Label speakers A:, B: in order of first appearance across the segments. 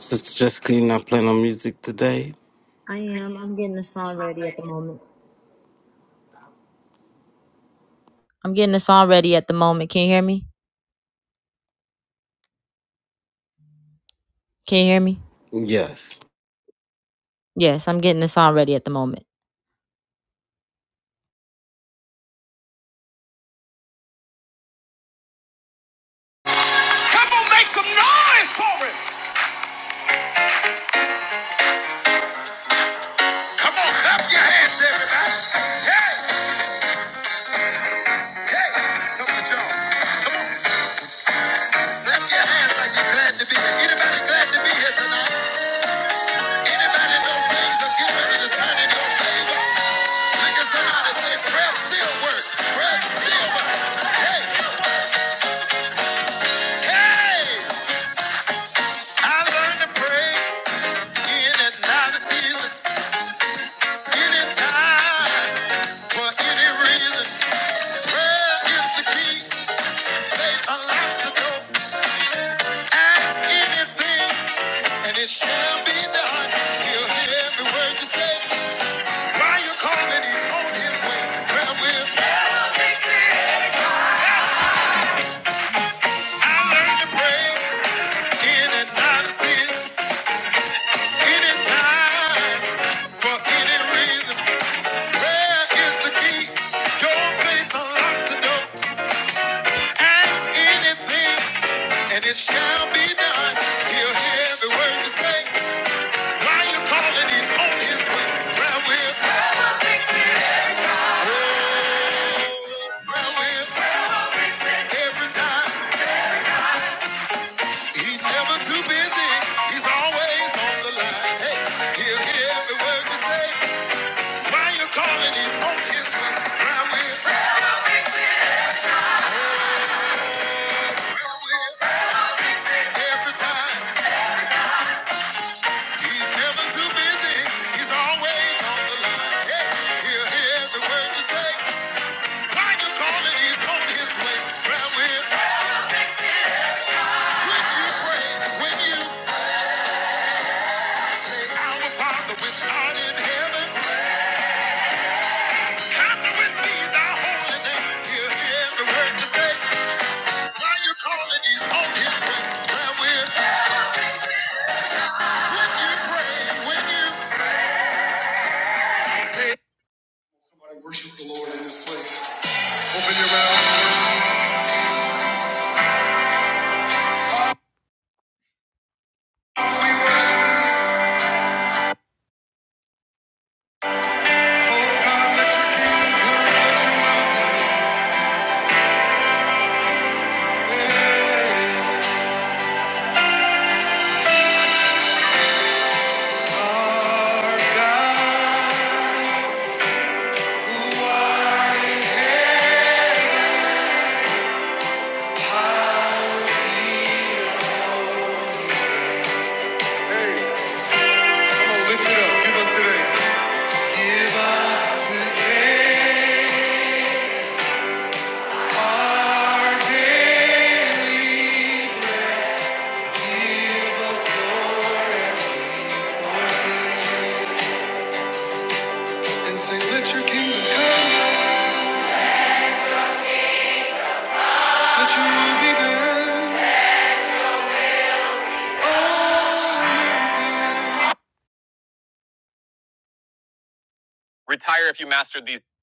A: Sister Jessica, you not playing on music today? Yes.
B: Come on, make some noise for it. Come on, clap your hands, everybody. Hey, hey, come on, y'all. Clap your hands like you're glad to be here. Anybody glad to be here tonight? Anybody know things are getting ready to turn in your favor? Look at somebody say, prayer still works. Prayer still works. Hey, hey. I learned to pray in and out of season, anytime, for any reason. Prayer is the key. Faith unlocks the door. Ask anything, and it shall be done. He'll hear every word you say. While you're calling, he's on his way. Well, with I learned to pray in and out of anytime, for any reason. Prayer is the key. Your faith unlocks the door. Ask anything, and it shall be done. He'll hear the word to say. While you're calling, he's on his way. Prayer will. Oh, prayer will. Every time. He's never too busy. He's always on the line. Hey, he'll hear the word to say. While you're calling, he's on his way. Prayer will. Every time. He's never too busy. He's always on the line. Hey, he'll hear every word you say. Why you call it? He's on his way. Prayer will. When you pray, when you say, Our Father which art in heaven, hallowed be thy holy name. He'll hear every word you say. Why you call it? He's on his way. Prayer will. When you pray, when you say, Somebody worship the Lord in this place. Open your mouth. We worship. Say, let your kingdom come, let your will be done. Retire if you mastered these. All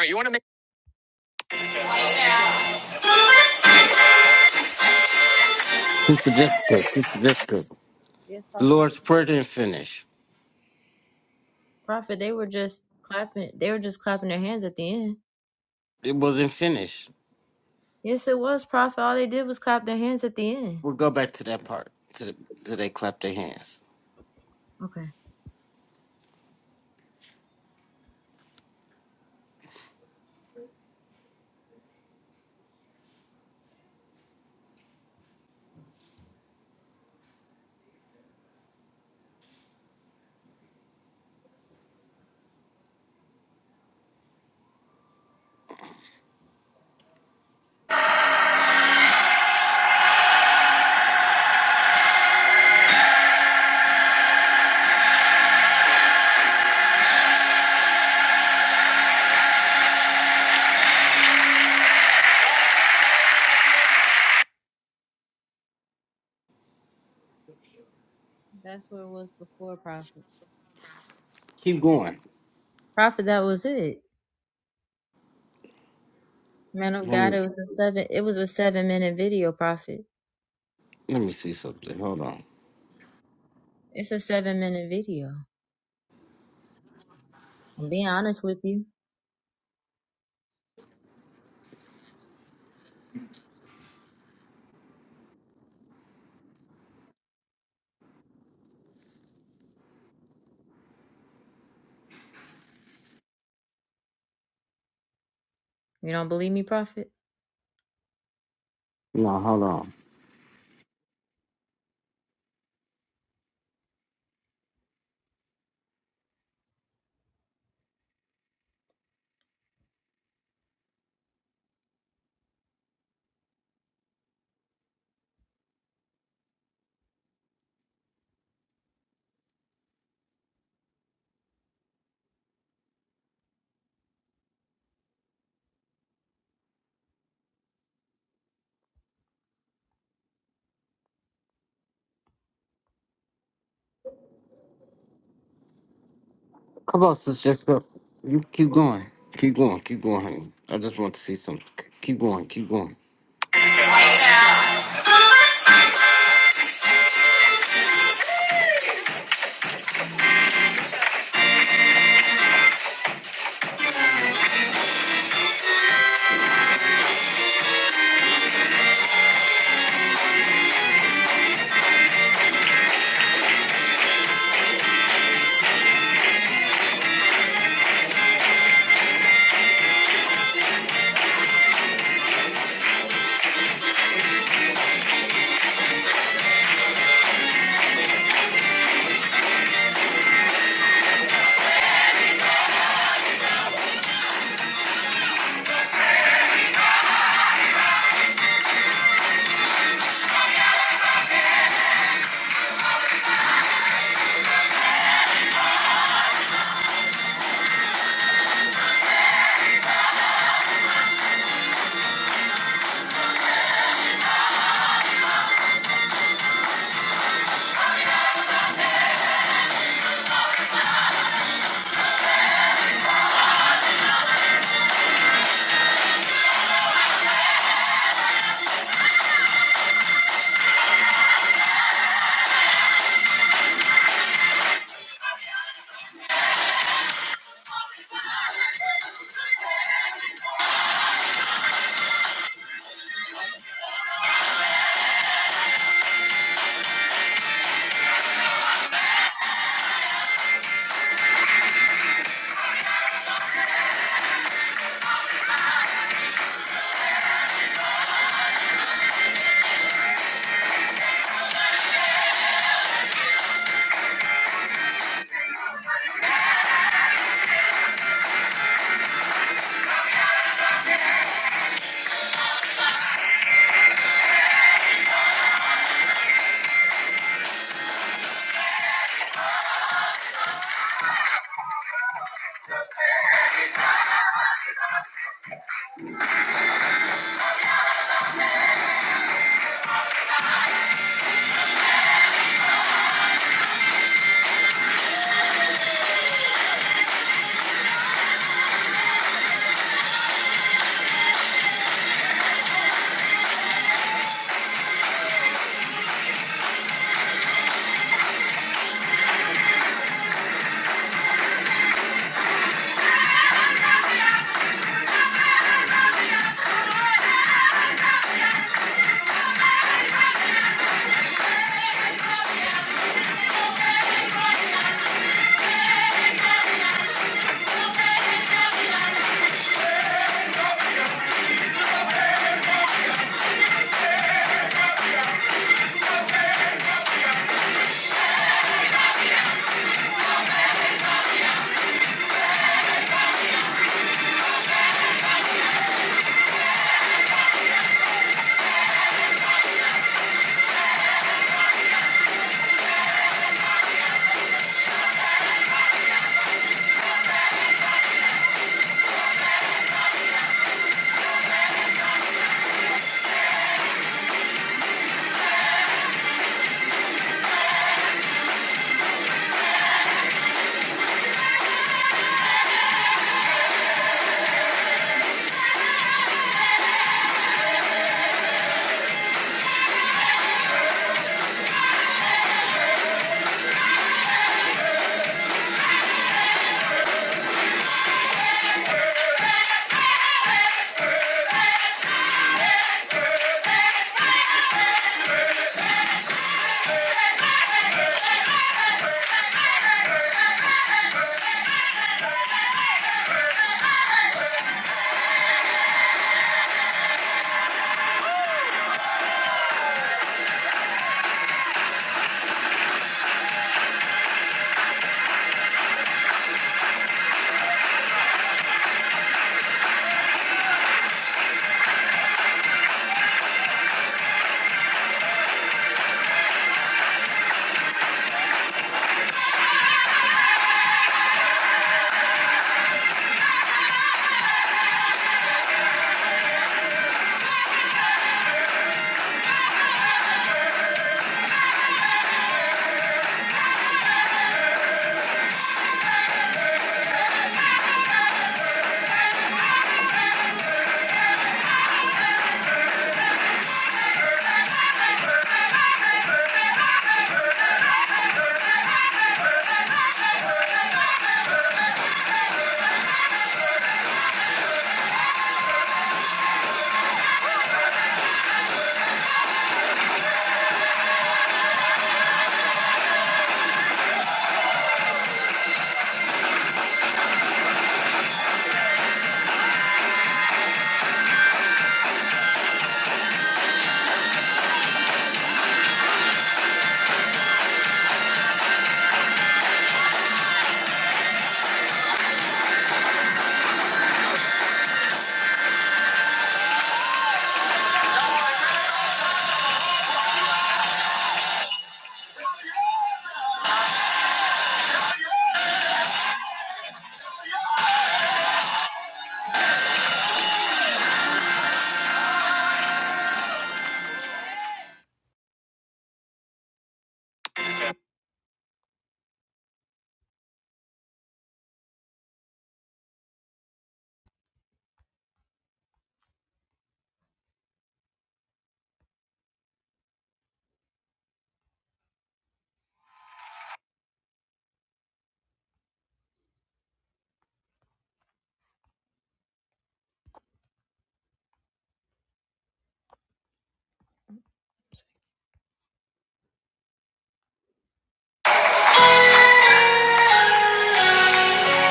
B: right, you want to make.
A: Sister Jessica, Sister Jessica. Lord's Prayer didn't finish. It wasn't finished. We'll go back to that part. To the, to they clap their hands. Keep going. Let me, let me see something. Hold on. No, hold on. Come on, Sister Jessica. You keep going. Keep going. Keep going, honey. I just want to see something. Keep going. Keep going.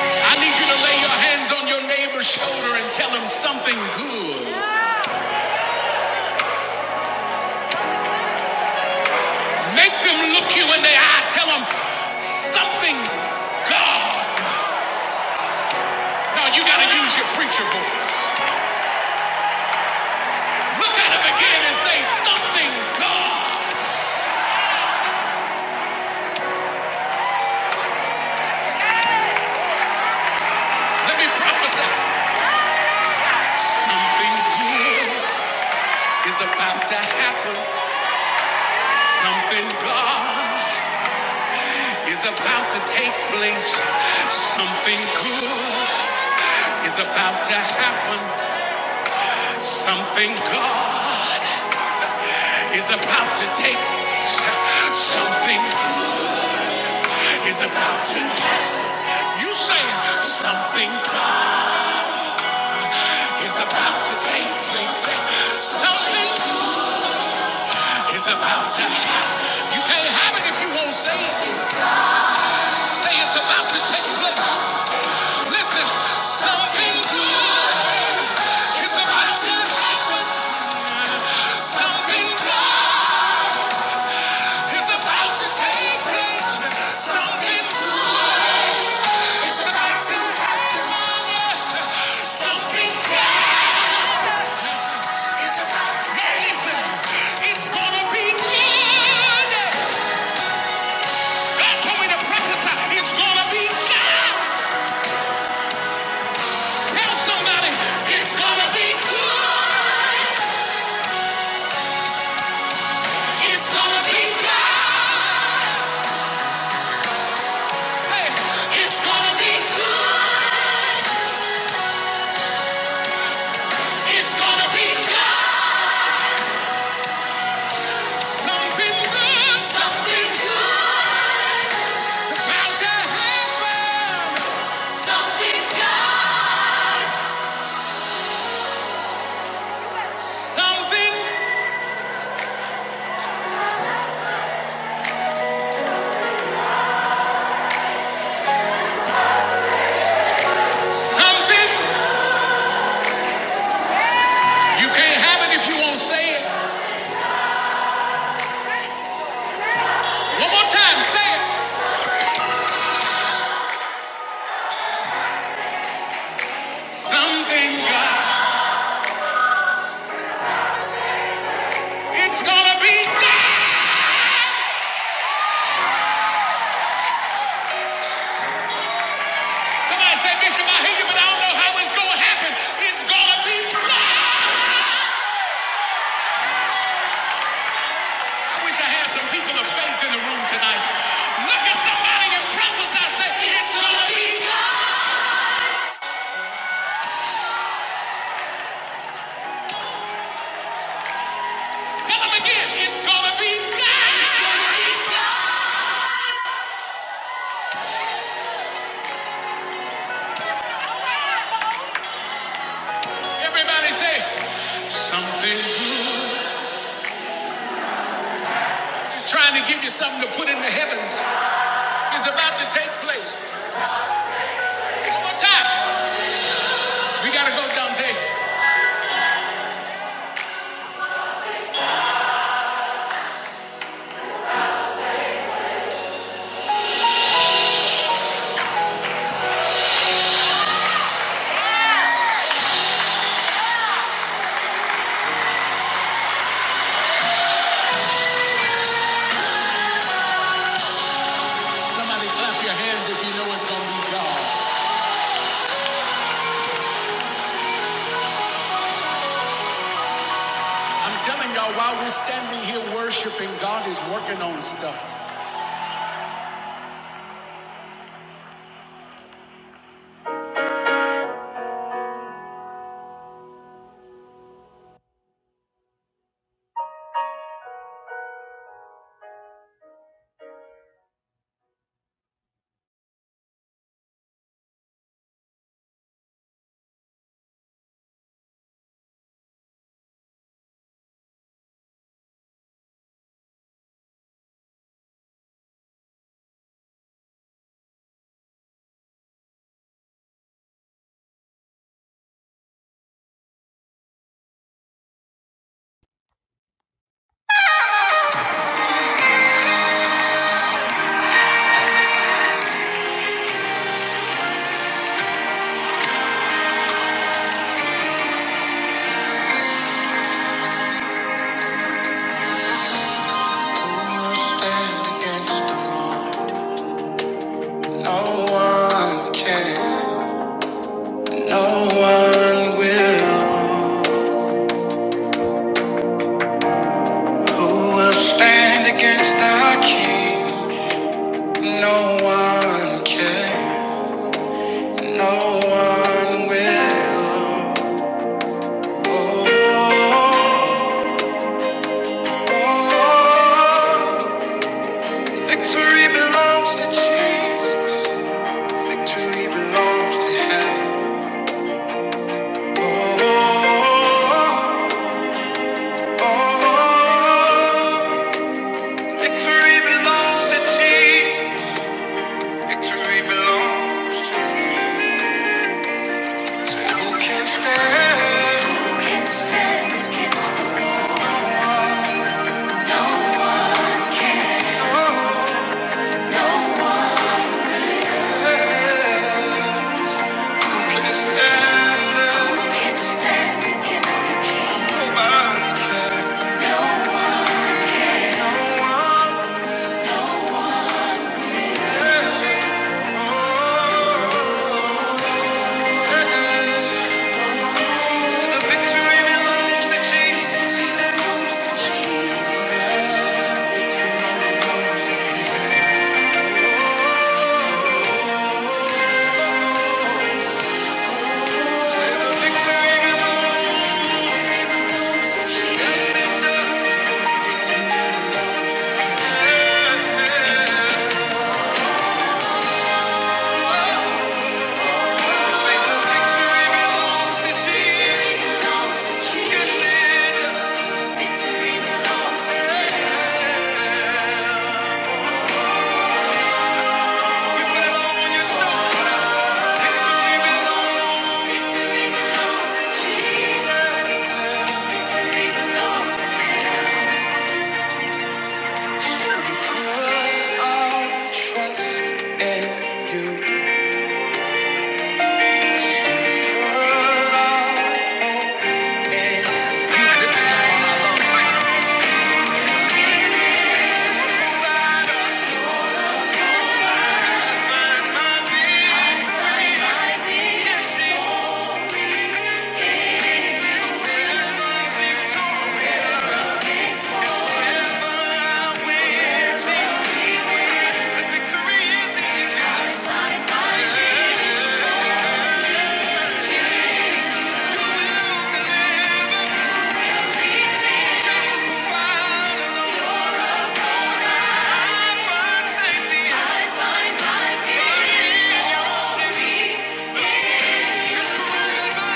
B: I need you to lay your hands on your neighbor's shoulder and tell him something good. Make them look you in the eye. Tell them something God. No, you got to use your preacher voice. Look at him again and say something God. Let me prophesy. Something good is about to happen. Something God is about to take place. Something good is about to happen. Something God is about to take place. Something is about to happen. You say something God is about to take place. Something It's about time. You can't have it if you won't say it. Say it's about to take place. Listen, something good is about to happen. Something good is about to take place. Something good is about to happen. Something good is about to take place. It's gonna be good. God told me to prophesy. It's gonna be good. Tell somebody it's gonna be good. It's gonna be God. Hey, it's gonna be good. It's gonna be God. Something good. Something good. It's about Something God. Something. Something. You can't have it if you won't say it. One more time, say it. Something God. It's gonna be God. Somebody said, Bishop, I hear you, but I don't know how it's going to happen. It's going to be God. I wish I had some people of faith in the room tonight. Look at somebody and prophesy, say, it's going to be God. Tell them again, it's going to be God. It's gonna be God. Everybody say, something good. He's trying to give you something to put in the heavens. It's about to take place. One more time. We got to go, Dante. Somebody clap your hands if you know it's going to be God. I'm telling y'all, while we're standing here worshiping, God is working on stuff. Stand against them. No one can. No one will. Who will stand against our King? No one can. No one will. Oh, oh, oh. Victory belongs to Jesus. Victory belongs to Him. Victory belongs to Jesus. Victory belongs to you. So who can stand? Who can stand against the Lord? Who can stand? Who can stand against the King? Nobody can. So the victory belongs to Jesus. Victory belongs to Jesus. Yeah. Victory belongs to you. Thank you. I'll trust in you. The victory in you. I find safety. I find my victory. It's forever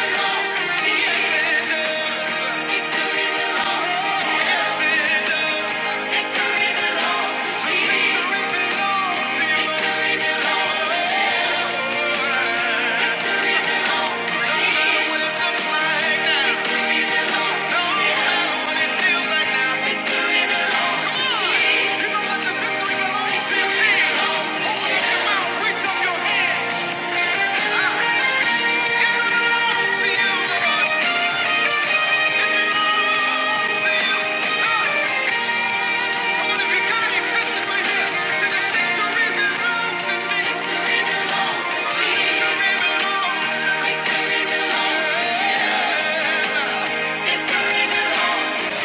B: belongs to Jesus. Victory belongs to Jesus. Victory belongs to Jesus. Victory belongs to Jesus. The belongs to you. Victory belongs to you. Thank you. Victory belongs to Jesus.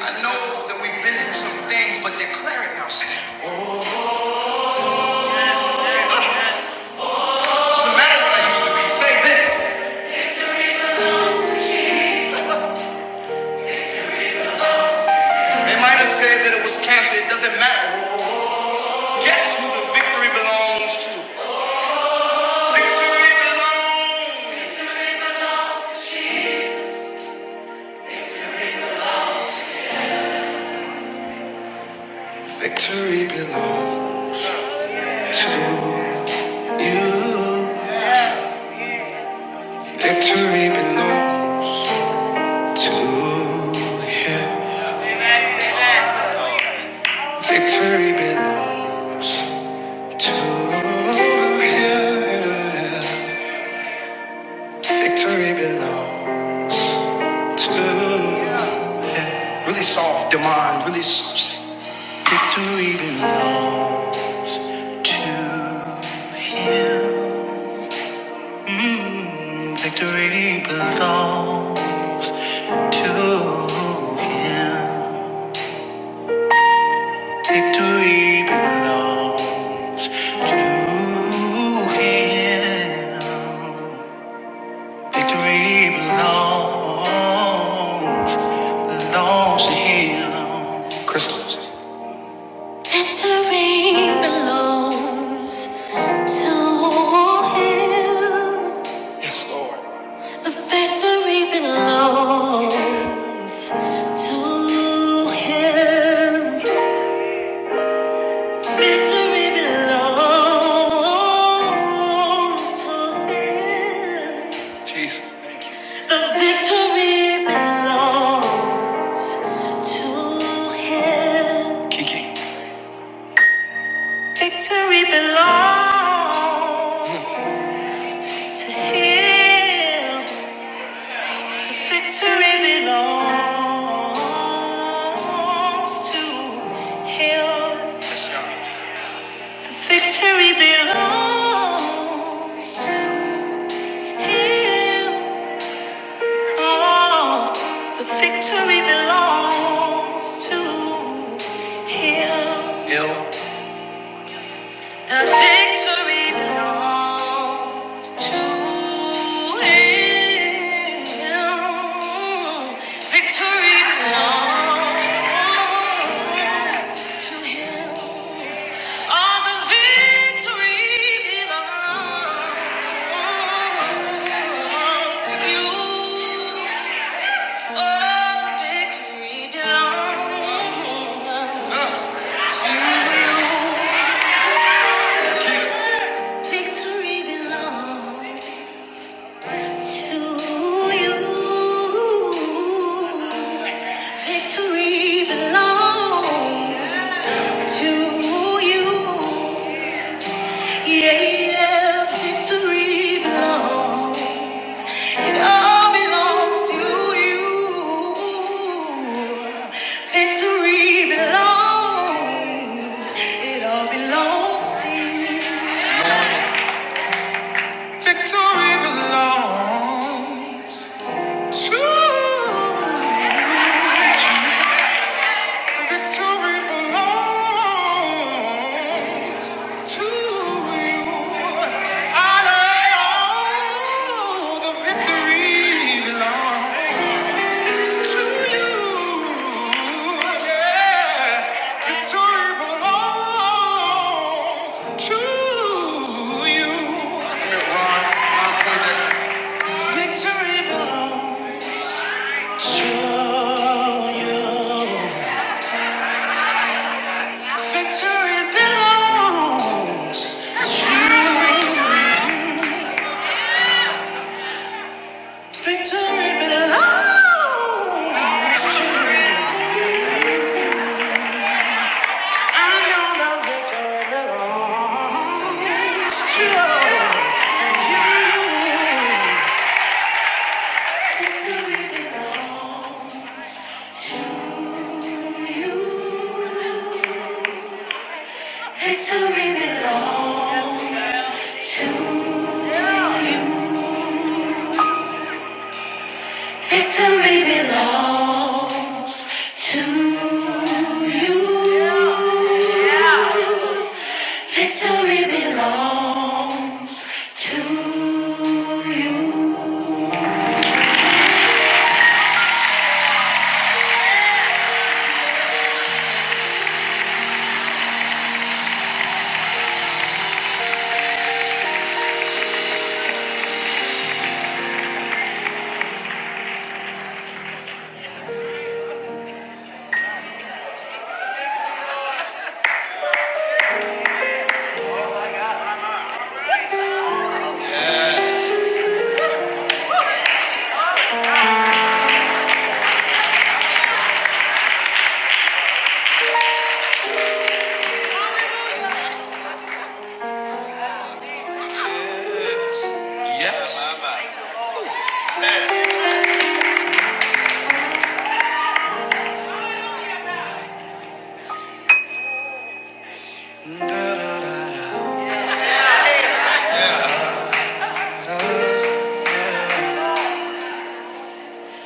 B: I know that we've been through some things, but declare it now, Sam. Doesn't matter what I used to be. Say this. They might have said that it was cancer. It doesn't matter. Guess who the victory belongs to? Victory belongs. to you. Victory belongs to him. Victory belongs to him. Victory belongs to him. Victory belongs. to Victory belongs. Victory belongs to him. Victory belongs, belongs to him. Crystals. Victory belongs to him. The victory belongs to him. Victory belongs to him. Jesus, thank you. The victory belongs. Kiki. Victory belongs to him. Yes, Oh, victory belongs to him. The victory belongs to him. Victory belongs to him. All the victory belongs to you. All the victory belongs. Victory belongs. To you, victory belongs to you. Yeah, victory belongs. It all belongs to you. Victory belongs. It all belongs to you. Victory belongs. Victory belongs to you. Victory belongs. You know the victory belongs to you. Victory belongs to you. Victory belongs to. Victory belongs to you.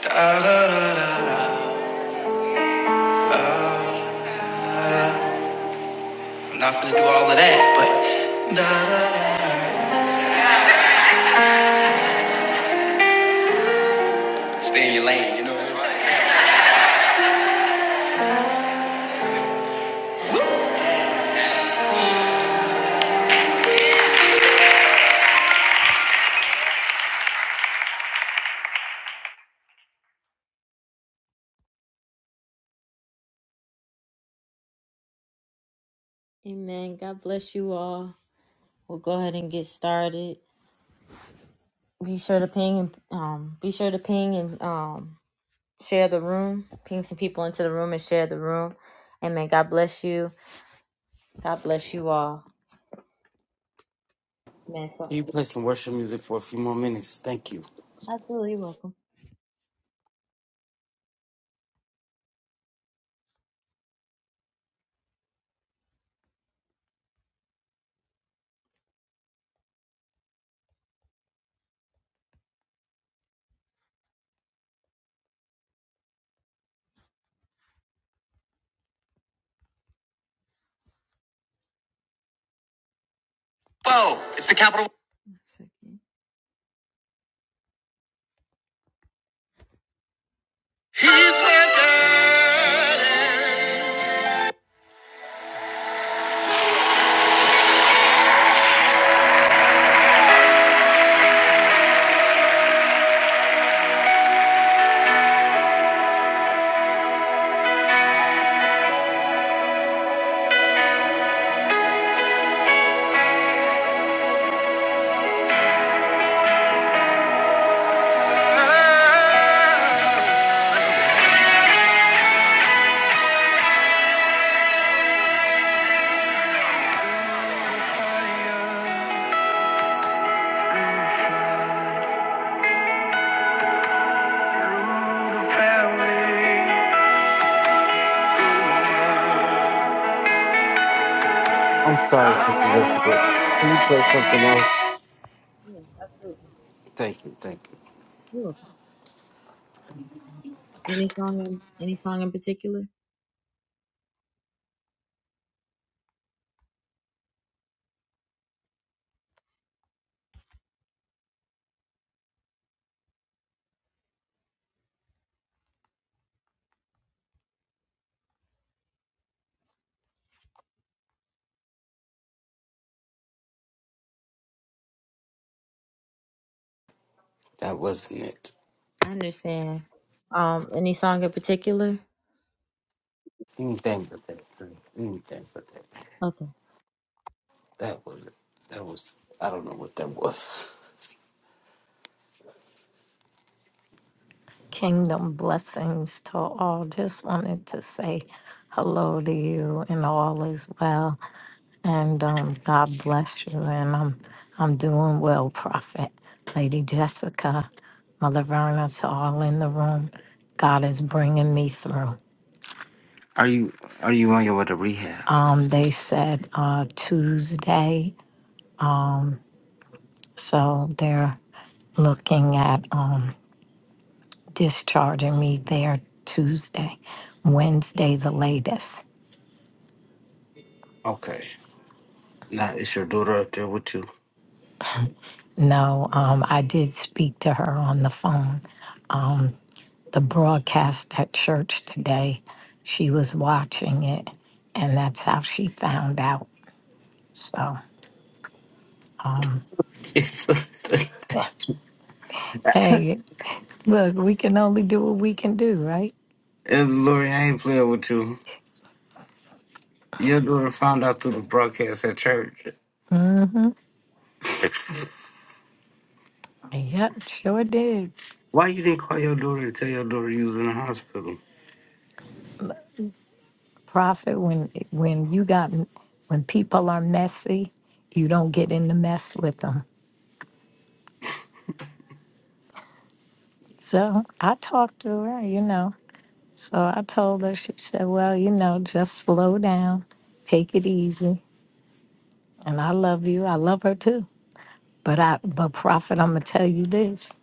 B: Da-da-da-da. I'm not gonna do all of that, but da-da. stay in your lane, you know.
A: Can you play some worship music for a few more minutes? Thank you.
B: Whoa! It's the capital. He's my God. Fires will fly through the valley.
A: I'm
B: I
A: sorry,
B: won't
A: Sister Jessica.
B: worry.
A: Can you play something else? Thank you. Thank you. That wasn't it. Anything but that. Anything but that. That was it. That was. I don't know what that was.
C: Kingdom blessings to all. Just wanted to say hello to you and all is well. And um, God bless you. And I'm I'm doing well, Prophet. Lady Jessica, Mother Verna, to all in the room. God is bringing me through.
A: Are you Are you on your way to rehab?
C: Um, they said uh, Tuesday, so they're looking at um, discharging me there Tuesday, Wednesday, the latest.
A: Okay. Now it's your daughter up there with you.
C: No, um, I did speak to her on the phone. Um, the broadcast at church today, she was watching it, and that's how she found out. So,
A: Jesus.
C: hey, look, we can only do what we can do, right?
A: and Lori, I ain't playing with you. Your daughter found out through the broadcast at church.
C: Yep, sure did.
A: Why you didn't call your daughter and tell your daughter you was in the hospital?
C: Prophet, when when you got when people are messy, you don't get in the mess with them. So I talked to her, you know. So I told her, she said, well, you know, just slow down, take it easy. and I love you. I love her too. But I, but prophet, I'm gonna tell you this,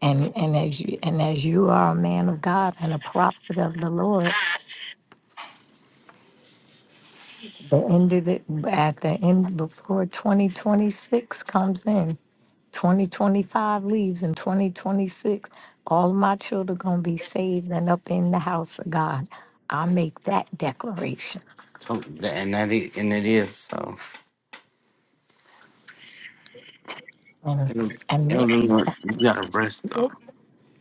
C: and and as you and as you are a man of God and a prophet of the Lord, the end of the at the end before 2026 comes in, 2025 leaves, and 2026, all my children gonna be saved and up in the house of God. I make that declaration,
A: Something- And that it, and it is so.
C: and
A: And,
C: and.
A: and you gotta rest though.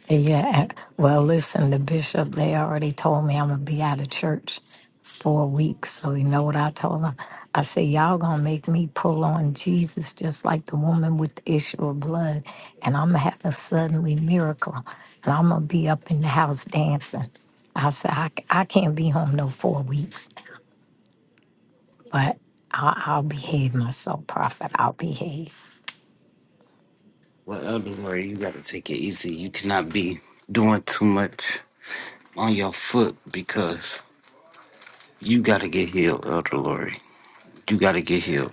C: Yeah. Well, listen, the bishop, they already told me I'm going to be out of church for a week. So, you know what I told them? I said, Y'all going to make me pull on Jesus just like the woman with the issue of blood. And I'm going to have a suddenly miracle. And I'm going to be up in the house dancing. I said, I, c- I can't be home no four weeks, but I'll, I'll behave myself, prophet. I'll behave.
A: Well, Elder Lord, you gotta take it easy. You cannot be doing too much on your foot because you gotta get healed, Elder Lord. You gotta get healed.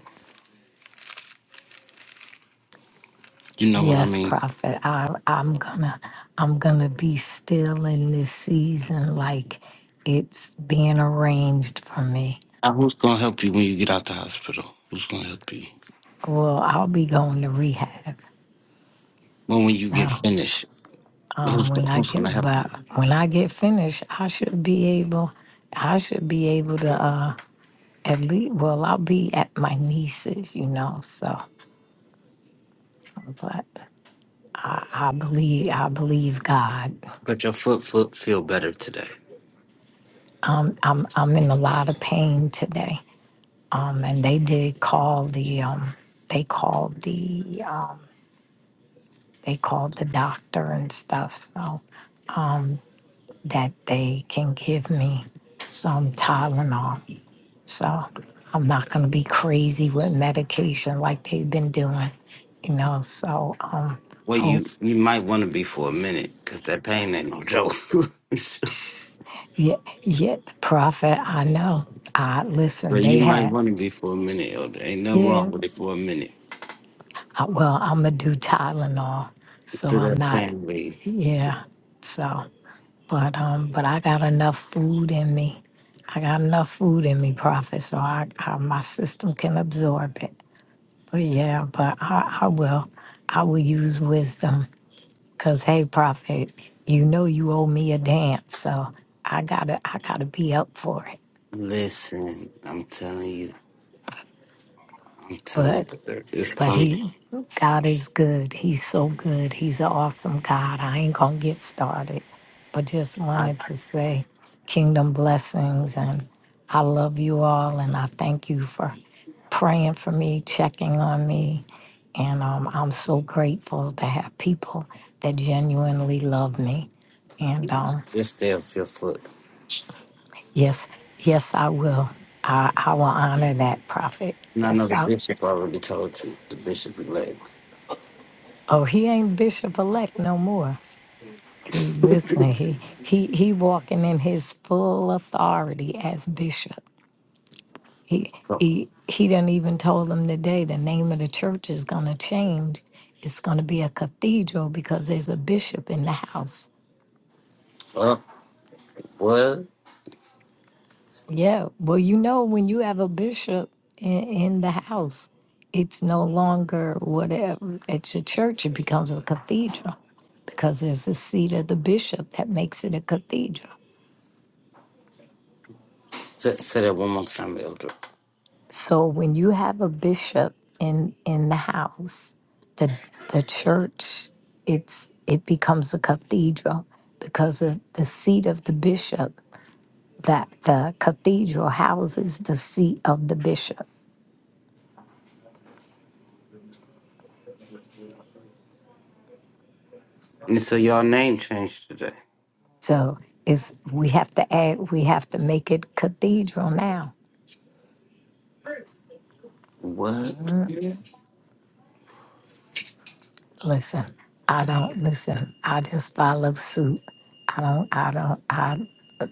A: You know what I
C: Yes,
A: mean?
C: prophet. I, I'm gonna I'm gonna be still in this season like it's being arranged for me.
A: Now, who's gonna help you when you get out the hospital? Who's gonna help you?
C: Well, I'll be going to rehab.
A: Well, when you get
C: So
A: finished,
C: um,
A: who's
C: when I
A: who's
C: get
A: gonna help you?
C: but when I get finished, I should be able I should be able to uh, at least well I'll be at my niece's, you know, so but I believe I believe God.
A: But your foot foot feel better today.
C: I'm I'm in a lot of pain today. Um, and they did call the um, they called the uh, they called the doctor and stuff so that they can give me some Tylenol. So I'm not going to be crazy with medication like they've been doing, you know. So um,
A: Well,
C: hope
A: you you might want to be for a minute because that pain ain't no joke. so
C: yeah yeah prophet I know I listen they
A: you might
C: had
A: want to be for a minute, Elder. Ain't nothing wrong
C: yeah
A: with it for a minute.
C: I, well I'm gonna do Tylenol so
A: To
C: I'm
A: that
C: not
A: pain, leave.
C: yeah so. But um, but I got enough food in me. I got enough food in me, Prophet, so I, I my system can absorb it. But yeah, but I, I will, I will use wisdom, cause hey, Prophet, you know you owe me a dance, so I gotta I gotta be up for it.
A: Listen, I'm telling you, I'm telling
C: But
A: you, there is
C: But
A: coming.
C: he, God is good. He's so good. He's an awesome God. I ain't gonna get started, but just
A: I
C: wanted to say kingdom blessings. And I love you all. And I thank you for praying for me, checking on me. And um, I'm so grateful to have people that genuinely love me. And um,
A: this day of fifth foot.
C: yes, yes, I will. I, I will honor that prophet.
A: And I know
C: Yes,
A: the
C: I.
A: bishop already told you, the bishop elect.
C: Oh, he ain't bishop elect no more. He listening. He he he walking in his full authority as bishop. He
A: So,
C: he he didn't even told them today the name of the church is gonna change. It's gonna be a cathedral because there's a bishop in the house.
A: uh, what?
C: Yeah. Well, you know when you have a bishop in, in the house, it's no longer whatever. It's a church. It becomes a cathedral because there's a seat of the bishop that makes it a cathedral.
A: Say, say that one more time, Elder.
C: So when you have a bishop in in the house, the the church, it's it becomes a cathedral because of the seat of the bishop. That the cathedral houses the seat of the bishop.
A: And so your name changed today.
C: So is we have to add we have to make it cathedral now
A: What?
C: Listen, I don't listen. I just follow suit. I don't, I don't, I,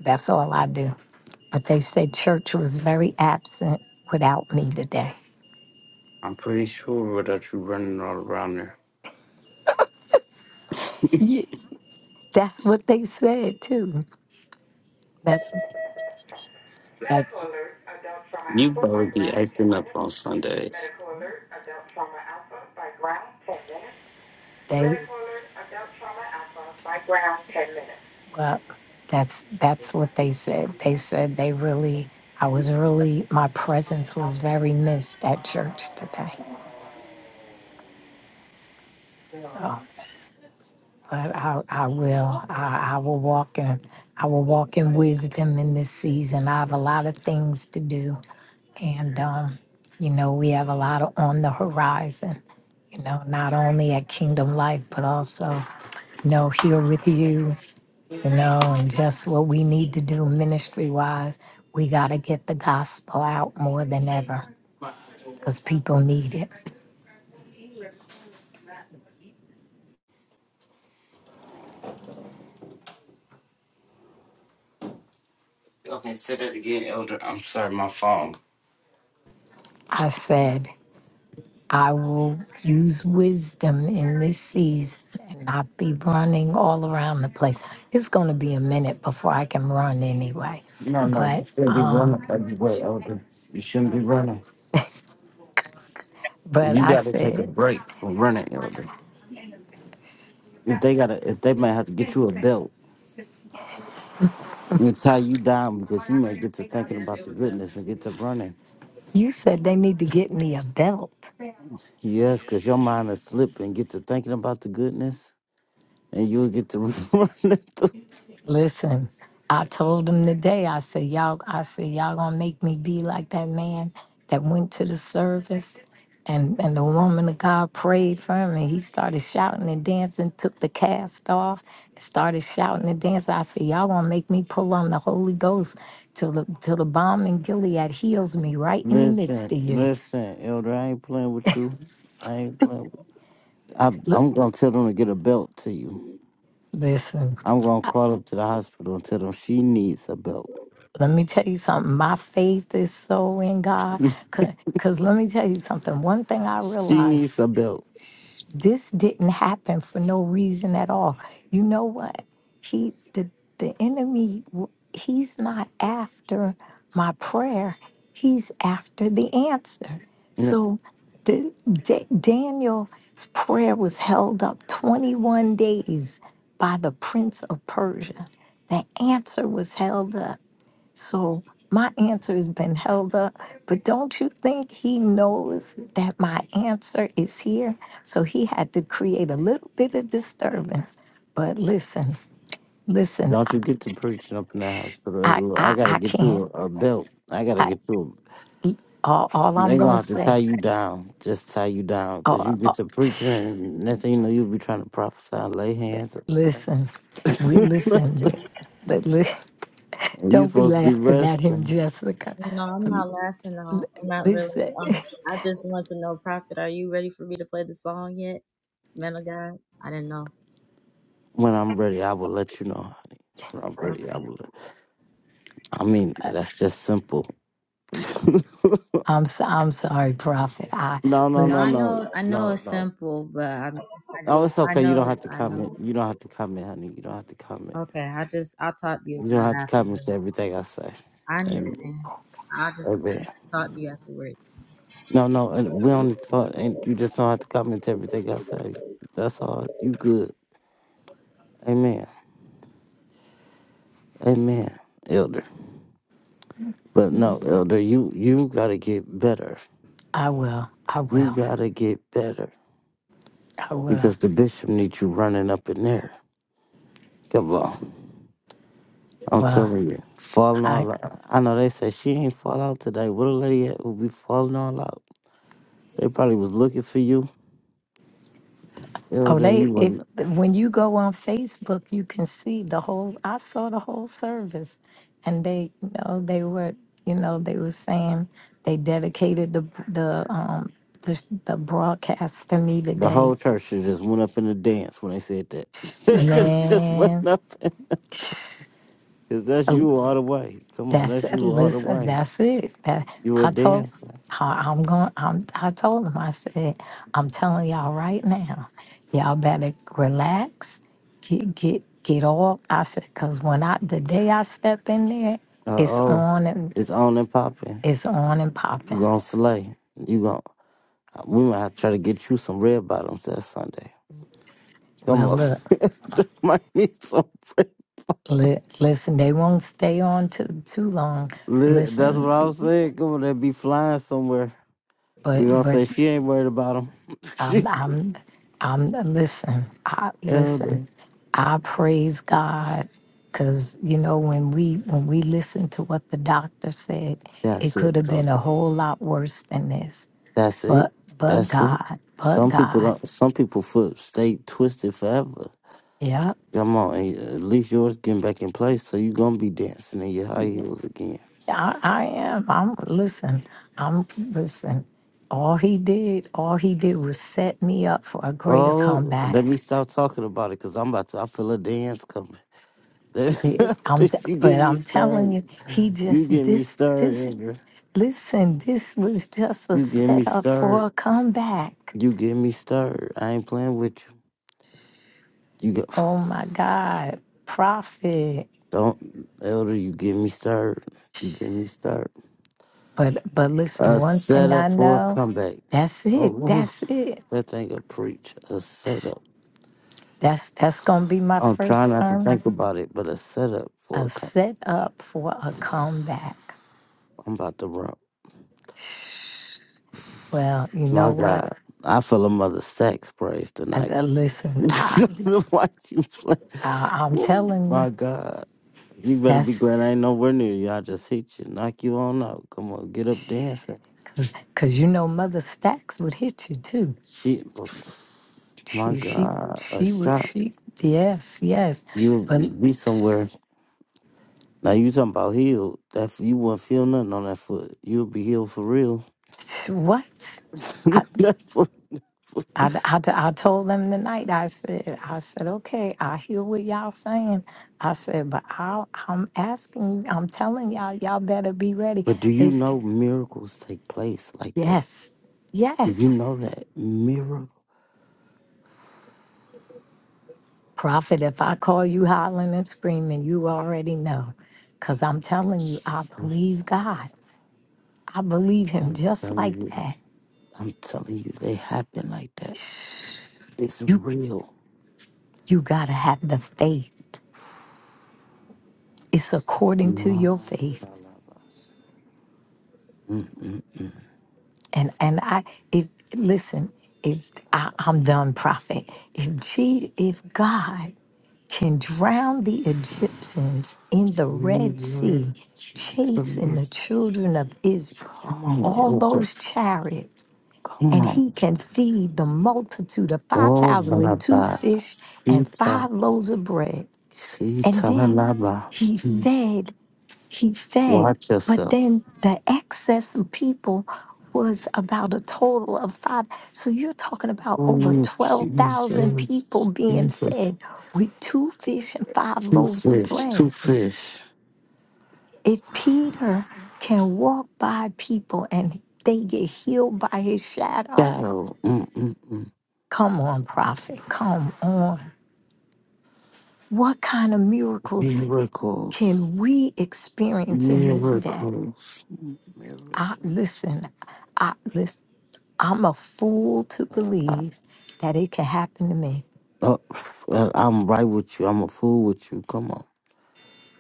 C: that's all I do. But they said church was very absent without me today.
A: I'm pretty sure without you running all around there.
C: Ye- that's what they said too. That's, that's,
A: You probably be acting up on Sundays.
C: they, well, that's, that's what they said. They said they really, I was really, my presence was very missed at church today. So, but I, I will. I, I will walk in. I will walk in wisdom in this season. I have a lot of things to do, and um, you know we have a lot of on the horizon. You know, not only at Kingdom Life, but also you know here with you. You know, and just what we need to do ministry wise. We got to get the gospel out more than ever because people need it.
A: Okay, say that again, Elder. I'm sorry, my phone.
C: I said. I will use wisdom in this season and not be running all around the place. It's going to be a minute before I can run anyway.
A: No, no, you
C: But
A: shouldn't be running
C: um,
A: everywhere, Elder. You shouldn't be running. You
C: but I
A: gotta take a
C: said,
A: break from running, elder. If they gotta, if they might have to get you a belt and tie you down because you might get to thinking about the goodness and get to running.
C: you said they need to get me a belt.
A: Yes, because your mind will slip and get to thinking about the goodness, and you'll get to running. Through.
C: Listen, I told him today, I said, Y'all, I said, Y'all gonna make me be like that man that went to the service and, and the woman of God prayed for him and he started shouting and dancing, took the cast off, started shouting and dancing. I said, Y'all gonna make me pull on the Holy Ghost till the till the bomb in Gilead heals me right in the
A: Listen,
C: midst of you.
A: listen, elder. I ain't playing with you. I ain't playing. With, I,
C: Look,
A: I'm gonna tell them to get a belt to you.
C: listen.
A: I'm gonna crawl up to the hospital and tell them she needs a belt.
C: Let me tell you something. My faith is so in God. Because let me tell you something. One thing I
A: She
C: realized
A: needs a belt.
C: This didn't happen for no reason at all. You know what? He the the enemy w- he's not after my prayer. He's after the answer. So the Da- Daniel's prayer was held up 21 days by the prince of Persia. The answer was held up so my answer has been held up, but don't you think he knows that my answer is here? So he had to create a little bit of disturbance. But listen, listen,
A: Don't
C: I,
A: you get to preaching up in the house of the other
C: I,
A: Lord. I
C: I,
A: gotta
C: I
A: get
C: can't.
A: you a, a belt. I gotta
C: I,
A: get you.
C: all, all
A: A,
C: I'm
A: they gonna
C: gonna
A: have to tie
C: say,
A: you down. Just tie you down, cause you
C: oh,
A: get
C: oh,
A: to preaching, and next thing you know, you'll be trying to prophesy, lay hands. up in
C: listen, we
A: there.
C: listen, we. but li-
A: and you
C: don't be
A: supposed to be
C: laughing at him,
A: resting.
C: Jessica. But Listen,
A: When I'm ready, I will let you know, honey. When I'm ready, I will. Let, I mean, that's just simple. no,
C: I'm so, I'm sorry, Prophet. I
A: no, no,
C: listen.
A: no, no, no. Oh, it's okay. You don't have to comment. You don't have to comment, honey. You don't have to comment. You don't have to comment to everything I say. Amen. Amen. No, no, and we only talk, and you just don't have to comment to everything I say. That's all. You good. Amen. Amen, Elder. But no, Elder, you you gotta get better.
C: I will. I
A: You
C: will.
A: gotta get better
C: I will.
A: because the bishop needs you running up in there. Come on. I'm
C: Well,
A: telling you, falling
C: I
A: all out. I know they say she ain't fall out today. Where the lady at who be falling all out? They probably was looking for you,
C: oh
A: Elder, and you
C: they
A: were
C: if when you go on Facebook, you can see the whole. I saw the whole service, and they you know they were you know they were saying they dedicated the the um the, the broadcast to me
A: The whole
C: today,
A: church should just went up in the dance when they said that. they should just went
C: man.
A: up because that's you all the way. Come on,
C: That's
A: that's
C: it.
A: you all the
C: Listen,
A: way.
C: that's it. That
A: You a
C: I told
A: dancer.
C: I- I'm going. I'm, I told him. I said, I'm telling y'all right now, y'all better relax. Get get get off. I said, cause when I the day I step in there,
A: Uh
C: it's
A: oh,
C: on and
A: it's on and popping.
C: it's on and popping.
A: You gonna slay? You gonna? We might have to try to get you some red bottoms that Sunday.
C: Well,
A: Come on,
C: look,
A: might need some. Red.
C: li- listen. They won't stay on too too long.
A: Li- That's
C: Listen,
A: what I was saying. Come on, they be flying somewhere.
C: but
A: We gonna
C: but
A: say she ain't worried about them. she
C: Um, I'm, I'm, listen, I, listen,
A: elder.
C: I praise God because you know when we when we listened to what the doctor said, it
A: That's
C: could have
A: it.
C: been a whole lot worse than this.
A: That's it.
C: But but
A: That's it.
C: God, but
A: Some people
C: God,
A: don't. Some people foot stay twisted forever.
C: yeah,
A: Come on, and at least yours getting back in place, so you gonna be dancing in your high heels again.
C: I, I am. I'm listen. I'm listen. All he did, all he did was set me up for a greater
A: Oh, let me
C: comeback.
A: stop talking about it, cause I'm about to. I feel a dance coming.
C: It- I'm, t-
A: you get
C: but
A: me
C: I'm telling
A: stirred.
C: you, he
A: You
C: just
A: get me
C: this
A: stirred,
C: this.
A: Andrew.
C: Listen, this was just a
A: You get me
C: setup
A: stirred.
C: for a comeback.
A: You get me stirred. I ain't playing with you. You go,
C: Oh my God, profit.
A: don't, Elder. You get me stirred. You get me stirred.
C: But but listen,
A: A
C: one thing I
A: setup for a
C: know,
A: comeback.
C: that's it.
A: Oh,
C: That's
A: oof.
C: it.
A: that thing a preach. A setup.
C: That's that's gonna be my
A: I'm trying
C: first
A: not to
C: sermon.
A: think about it, but a setup for
C: A
A: a com-
C: setup for a comeback.
A: I'm about to run.
C: Shh. Well, you know
A: My
C: what?
A: God, I feel a mother sex praise
C: I,
A: tonight.
C: I- listen, I,
A: Why you play?
C: I I'm
A: Ooh,
C: telling you,
A: my God, you better be
C: that's
A: glad I ain't nowhere near you. I just hit you, knock you on out. Come on, get up dancing.
C: because you know Mother Stacks would hit you too.
A: Shit, oof. my
C: She she
A: God, a
C: she would
A: shot.
C: she yes yes,
A: You'll
C: but
A: be somewhere.
C: psst,
A: Now you talking about healed? That you wouldn't feel nothing on that foot. You'll be healed for real.
C: what? I,
A: that foot.
C: I, I, I told them tonight. I said I said okay. I hear what y'all saying. I said, but I I'm asking. you, I'm telling y'all. Y'all better be ready.
A: But do
C: They
A: you
C: s-
A: know miracles take place like that?
C: yes
A: Do you
C: yes.
A: know that miracles?
C: Prophet, if I call you hollering and screaming, you already know. Because I'm telling you, I believe God. I believe Him
A: I'm
C: just
A: telling
C: like
A: you,
C: that
A: I'm telling you, they happen like that. It's real.
C: you got to have the faith it's according to
A: My
C: your faith
A: God, Mm-mm-mm.
C: and and i if listen if I, i'm done prophet if she if god can drown the egyptians in the red sea
A: Jesus,
C: chasing the
A: Jesus.
C: children of israel
A: Come on,
C: all
A: Elder.
C: those chariots
A: Come
C: and
A: on.
C: he can feed the multitude of
A: Oh,
C: 5000
A: my
C: with two fish and
A: God.
C: five loaves of bread
A: See,
C: and then
A: Tamalaba.
C: he
A: Mm.
C: fed he fed,
A: Watch
C: but
A: yourself.
C: then the excess of people was about a total of five. So you're talking about over
A: Oh,
C: 12,000 people
A: Jesus.
C: being
A: Jesus.
C: fed with two fish and five
A: Two
C: loaves of
A: fish. Two
C: bread.
A: fish.
C: If Peter can walk by people and they get healed by his shadow,
A: Shadow. Mm-mm-mm.
C: come on, prophet, come on. What kind of miracles
A: Miracles.
C: can we experience in this day?
A: Miracles. Mm,
C: I,
A: Miracles.
C: listen, I listen. I'm a fool to
A: Baba.
C: believe that it can happen to me.
A: Oh, well, I'm right with you. I'm a fool with you. Come on.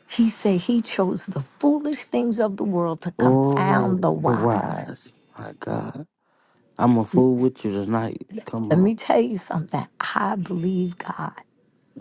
C: He said he chose the foolish things of the world to
A: Oh,
C: confound the
A: the
C: wise.
A: wise. My God. I'm a fool with you tonight. Come
C: Let
A: on.
C: me tell you something. I believe God,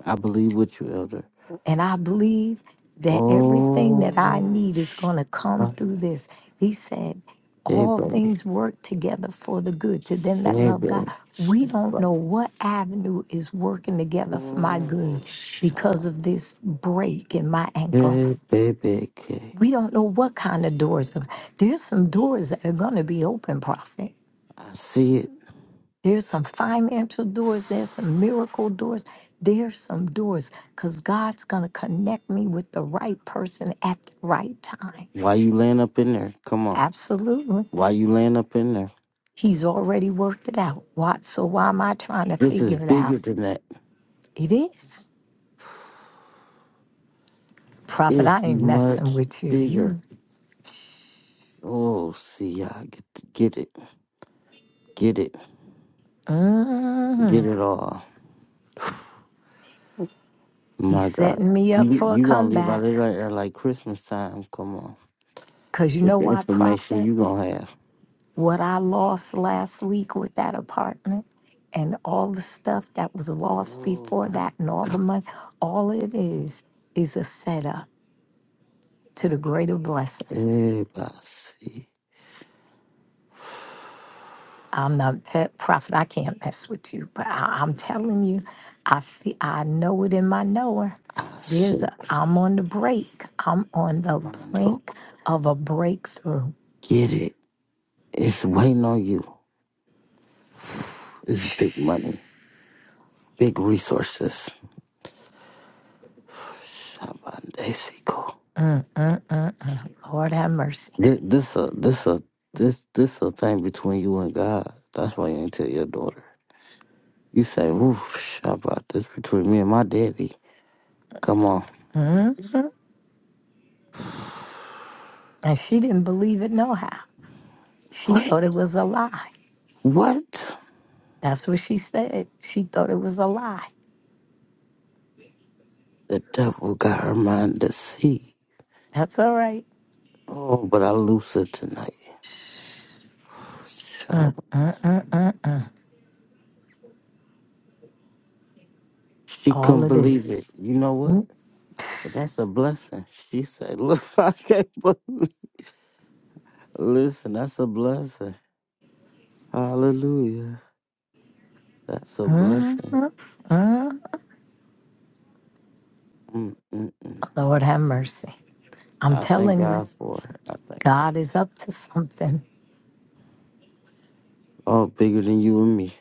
A: I believe with you, Elder.
C: and I believe that everything
A: Oh,
C: that I need is going to come
A: Shabbat,
C: through this. He said,
A: Shabbat,
C: All things work together for the good to them that love God.
A: Shabbat,
C: We don't
A: Shabbat.
C: know what avenue is working together for my
A: Oh,
C: good because
A: Shabbat.
C: of this break in my ankle
A: Hey, baby, K.
C: We don't know what kind of doors. Are, there's some doors that are going to be open, Prophet.
A: I see it.
C: There's some financial doors. There's some miracle doors. There's some doors because God's going to connect me with the right person at the right time.
A: Why you laying up in there? Come on.
C: Absolutely.
A: Why you laying up in there?
C: He's already worked it out. Why, so why am I trying to
A: This is
C: figure it out?
A: bigger than that.
C: It is. Prophet, I
A: It's
C: ain't messing
A: much
C: with you.
A: bigger.
C: You,
A: Oh, see, I get to get it, get it, get
C: mm,
A: it all.
C: he's
A: My God,
C: setting me up
A: you
C: for a
A: you gonna leave out
C: comeback.
A: of there like Christmas time? Come on,
C: Because you
A: with
C: know
A: the
C: why,
A: information
C: Prophet?
A: you gonna have.
C: what I lost last week with that apartment and all the stuff that was lost
A: Oh
C: before
A: my
C: that and all the
A: God.
C: money, all it is is a setup to the
A: Mm.
C: greater blessing.
A: Eh, basi.
C: I'm not pet prophet. I can't mess with you, but I, I'm telling you, I see, I know it in my knower.
A: Ah,
C: There's,
A: shit.
C: a, I'm on the break. I'm on the
A: Mando.
C: brink of a breakthrough.
A: Get it. It's waiting on you. It's big money, big resources. Shabandesiko.
C: Mm, mm, mm, mm. Lord have mercy.
A: Thi- This a this a this this a thing between you and God. That's why you ain't tell your daughter. You say, "Ooh, about this between me and my daddy." Come on.
C: hmm And she didn't believe it, no how. She
A: What?
C: thought it was a lie.
A: What?
C: That's what she said. She thought it was a lie.
A: The devil got her mind deceived.
C: That's all right.
A: Oh, but I lose her tonight.
C: Mm,
A: Child,
C: mm, mm, mm, mm.
A: She couldn't
C: All of
A: believe it.
C: this.
A: You know what?
C: Mm,
A: But that's a blessing. She said, Look, I can't believe Listen, that's a blessing. Hallelujah. That's a
C: mm,
A: blessing.
C: mm, mm.
A: Mm-mm-mm.
C: Lord have mercy. I'm
A: I thank
C: telling you,
A: God for her. I thank God.
C: God is up to something.
A: Oh, bigger than you and me.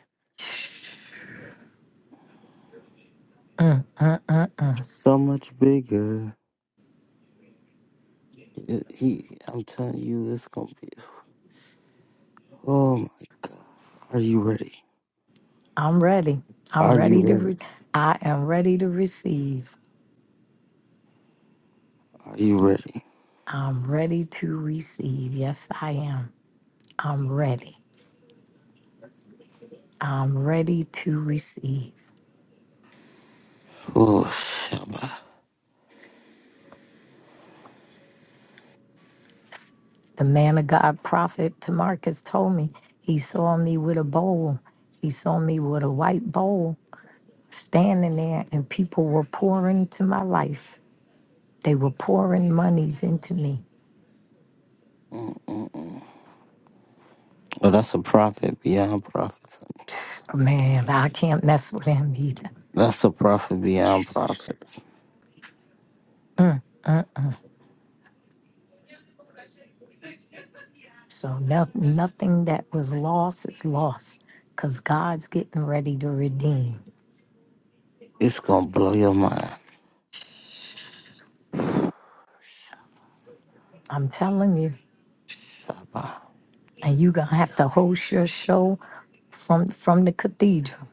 C: Mm, mm, mm, mm.
A: So much bigger. It- he, I'm telling you, it's going to be. Oh, my. Are you ready?
C: I'm ready. I'm
A: Are you
C: ready to.
A: ready?
C: Re- I am ready to receive.
A: Are you ready?
C: I'm ready to receive. Yes, I am. I'm ready. I'm ready to receive.
A: Oh, Shabbat.
C: The man of God, prophet Tamarcus, told me he saw me with a bowl. He saw me with a white bowl standing there, and people were pouring into my life. They were pouring monies into me.
A: Mm-mm-mm. Well, that's a prophet beyond prophets.
C: So, Man, I can't mess with him either.
A: That's a prophet beyond prophets.
C: So no, nothing that was lost is lost because God's getting ready to redeem.
A: It's gonna blow your mind.
C: I'm telling you.
A: Shabba.
C: And you're going to have to host your show from, from the cathedral.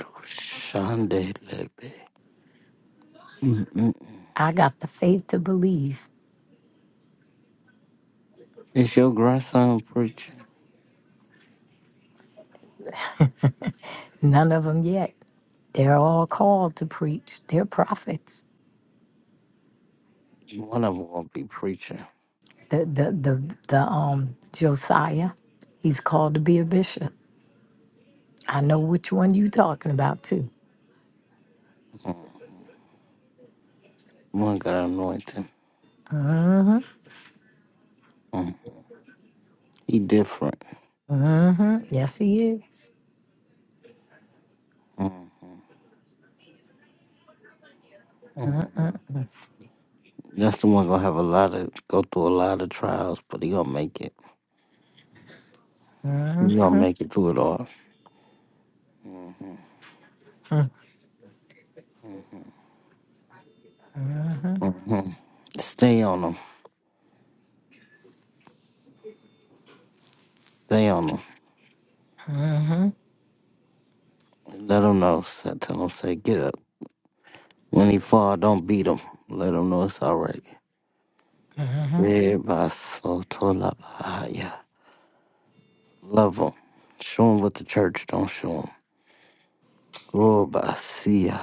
A: Shandelebe. Mm-mm.
C: I got the faith to believe
A: Is your grandson preaching?
C: None of them yet. They're all called to preach. They're prophets.
A: One of them gonna be preaching.
C: The the the the um Josiah, he's called to be a bishop. I know which one you talking about too.
A: Mm. One got anointing.
C: hmm
A: Mm. He different.
C: hmm Yes, he is.
A: Mm-hmm. Mm-hmm. That's the one gonna have a lot of go through a lot of trials, but he gonna make it. He gonna make it through it all. Mm-hmm. Mm-hmm. Mm-hmm. Stay on him. Stay on 'em.
C: Mm-hmm.
A: Let him know. So tell him, say, get up. When he fall, don't beat him. Let him know it's all right.
C: Mm-hmm.
A: Everybody so told up. Ah, yeah. Love him. Show him what the church don't show him. Glory by see ya.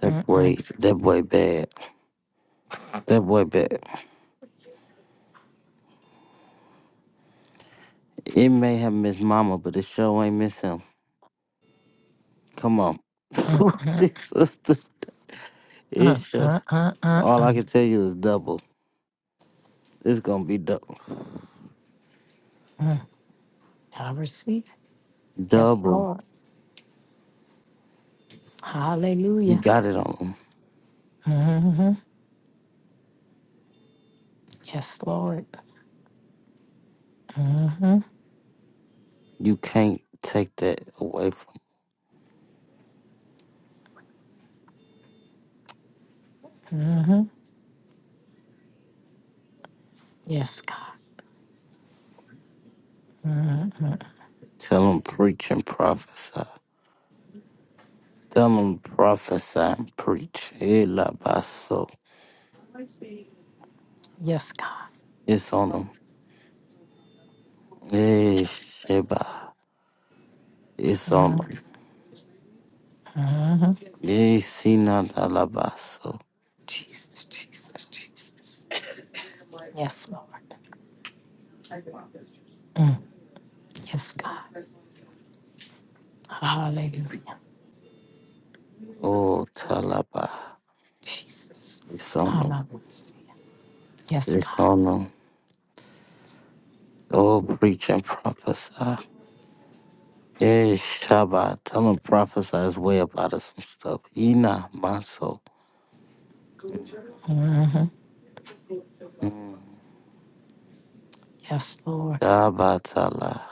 A: That boy, that boy bad. That boy bad. It may have missed mama, but it sure ain't miss him. Come on. Oh, Jesus. It sure.
C: Uh-uh.
A: All I can tell you is double. It's gonna be double.
C: I receive it. Yes,
A: Double.
C: Lord.
A: You
C: Hallelujah.
A: got it on 'em.
C: hmm Yes, Lord. hmm
A: You can't take that away from.
C: Yes, God.
A: Tell them preach and prophesy. Tell them prophesy and preach. Elabaso.
C: Yes, God.
A: It's on them. Eh, Sheba. It's on
C: hmm
A: them. Eh, Sina Dalabaso.
C: Jesus, Jesus, Jesus. Yes, Lord. Mm. Yes, God. Hallelujah.
A: Oh, Talaba.
C: Jesus.
A: It's on them.
C: Hallelujah. Yes,
A: It's
C: God.
A: on them. Oh, preach and prophesy. Eh, Shaba. Tell them prophesy his way about out some stuff. Ina Maso.
C: hmm
A: Mm.
C: Yes, Lord.
A: Shabbatala.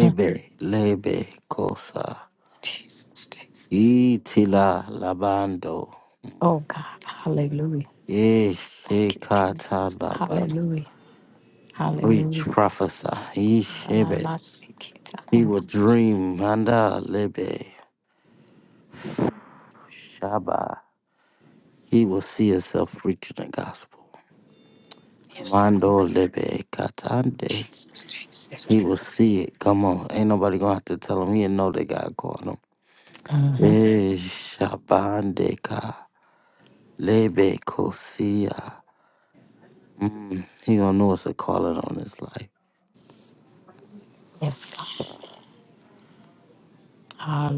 C: Mm.
A: lebe, kosa.
C: Jesus, Jesus.
A: Itila labando.
C: Oh, God. Hallelujah. Thank you,
A: Yeshekata
C: Jesus.
A: laba.
C: Hallelujah.
A: Preach,
C: Hallelujah.
A: prophesy. Yeshebe. He will
C: Ananamasiketanamasa.
A: dream. Manda lebe. Shaba. He will see himself preaching the gospel.
C: Yes, Lord.
A: Mando lebe katande.
C: Jesus,
A: He
C: Jesus.
A: will see it. Come on. Ain't nobody gonna have to tell him. He'll know that God called him.
C: hmm
A: Eh, Shabandeka.
C: Yes, Lord.
A: Lebe kosia. Mm, he gonna know what to call it on his life.
C: Yes, God.
A: Ah,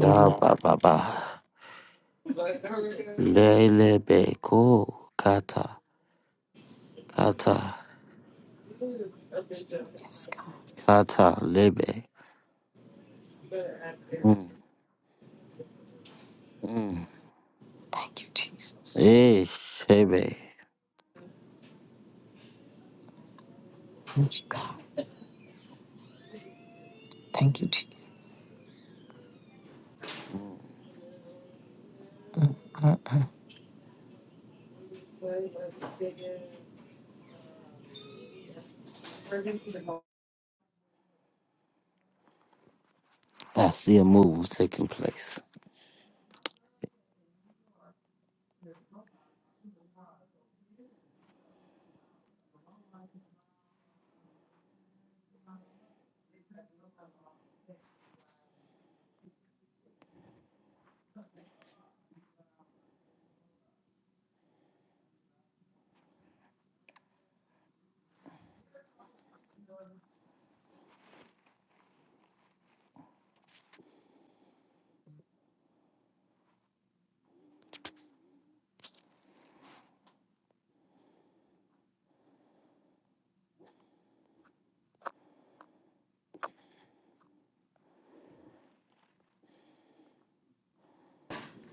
A: Ba ba ba ba. Lele be ko kata kata
C: Yes.
A: kata lebe. Mm, mm.
C: Thank you, Jesus.
A: Eh, shebe.
C: Thank you, God. Thank you, Jesus. Mm-hmm.
A: I see a move taking place.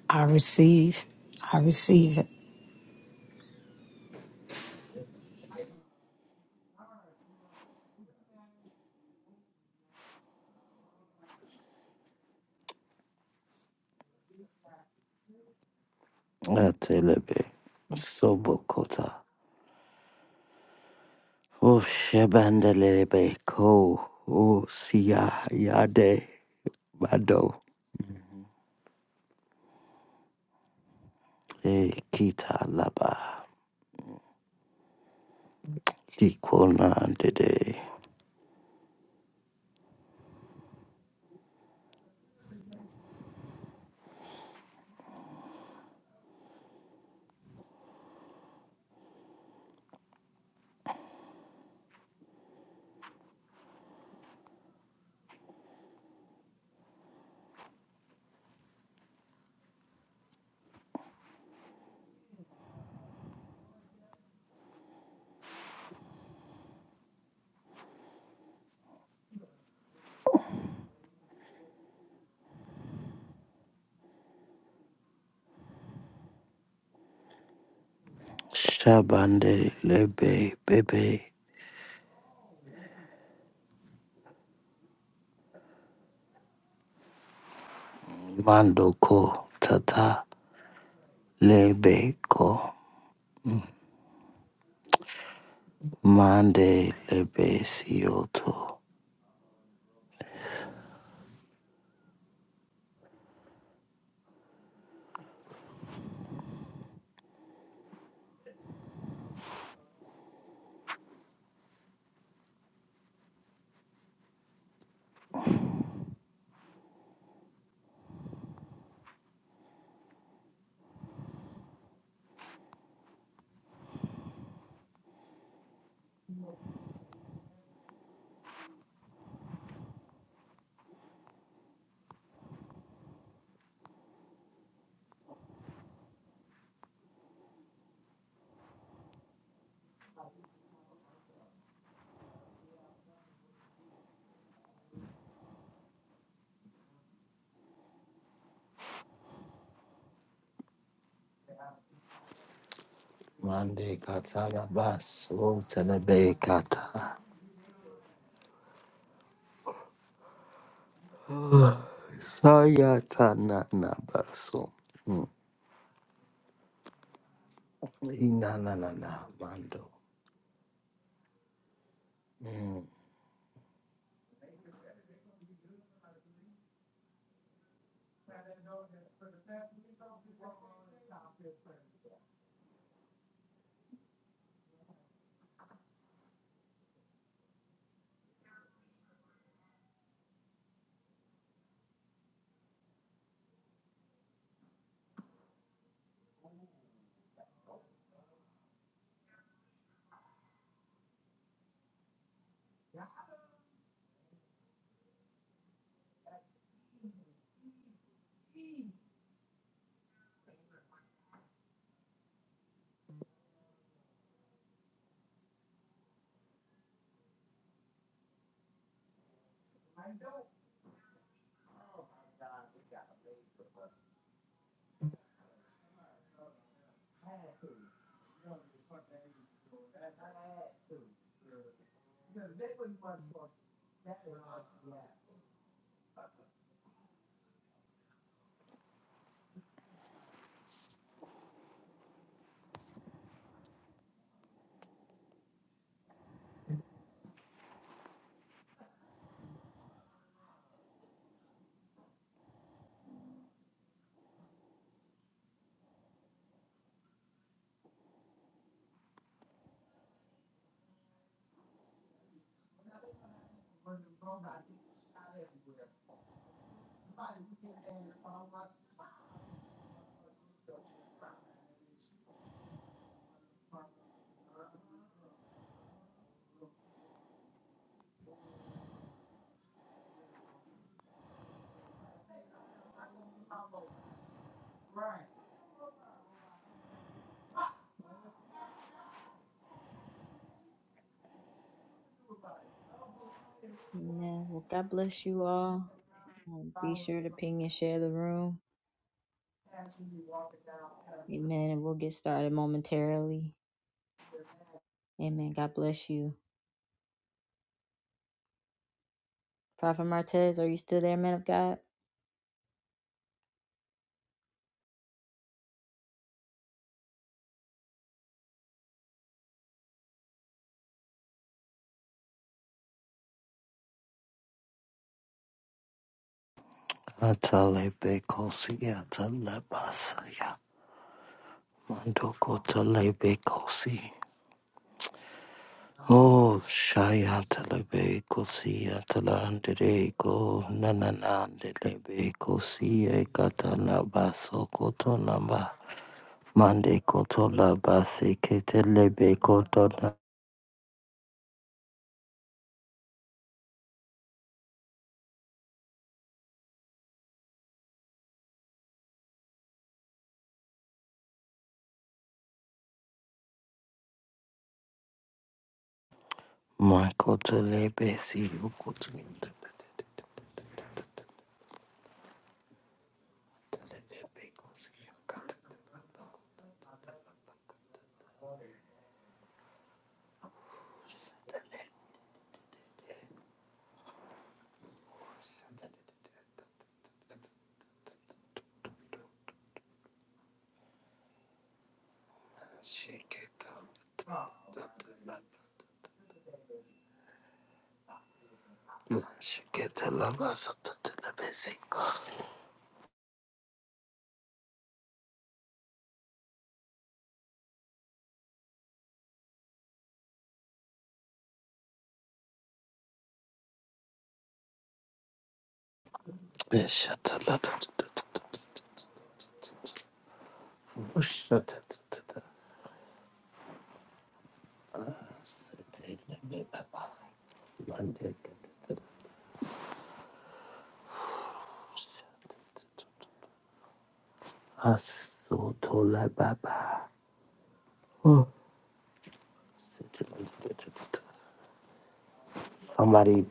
C: I receive. I receive it.
A: Ate lebe. Sobo kota. Oh shebanda lebe ko. Oh siya yade bado. Eh, kita laba. Kikona dede. Shabande lebe bebe mandoko tata lebe ko mande lebe sioto mande katana baso telebe kata saya tana na baso Mm. ina na na na mando Mm. ata lebe kosi ata lebasa ya mando kota lebe kosi Oh, Shayatalebe Kosia Talandireko Nananandelebe Kosia Katana Baso Kotonamba Mande Kotola Base Ketelebe Kotona Makotelebe Siu Kotinda Shake it, up. Shake it up. Shake it up. Somebody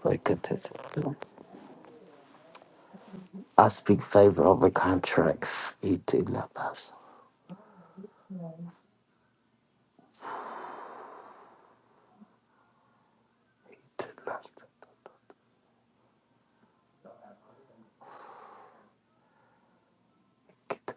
A: look at this. I speak favor over contracts. It did not pass. It did not get it.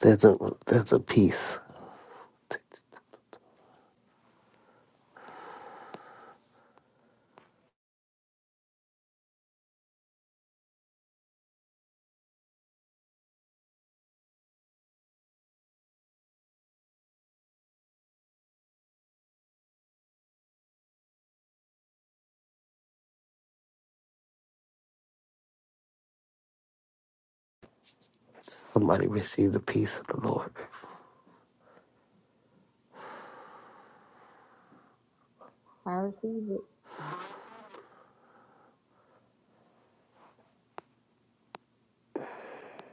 A: There's a there's a peace. Somebody receive the peace of the Lord.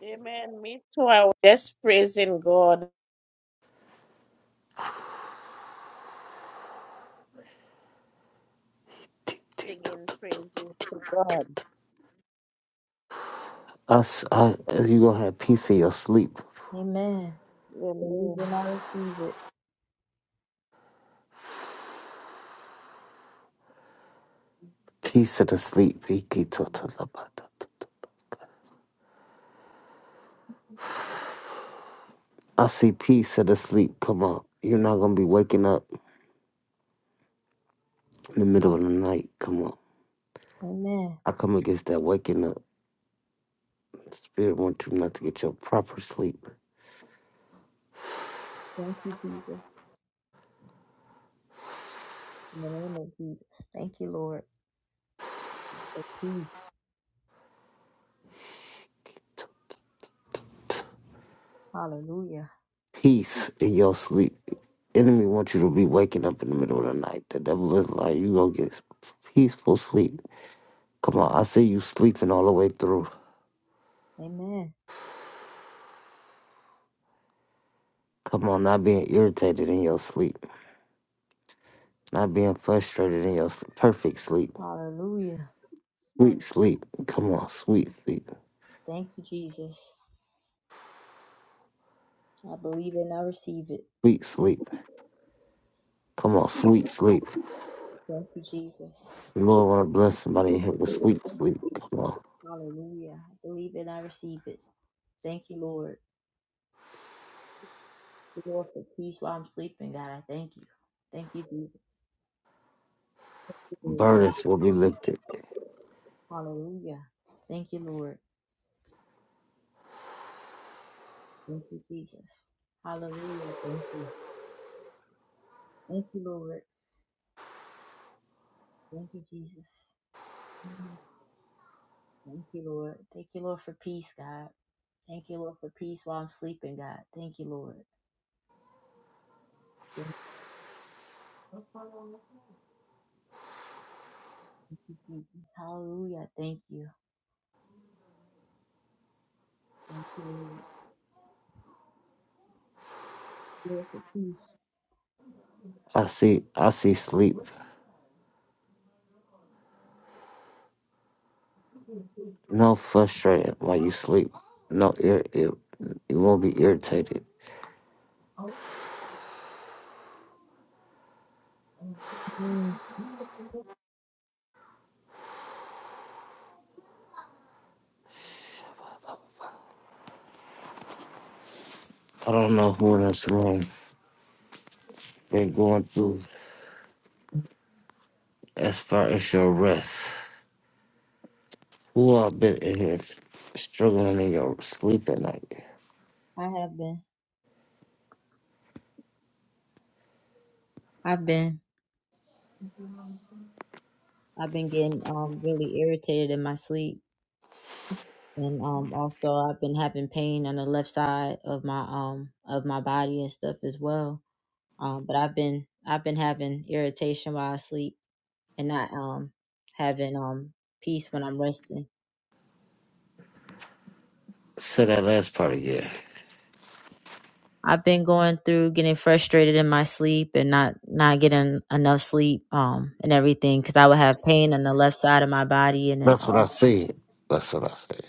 D: Amen. Me too. I was just praising God, singing praises to God.
A: Us, uh, you gonna have peace in your sleep.
D: Amen.
A: Peace in the sleep. I see peace in the sleep. Come on. You're not gonna be waking up in the middle of the night. Come on. I come against that waking up. Spirit wants you not to get your proper sleep. Peace in your sleep. Enemy wants you to be waking up in the middle of the night. The devil is like, you gonna get peaceful sleep. Come on, I see you sleeping all the way through. Come on, not being irritated in your sleep, not being frustrated in your s- perfect sleep, sweet sleep. Come on, sweet sleep, sweet sleep. Come on, sweet sleep. The Lord want to bless somebody in here with sweet sleep. Come on, burdens will be lifted. I see, I see sleep. No frustrating while you sleep. No, ir- ir- you won't be irritated. I don't know who in this room been going through as far as your rest. Who all been in here struggling in your sleep at night? Say that last part again. That's what I said. That's what I said.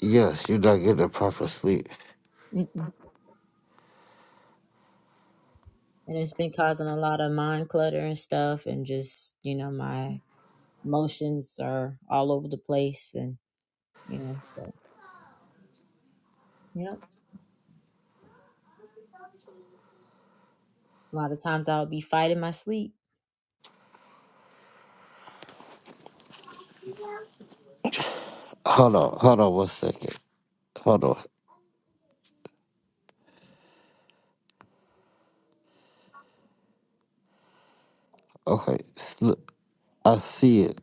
A: Yes, you're not getting the proper sleep. Hold on, hold on one second. Hold on. Okay, sl- I see it.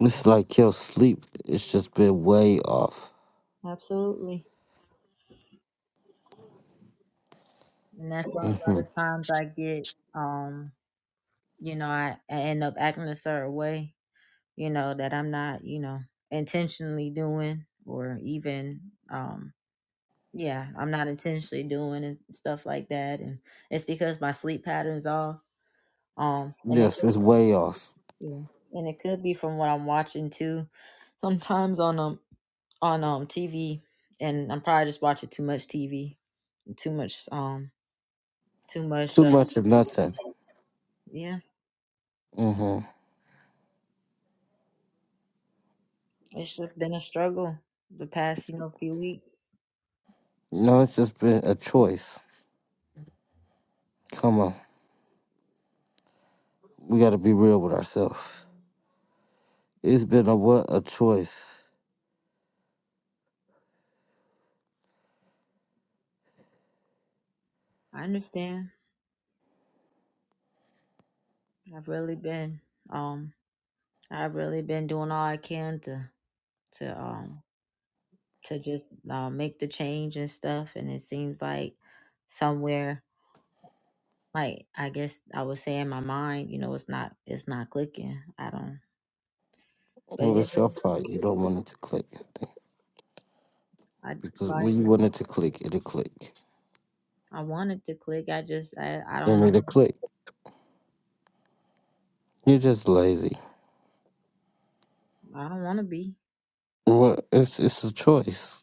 A: It's like your sleep, it's just been way off. hmm Yes, it's way off. Too much of nothing. hmm No, it's just been a choice. Come on, we gotta be real with ourselves. It's been a what? A choice. Well, it's your fault. You don't want it to click because when you want it to click, it'll click. Then it'll click. You're just lazy. Well, it's it's a choice.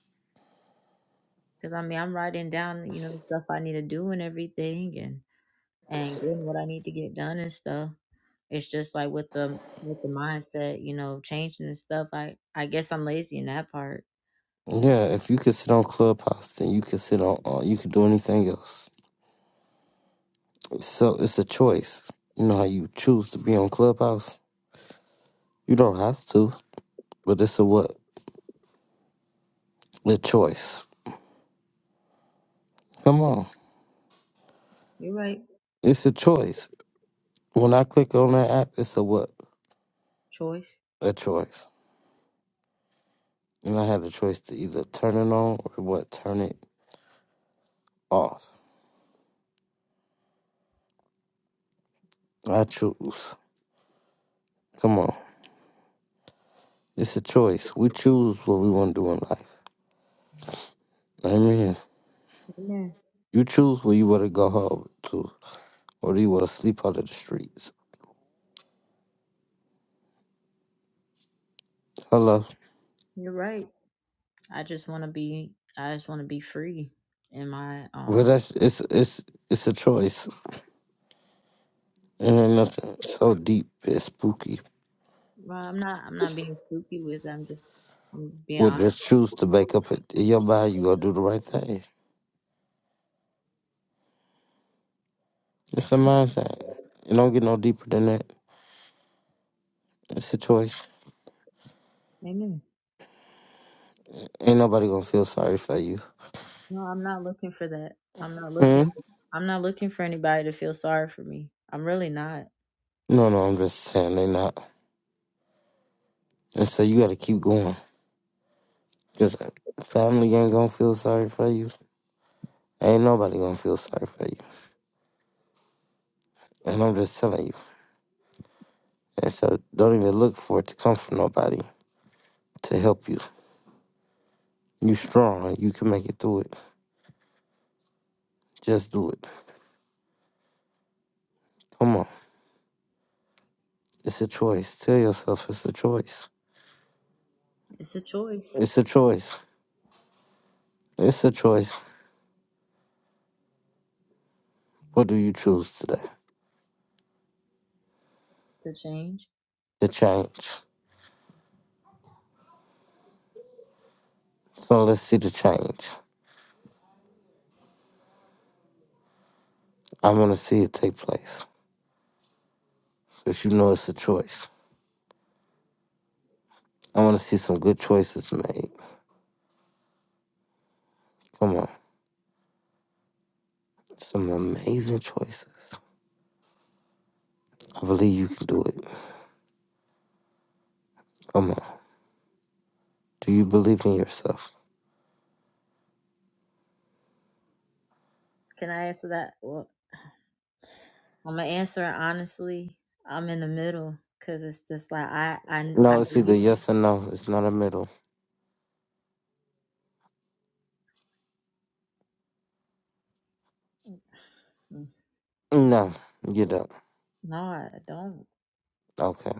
A: Yeah, if you could sit on Clubhouse, then you could sit on. Uh, you could do anything else. So it's a choice. You know how you choose to be on Clubhouse. You don't have to, but it's a what? A choice. Come on, it's a choice. When I click on that app, it's a what? A choice. And I had a choice to either turn it on or what? Turn it off. I choose. Come on. It's a choice. We choose what we want to do in life. Amen. You choose where you want to go home to, or do you want to sleep out of the streets? Hello. Well, that's it's it's it's a choice. And ain't nothing so deep and spooky. Well, just choose to make up it in your mind. You gonna do the right thing. It's a mind thing. It don't get no deeper than that. It's a choice. Ain't nobody gonna feel sorry for you. Hmm? No, no. I'm just saying they not. And so you got to keep going. Because family ain't gonna feel sorry for you. Ain't nobody gonna feel sorry for you. And I'm just telling you. And so don't even look for it to come from nobody to help you. You strong. You can make it through it. Just do it. Come on. It's a choice. Tell yourself it's a choice. It's a choice. It's a choice. What do you choose today? The change. So let's see the change. I want to see it take place. Because you know it's a choice. I want to see some good choices made. Come on. Some amazing choices. I believe you can do it. Come on. Do you believe in yourself? No, it's either yes or no. It's not a middle. No, you don't. Okay.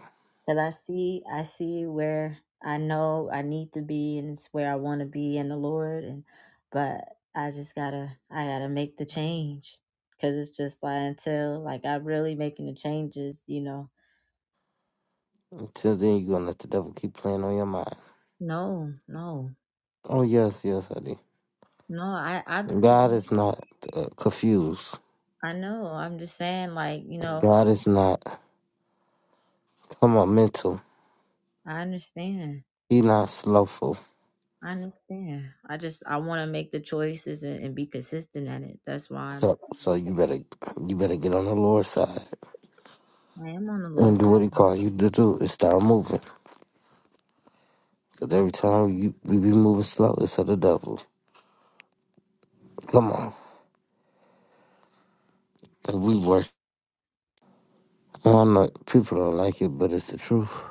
A: Until then, you're going to let the devil keep playing on your mind. Oh, yes, yes, honey. God is not uh, confused. God is not, come on, mental. He not slowful. So, so you better, you better get on the Lord's side and do what He called you to do and start moving. Because every time you, we be moving slow, it's of the devil. Come on. That we work. I don't know. People don't like it, but it's the truth.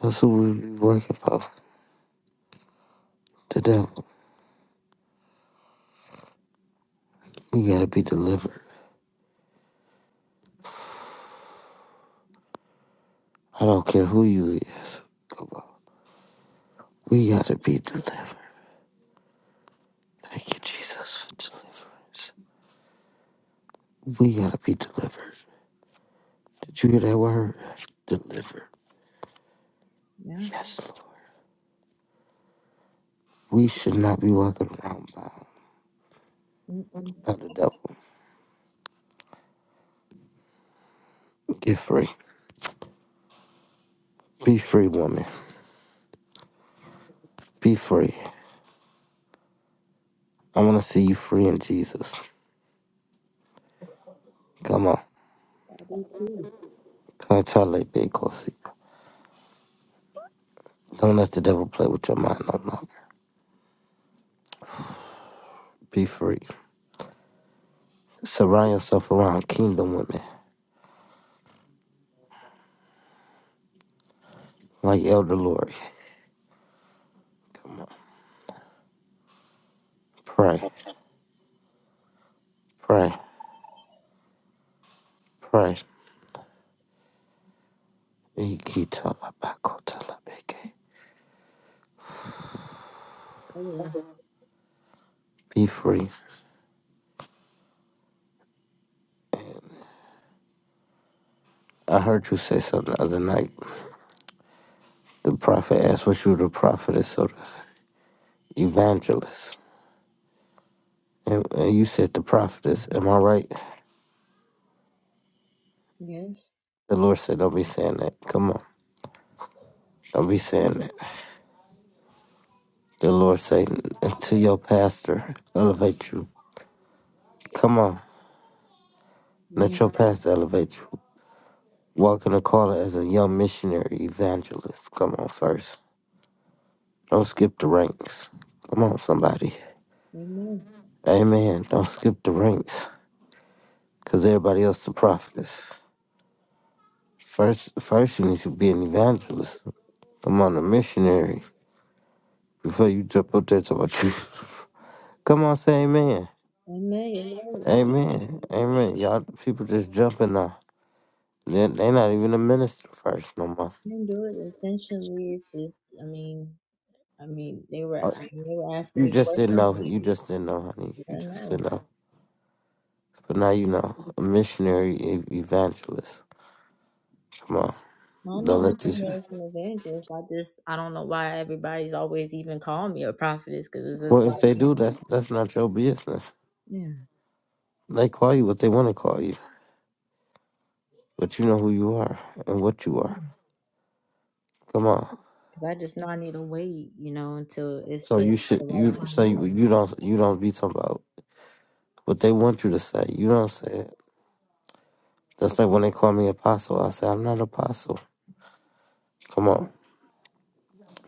A: That's who we be working for. The devil. We gotta be delivered. I don't care who you is. Come on. We gotta be delivered. Thank you, Jesus, for deliverance. We gotta be delivered. Did you hear that word? Delivered. Yes, Lord. We should not be walking around bound by the devil. Get free. Be free, woman. Be free. I want to see you free in Jesus. Come on. Katale Bekosi. Don't let the devil play with your mind no longer. Be free. Surround yourself around kingdom women like Elder Lori. Come on. Pray. Pray. Pray. Ikitalabakotalabe. Be free. I heard you say something the other night. The prophet asked what you the prophetess or the evangelist. And, and you said the prophetess. Am I right? The Lord said, don't be saying that. Come on. Don't be saying that. The Lord said to your pastor, elevate you. Come on. Let your past elevate you. Walk in the calling as a young missionary evangelist. Come on, first. Don't skip the ranks. Come on, somebody. Amen. Don't skip the ranks, cause everybody else is a prophetess. First, first you need to be an evangelist. Come on, a missionary. Before you jump up there, talk about you. Come on, say amen. Amen. Amen. Y'all, people just jumping now. They, they not even a minister first no more. Uh, You just didn't know. You just didn't know, honey. You just didn't know. But now you know, a missionary e- evangelist. Come on, don't let this. Well, if they do, that's that's not your business. They call you what they want to call you, but you know who you are and what you are. Come on. So you should you say you, you don't you don't be talking about what they want you to say. You don't say it. That's like when they call me apostle. I say I'm not apostle. Come on,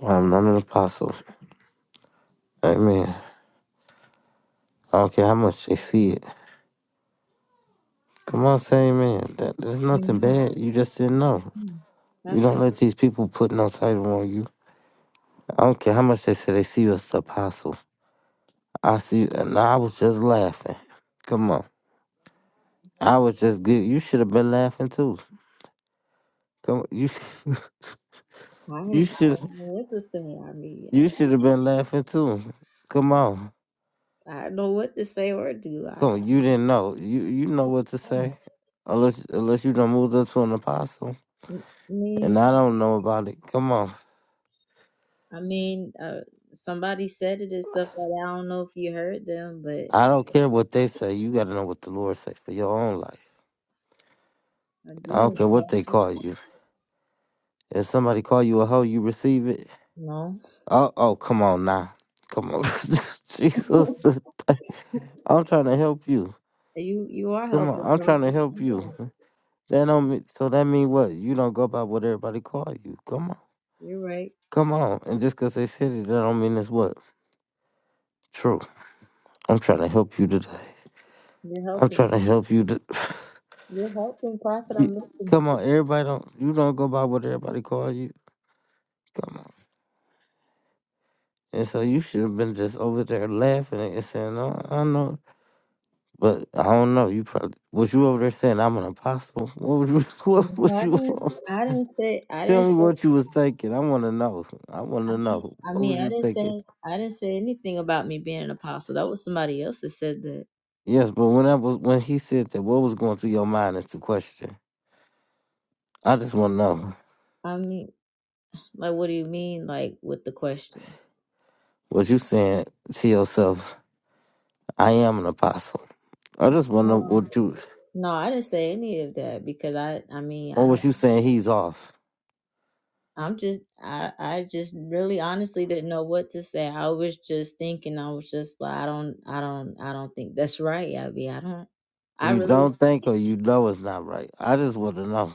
A: I'm not an apostle. Amen. I don't care how much they see it. Come on, say amen. That, there's nothing bad. You just didn't know. You don't let these people put no title on you. I don't care how much they say they see you as the apostle. I see you, and I was just laughing. Come on, I was just good. You should have been laughing too. Come, on, you, you should, you should have been laughing too. Come on, come on. You didn't know. You, you know what to say, unless, unless you done moved up to an apostle, and I don't know about it. Come on, I don't care what they say. You got to know what the Lord say for your own life. I don't care what they call you. If somebody call you a hoe, you receive it. Oh, oh, come on now, come on, Jesus. I'm trying to help you. Come on, I'm trying to help you. That don't mean, so that mean what? You don't go by what everybody call you. Come on, come on. And just cause they said it, that don't mean it's what true. I'm trying to help you today. I'm trying to help you. To, You- come on, everybody don't. You don't go by what everybody call you. Come on. And so you should have been just over there laughing and saying, "No, I know But I don't know. You probably was you over there saying I'm an apostle? What was you? What was you? Tell me what you was thinking. I want to know. I want to know. What was you thinking? Yes, but when I was when he said that, what was going through your mind is the question. I just want to know. Was you saying to yourself, "I am an apostle"? I just want to know what you. Or was you saying he's off? You don't think, or you know it's not right. I just want to know.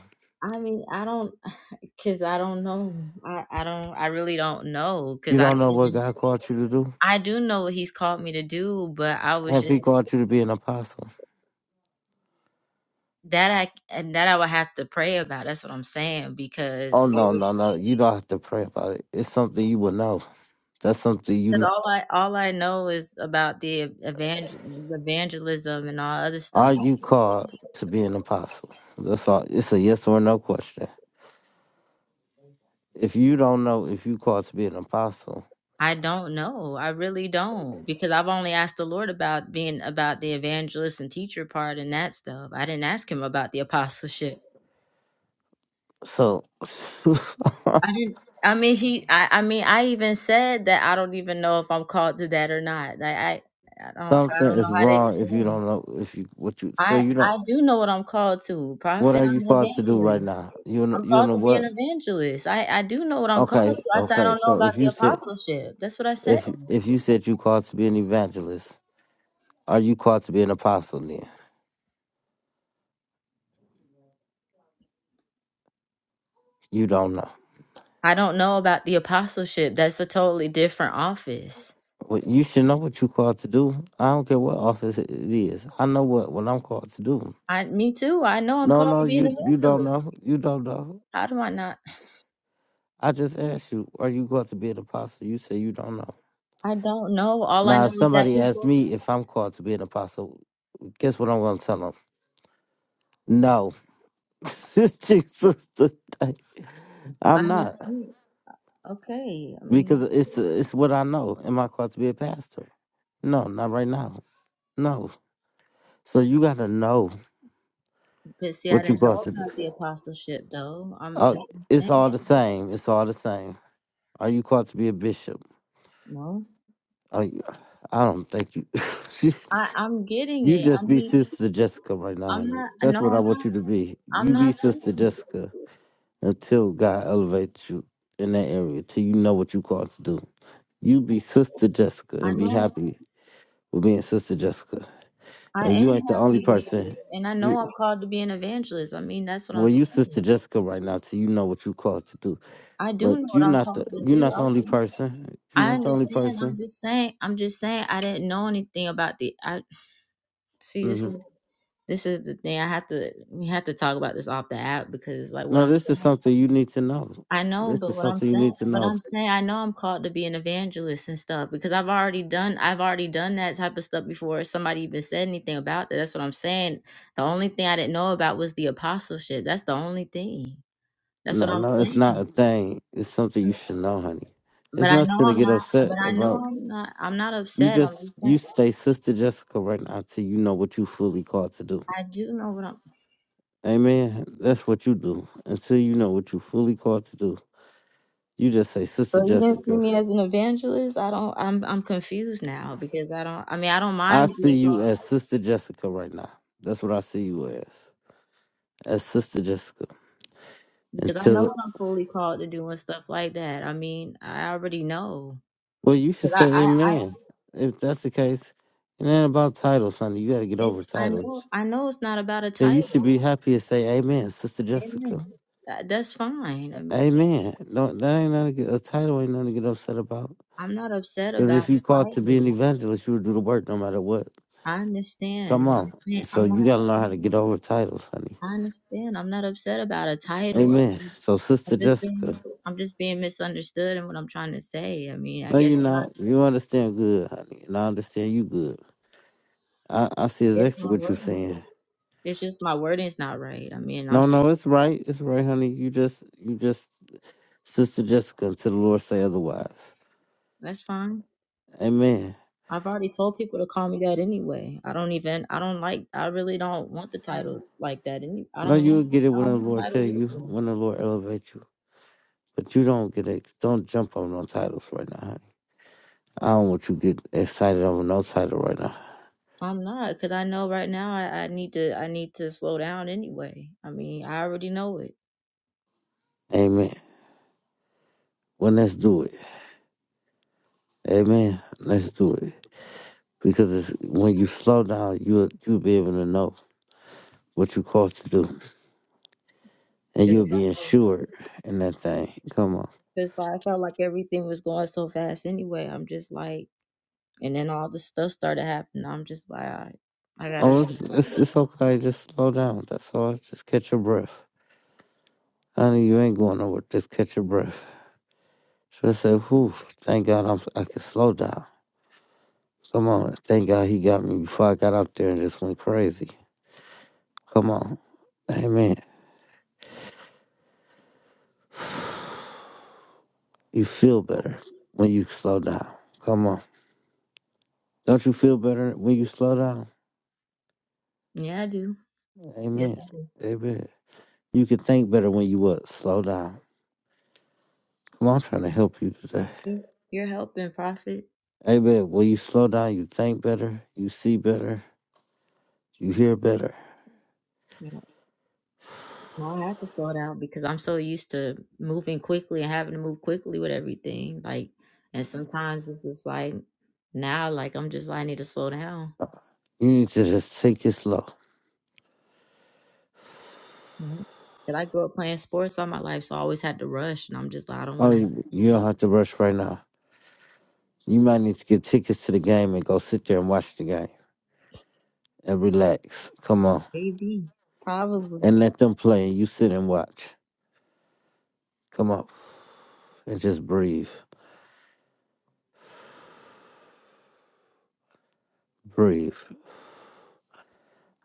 A: You don't know what God called you to do. Have He called you to be an apostle? Oh no, no, no! You don't have to pray about it. It's something you will know. That's something you know. Are you called to be an apostle? That's all. It's a yes or no question. If you don't know if you called to be an apostle, so something is wrong. If you don't know if you what you so you don't. What are you called to do right now? You know, you know what? Okay, okay. So if you said if if you said you called to be an evangelist, are you called to be an apostle? Then you don't know. Well, you should know what you called to do. I don't care what office it is. I know what what I'm called to do. No, no, you you don't know. You don't know. I just asked you, are you called to be an apostle? You say you don't know. Now, if somebody asks me if I'm called to be an apostle, guess what I'm going to tell them? No, Jesus, today. I'm not because it's it's what I know. Am I called to be a pastor? No, not right now. No. So you got to know what you're supposed to do. Uh, it's all the same. It's all the same. Are you called to be a bishop? Are you, I don't think you. you just be Sister Jessica right now. honey. That's what I want you to be. You be Sister Jessica until God elevates you in that area, till you know what you called to do. You be Sister Jessica and be happy with being Sister Jessica. And you ain't the only person. You, well, you Sister Jessica right now till you know what you called to do. But you not the you not the only person. You're not the only person. hmm No, this is something you need to know. This is something you need to know. No, no, it's not a thing. It's something you should know, honey. It's nothing to get upset about. You just you stay sister Jessica right now until you know what you fully called to do. Amen. That's what you do. Until you know what you fully called to do. You just say sister Jessica. I see you as sister Jessica right now. That's what I see you as. As sister Jessica. Until Well, you should say amen. If that's the case, it ain't about titles, honey. You got to get over titles. Yeah, you should be happy to say amen, Sister Jessica. Amen. No, that ain't nothing to get, a title ain't nothing to get upset about. Because if you called to be an evangelist, you would do the work no matter what. Come on. So you got to learn how to get over titles, honey. Amen. So, Sister Jessica, no, you're not. You understand good, honey. And I understand you good. I, I see exactly what you're saying. No, no, it's right. It's right, honey. You just, you just Sister Jessica, until the Lord say otherwise. Amen. No, you'll get it when the Lord tell you, when the Lord elevate you. But you don't get it. Don't jump on no titles right now, honey. I don't want you to get excited over no title right now. Amen. Well, let's do it. Amen. Let's do it. Because it's, when you slow down, you'll, you'll be able to know what you're called to do. And you'll be insured in that thing. Come on. Oh, it's, it's, it's okay. Just slow down. That's all. Just catch your breath. Honey, you ain't going nowhere. Just catch your breath. So I said, whew, thank God I'm, I can slow down. Come on. Thank God he got me before I got out there and just went crazy. Come on. Amen. You feel better when you slow down. Come on. Don't you feel better when you slow down? Amen. Amen. You can think better when you what? Slow down. Come on, I'm trying to help you today. Amen. When you slow down, you think better, you see better, you hear better. You need to just take it slow. Oh, you, you don't have to rush right now. You might need to get tickets to the game and go sit there and watch the game and relax. Come on. And let them play and you sit and watch. Come on. And just breathe. Breathe.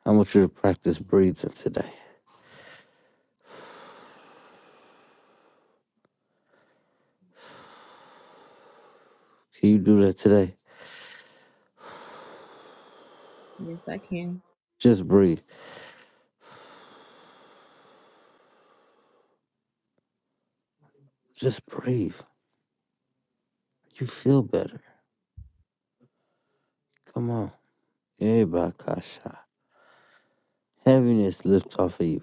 A: I want you to practice breathing today. Can you do that today? Just breathe. Just breathe. You feel better. Come on. Yeah, Bakasha. Heaviness lift off of you.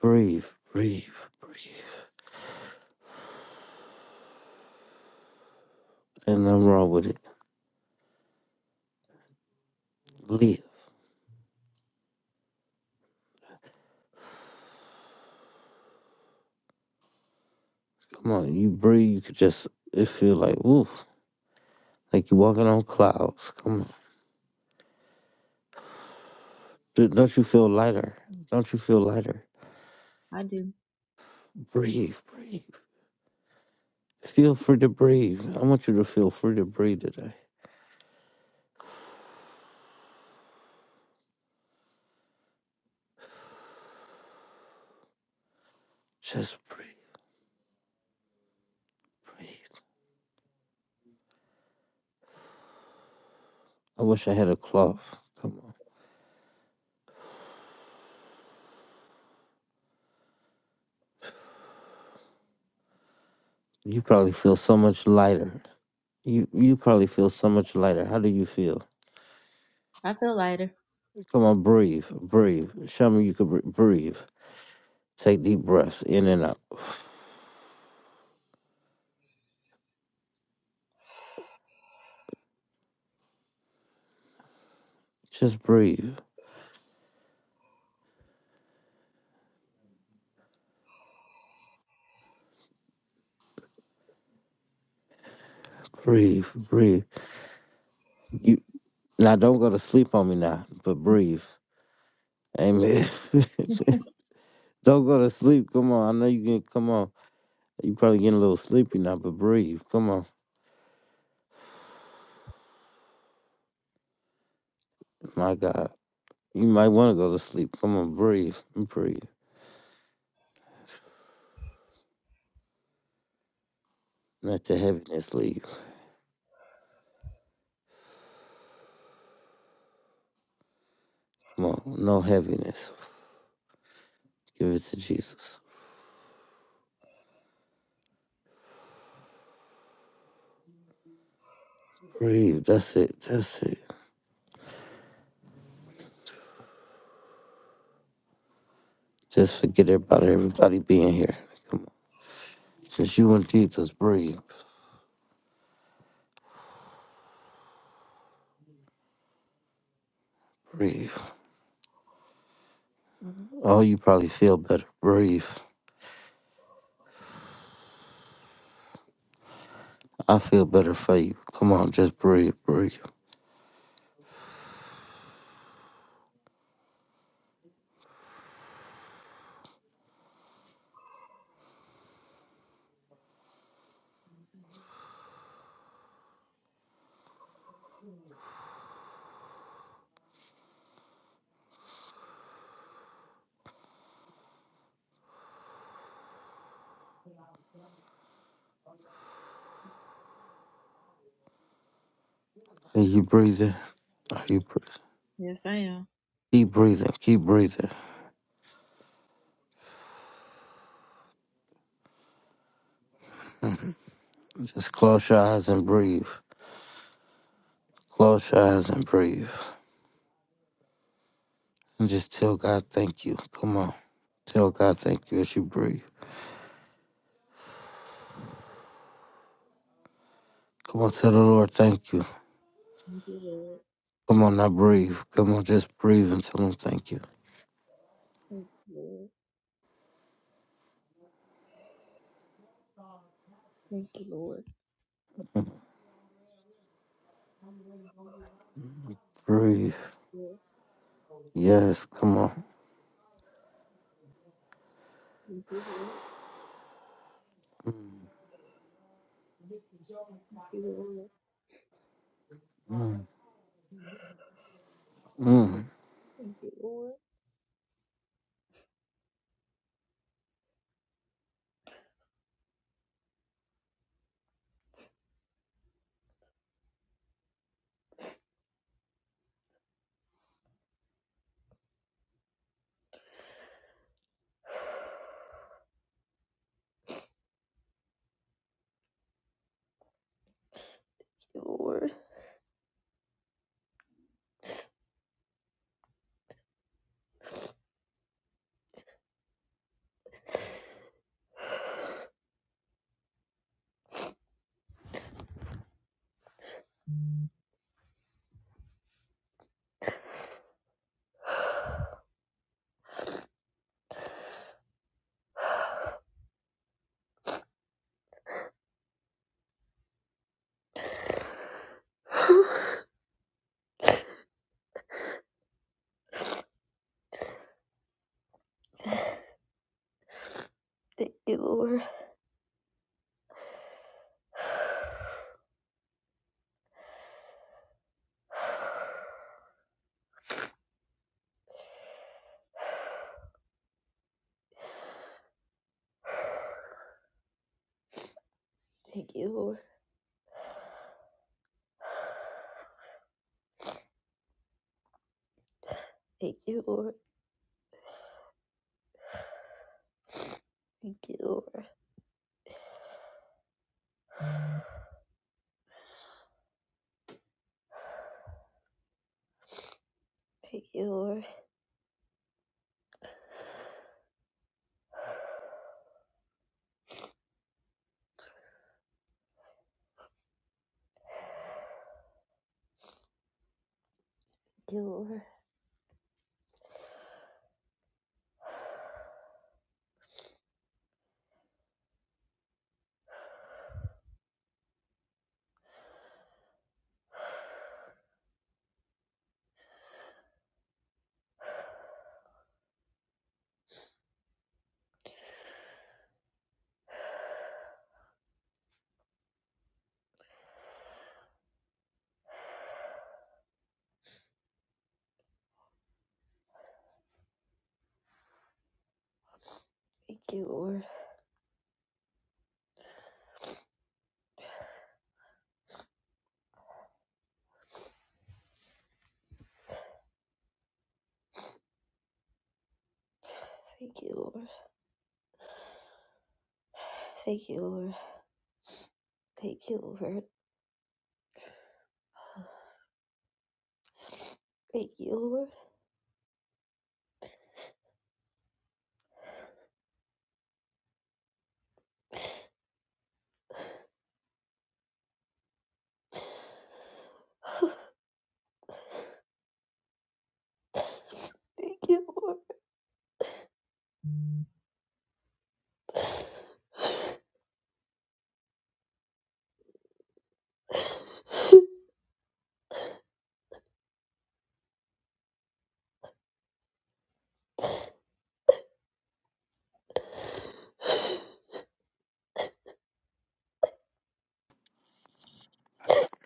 A: Breathe. Breathe. Breathe. And nothing wrong with it. Live. Come on, you breathe, you could just it feel like oof, like you walking on clouds. Come on, D- don't you feel lighter? Don't you feel lighter? Breathe, breathe. Feel free to breathe. I want you to feel free to breathe today. Just breathe, breathe. I wish I had a cloth. Come on, you probably feel so much lighter. You you probably feel so much lighter. How do you feel? Come on, breathe, breathe. Show me you can br- breathe. Take deep breaths in and out. Just breathe, breathe, breathe. You. Now don't go to sleep on me now, but breathe. Amen. don't go to sleep. Come on. I know you can come on. You probably getting a little sleepy now, but breathe. Come on. My God. You might want to go to sleep. Come on, breathe. Breathe. Let the heaviness leave. Come on. No heaviness. Give it to Jesus. Breathe. That's it. That's it. Just forget about everybody being here. Come on. Just you and Jesus. Breathe. Breathe. Oh, you probably feel better. Breathe. I feel better for you. Come on, just breathe, breathe. Are you breathing? Are you breathing? Keep breathing, keep breathing. Just close your eyes and breathe. Close your eyes and breathe. And just tell God thank you. Come on. Tell God thank you as you breathe. Come on, tell the Lord thank you. Come on, now breathe. Come on, just breathe and tell him thank you. Breathe. Yes, come on. Mm.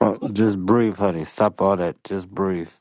A: Oh, just breathe, honey. Stop all that. Just breathe.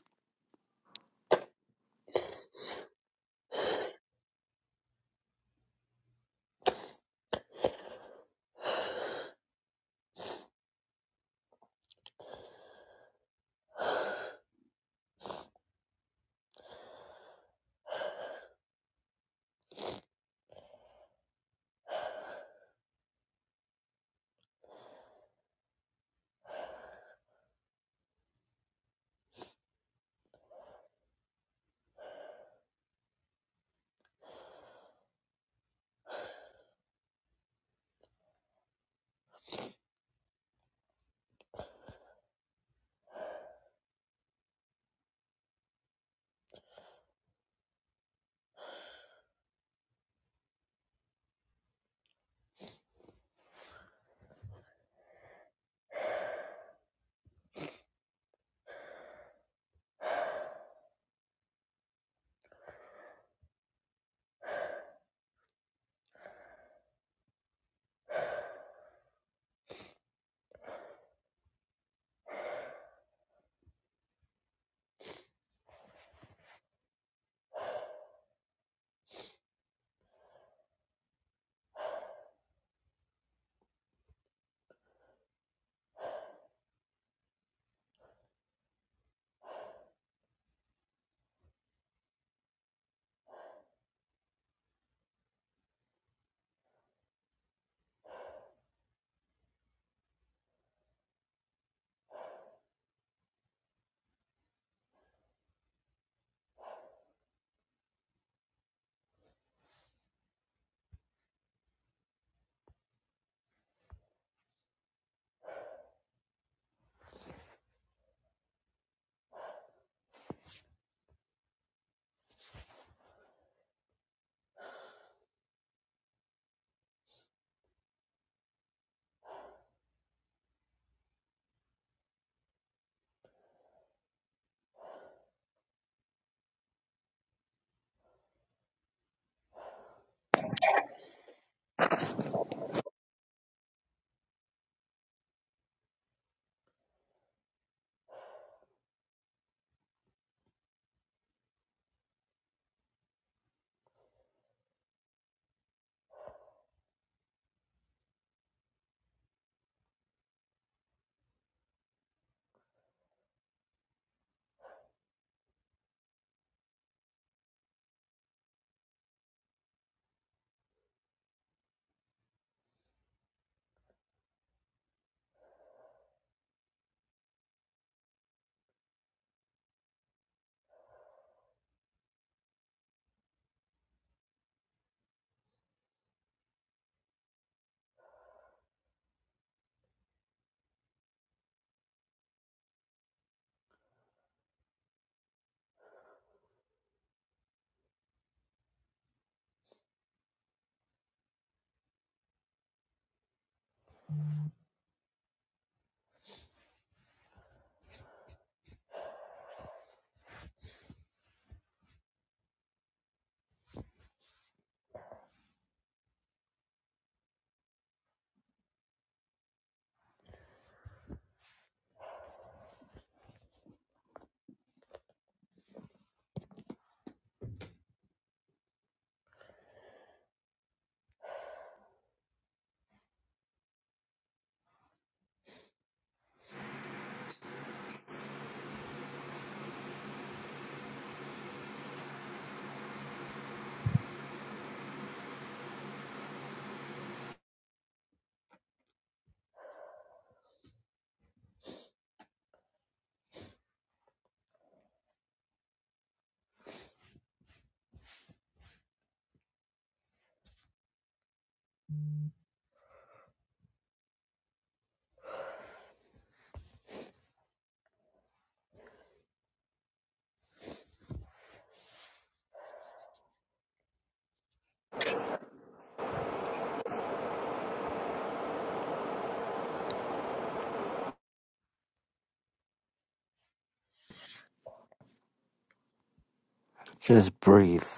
A: Just breathe.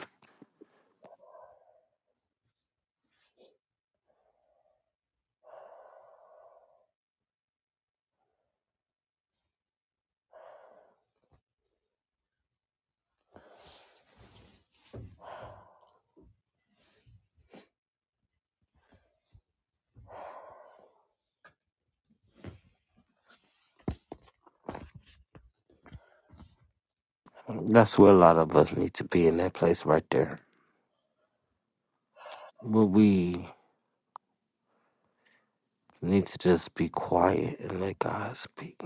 A: That's where a lot of us need to be in that place right there. But we need to just be quiet and let God speak.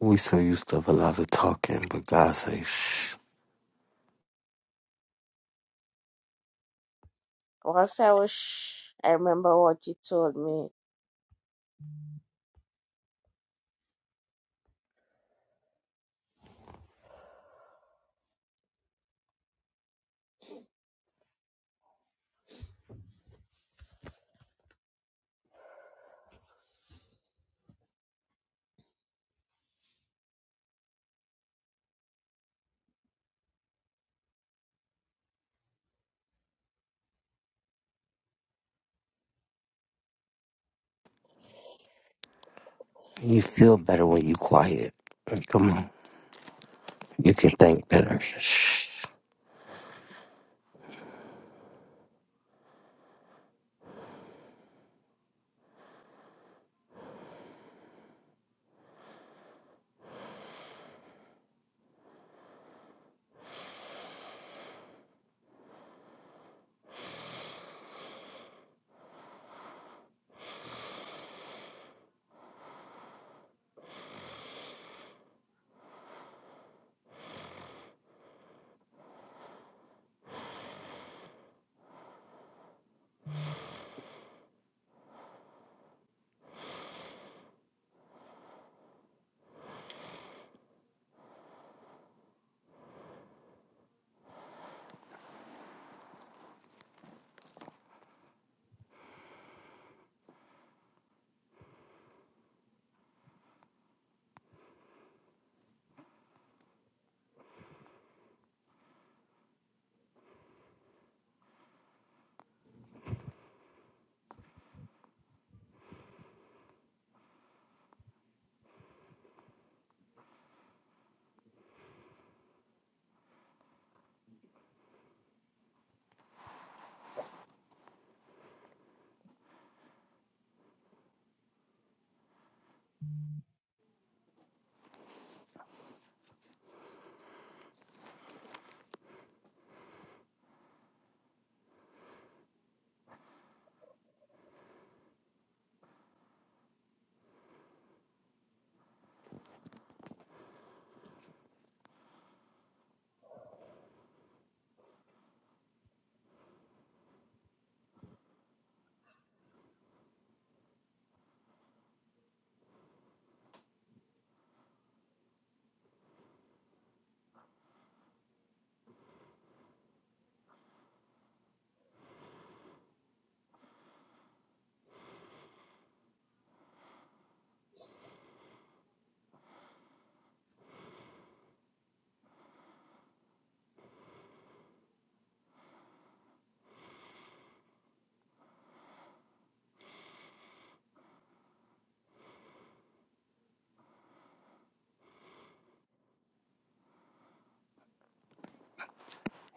A: We so used to a lot of talking, but God say, shh.
D: Also, I wish I remember what you told me.
A: You feel better when you quiet. Come on. You can think better. Shh.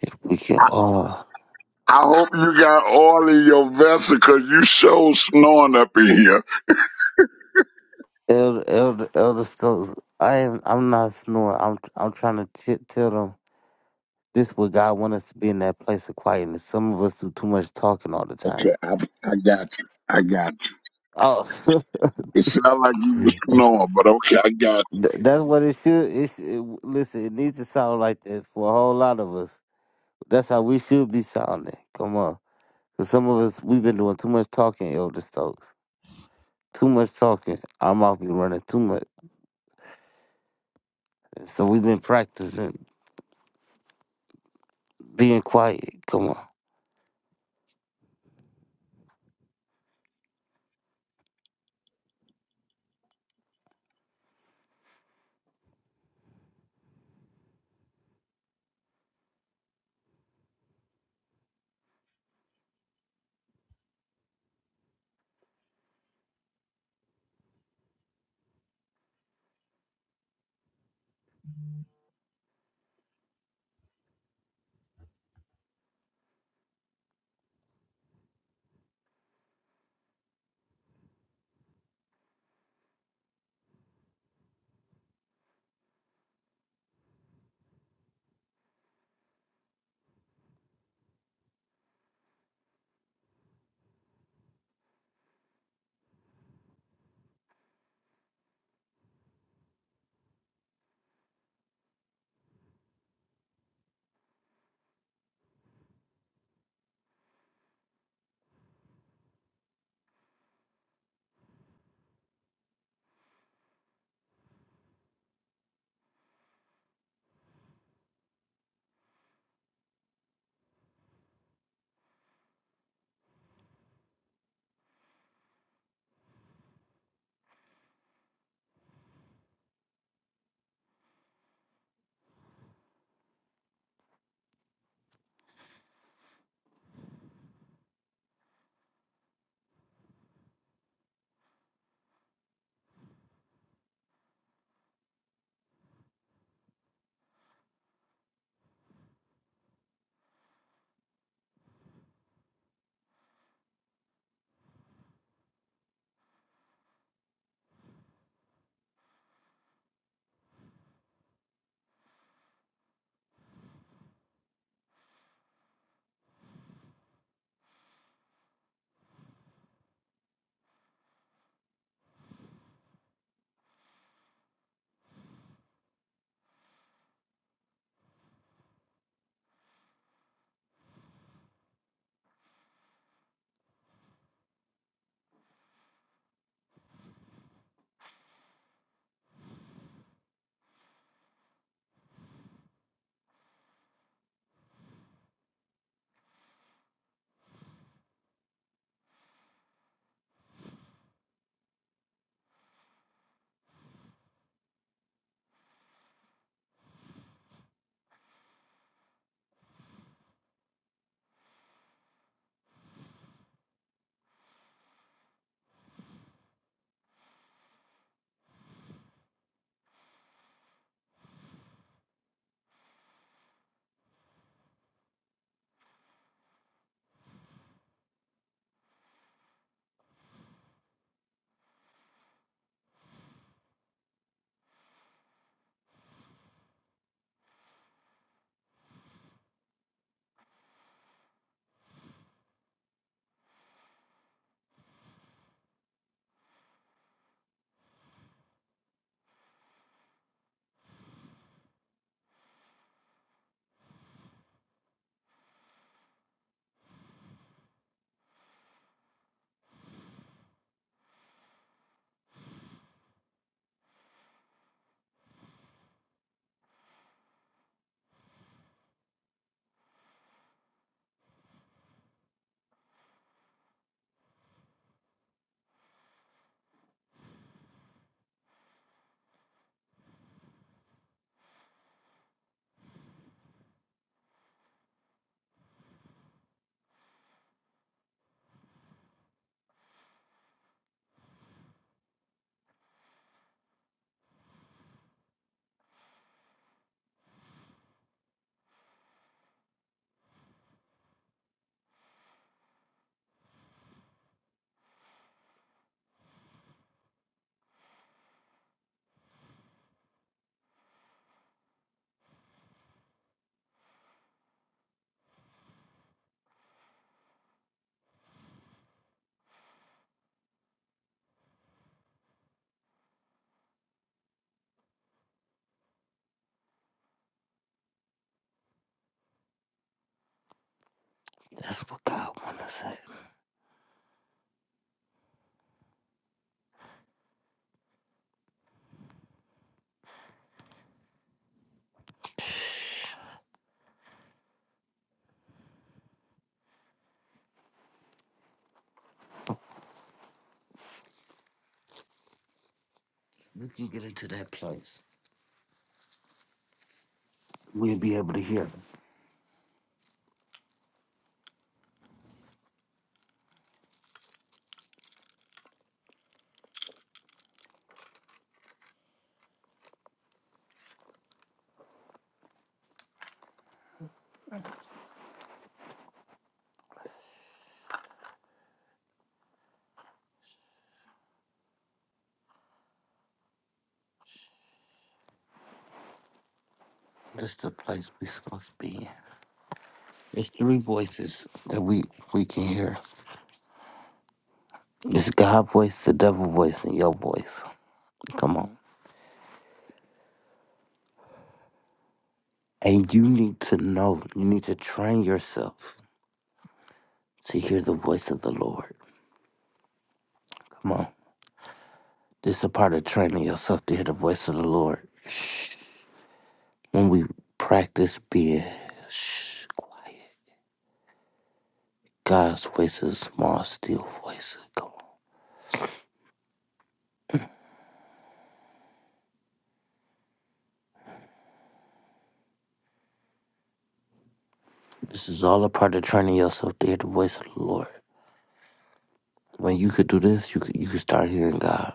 A: If we can
E: I,
A: all.
E: I hope you got oil in your vessel because you show snoring up in here.
A: Elder, elder, elder Stokes, I am, I'm not snoring. I'm, I'm trying to t- tell them this is what God wants us to be in that place of quietness. Some of us do too much talking all the time.
E: Okay, I, I got you. I got you.
A: Oh,
E: It sounded like you were snoring, but okay, I got you.
A: Th- that's what it should. It should listen. It needs to sound like that for a whole lot of us. That's how we should be sounding. Come on, 'Cause some of us we've been doing too much talking, Elder Stokes. Too much talking. Our mouth be running too much. So we've been practicing being quiet. Come on, that's what God want us. at. We can get into that place. We'll be able to hear. Him. That's the place we supposed to be in. It's three voices that we we can hear. It's God's voice, the devil voice, and your voice. Come on. And you need to know, you need to train yourself to hear the voice of the Lord. Come on. This is a part of training yourself to hear the voice of the Lord. Shh. When we practice being shh, quiet, God's voice is a small, still voice. Come on. This is all a part of training yourself to hear the voice of the Lord. When you could do this, you could, you could start hearing God.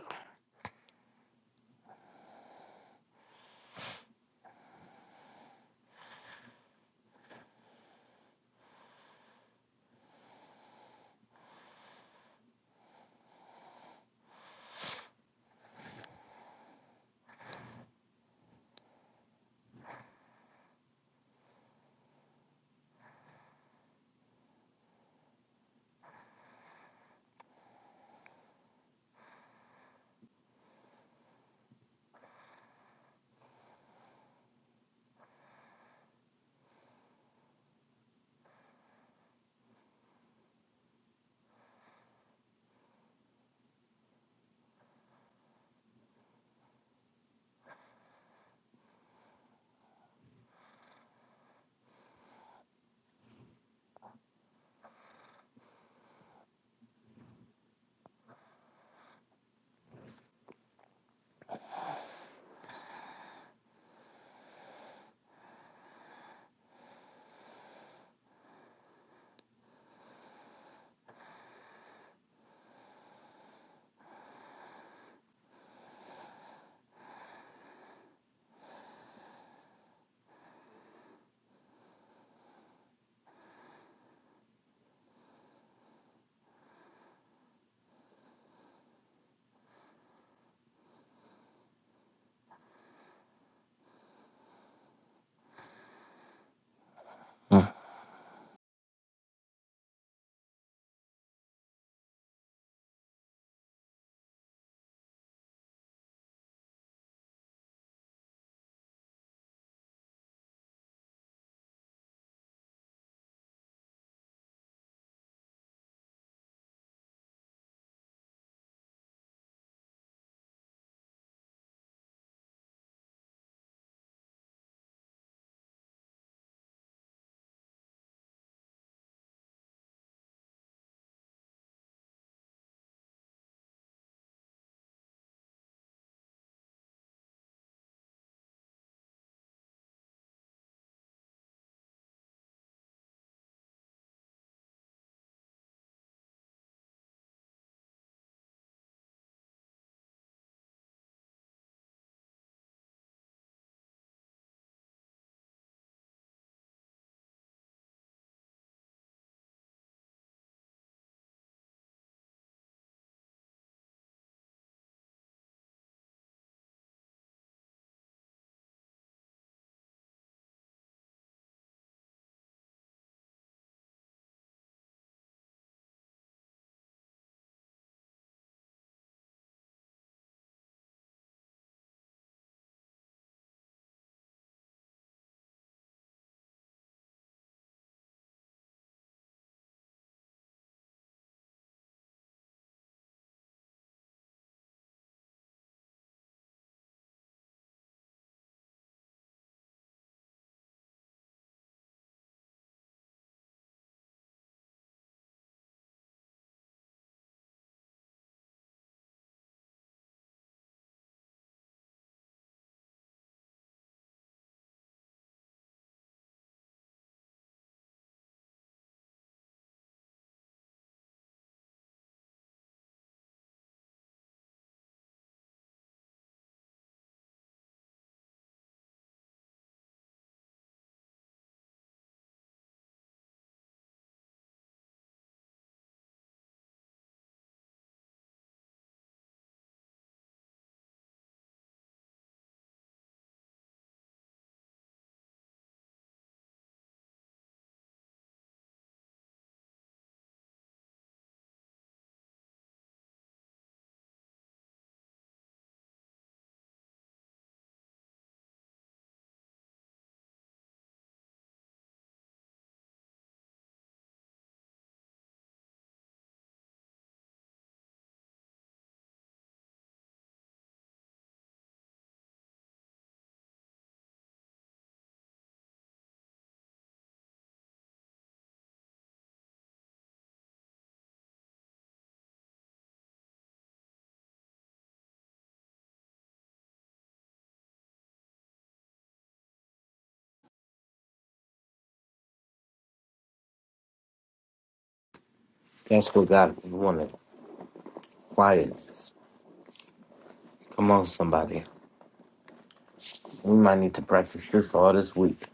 A: That's what God wanted. Quietness. Come on, somebody. We might need to practice this all this week.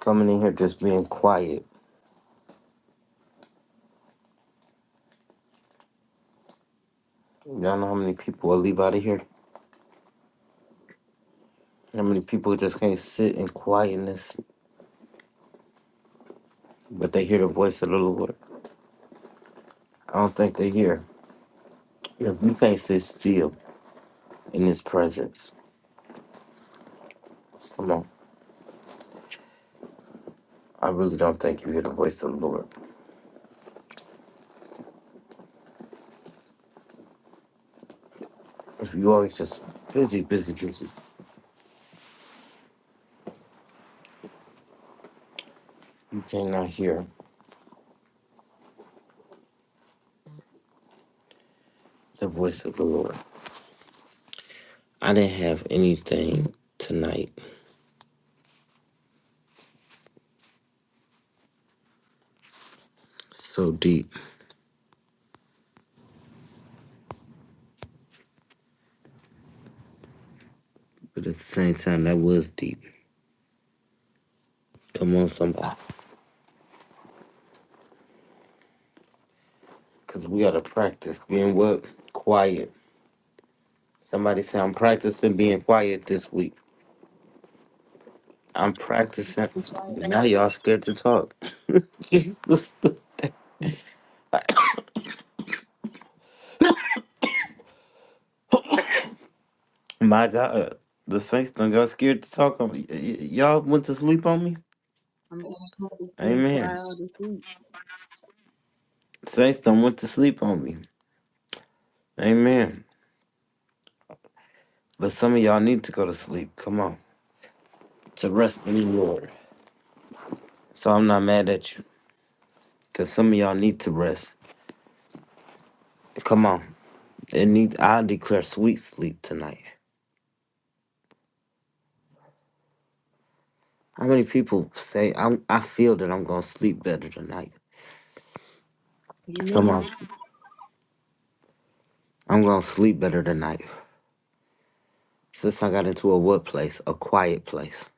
A: Coming in here just being quiet. Y'all know how many people will leave out of here? How many people just can't sit in quietness, but they hear the voice of the Lord? I don't think they hear. If you can't sit still in His presence, come on. I really don't think you hear the voice of the Lord. If you always just busy, busy, busy, you cannot hear the voice of the Lord. I didn't have anything tonight so deep, but at the same time, that was deep. Come on, somebody. Because we got to practice being what? Quiet. Somebody say, I'm practicing being quiet this week. I'm practicing. Now y'all scared to talk. My God. The saints done got scared to talk on me. Y- y- y'all went to sleep on me? Amen. Saints done went to sleep on me. Amen. But some of y'all need to go to sleep. Come on. To rest in the Lord. So I'm not mad at you. Because some of y'all need to rest. Come on. And need I declare sweet sleep tonight. How many people say I'm, I feel that I'm gonna sleep better tonight? Come on, I'm gonna sleep better tonight. Since I got into a what place, a quiet place.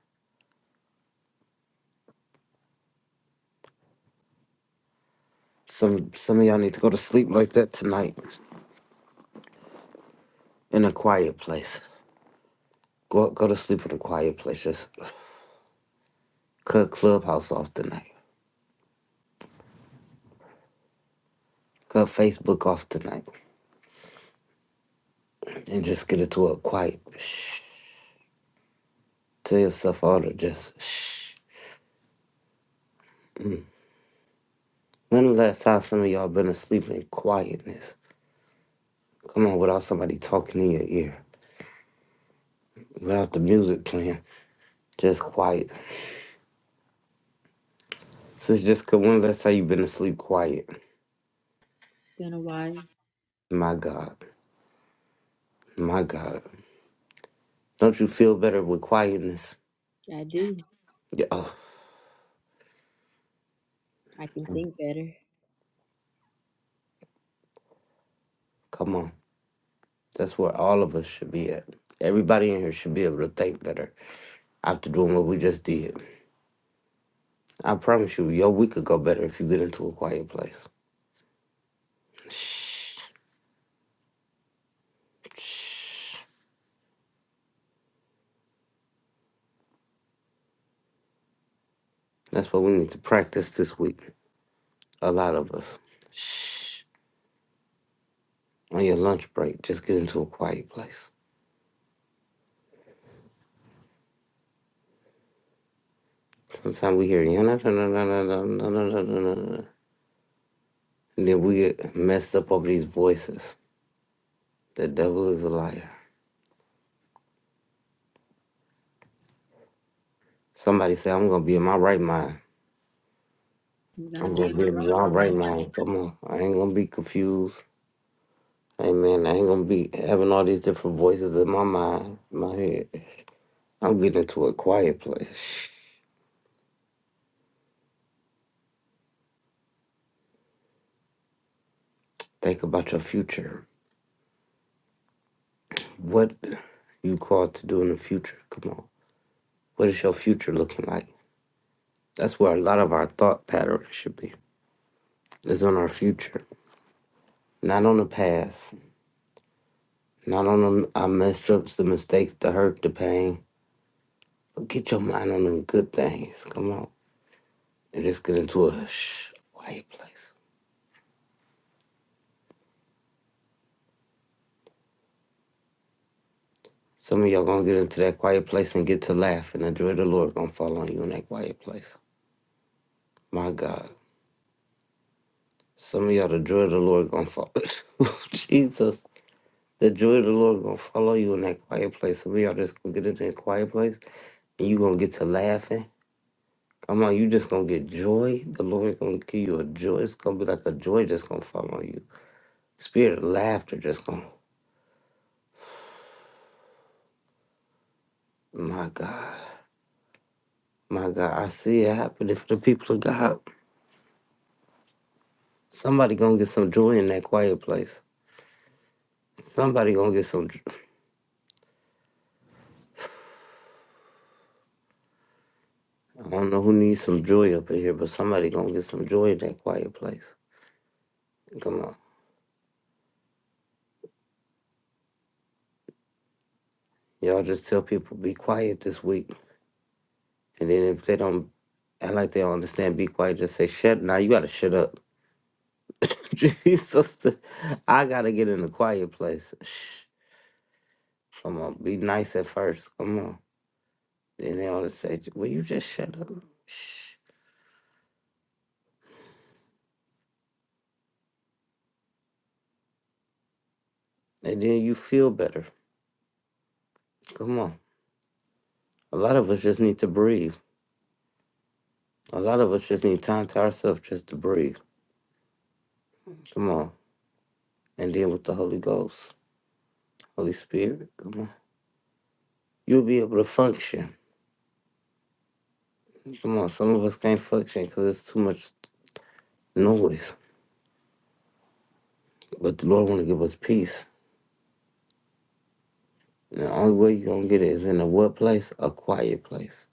A: Some some of y'all need to go to sleep like that tonight, in a quiet place. Go go to sleep in a quiet place. Just cut Clubhouse off tonight. Cut Facebook off tonight, and just get into a quiet. Shh. Tell yourself all to just shh. When the last time some of y'all been asleep in quietness? Come on, without somebody talking in your ear, without the music playing, just quiet. Sis Jessica, when the last time you been asleep quiet? My God, my God. Don't you feel better with quietness? Yeah, oh, come on. That's where all of us should be at. Everybody in here should be able to think better after doing what we just did. I promise you, your week could go better if you get into a quiet place. Shh, shh. That's what we need to practice this week. A lot of us. Shh. on your lunch break, just get into a quiet place. Sometimes we hear, "Yeah, nah, nah, nah, nah, nah, nah, nah, nah, nah, nah, nah," and then we get messed up over these voices. The devil is a liar. Somebody say, I'm going to be in my right mind. I'm going to be in my right mind. Come on. I ain't going to be confused. Amen. I ain't going to be having all these different voices in my mind, my head. I'm getting into a quiet place. Think about your future. What you called to do in the future. Come on. What is your future looking like? That's where a lot of our thought pattern should be. It's on our future, not on the past, not on the, our mess ups, the mistakes, the hurt, the pain. But get your mind on the good things. Come on, and just get into a shh, quiet place. Some of y'all gonna get into that quiet place and get to laugh, and the joy of the Lord gonna fall on you in that quiet place. My God, some of y'all the joy of the Lord gonna fall. Jesus, the joy of the Lord gonna follow you in that quiet place. Some of y'all just gonna get into that quiet place, and you gonna get to laughing I'm like, you just gonna get joy. The Lord gonna give you a joy. It's gonna be like a joy just gonna fall on you. Spirit of laughter just gonna. My God, my God, I see it happening for the people of God. Somebody gonna get some joy in that quiet place. Somebody gonna get some. j- I don't know who needs some joy up in here, but somebody gonna get some joy in that quiet place. Come on, y'all just tell people be quiet this week, and then if they don't, act like they don't understand, be quiet. Just say shut. Now you gotta shut up. Jesus, the- I gotta get in a quiet place. Shh. Come on, be nice at first. Come on. Then they always say, "Will you just shut up?" Shh. And then you feel better. Come on. A lot of us just need to breathe. A lot of us just need time to ourselves just to breathe. Come on. And then with the Holy Ghost, Holy Spirit, come on. You'll be able to function. Come on. Some of us can't function because it's too much noise. But the Lord want to give us peace. The only way you're gonna get it is in a what place? A quiet place.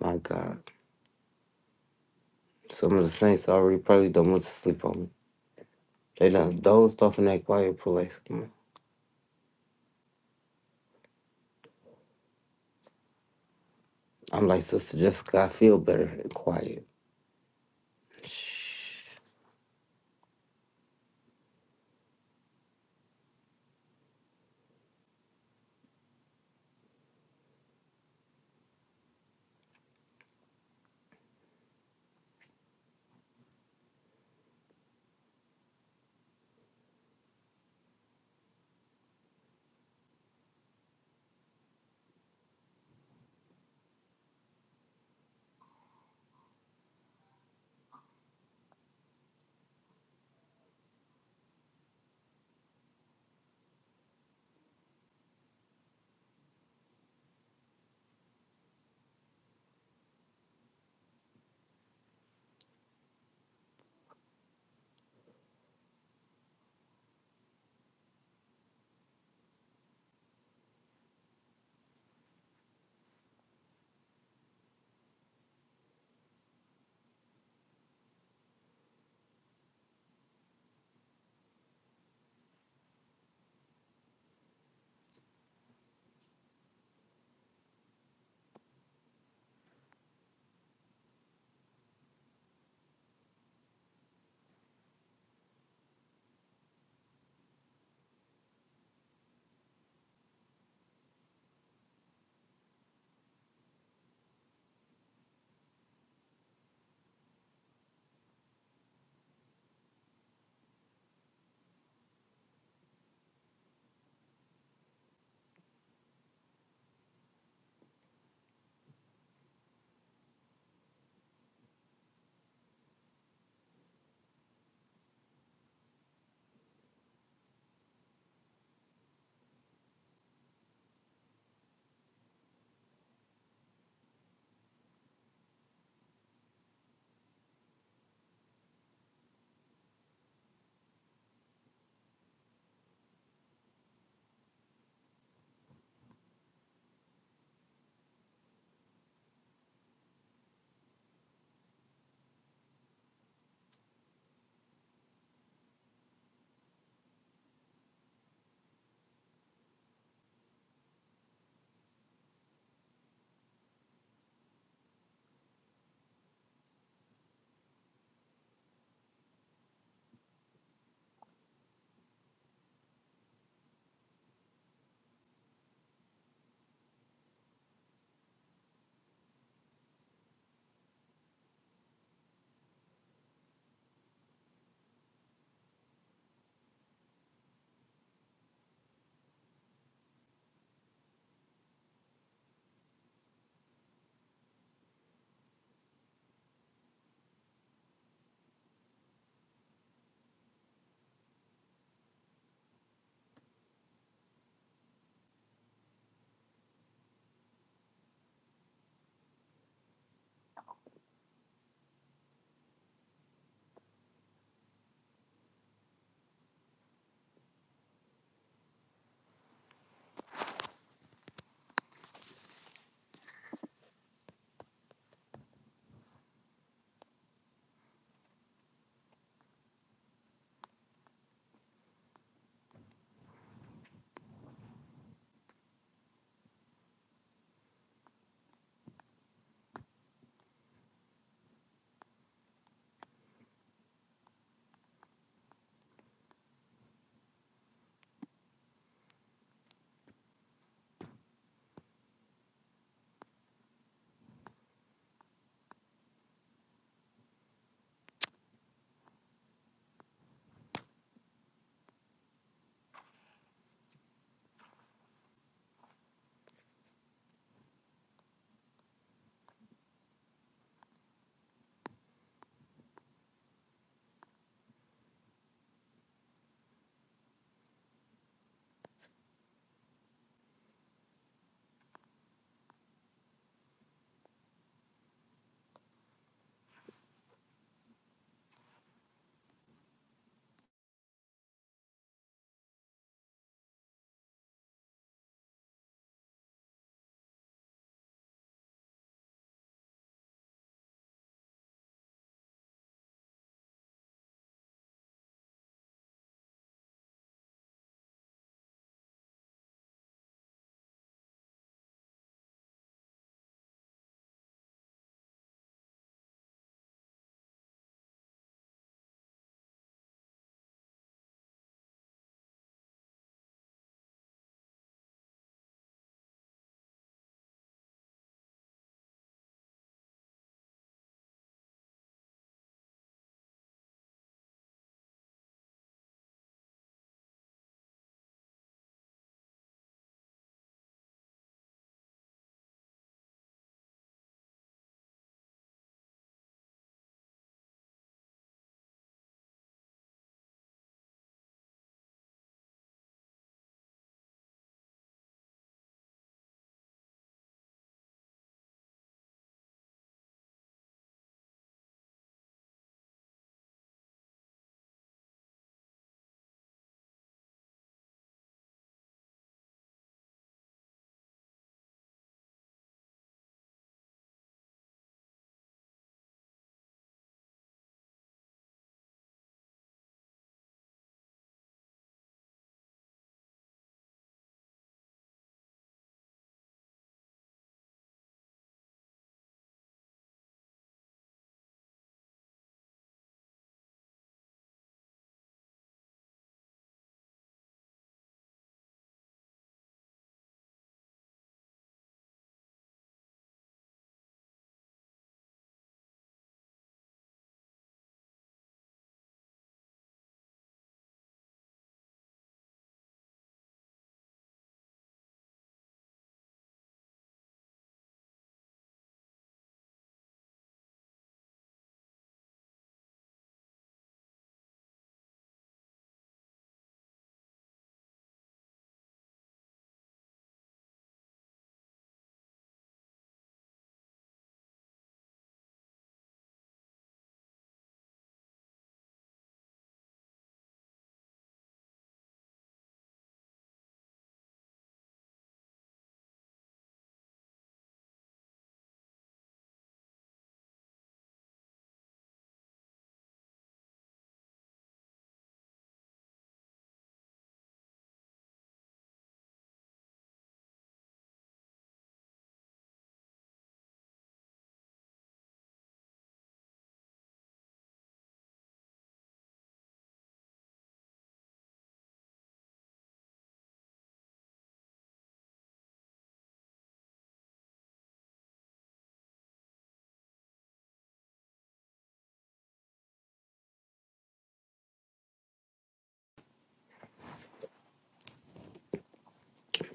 A: My God. Some of the saints already probably don't want to sleep on me. They done dozed off in that quiet place. I'm like, Sister Jessica, I feel better and quiet. Shh.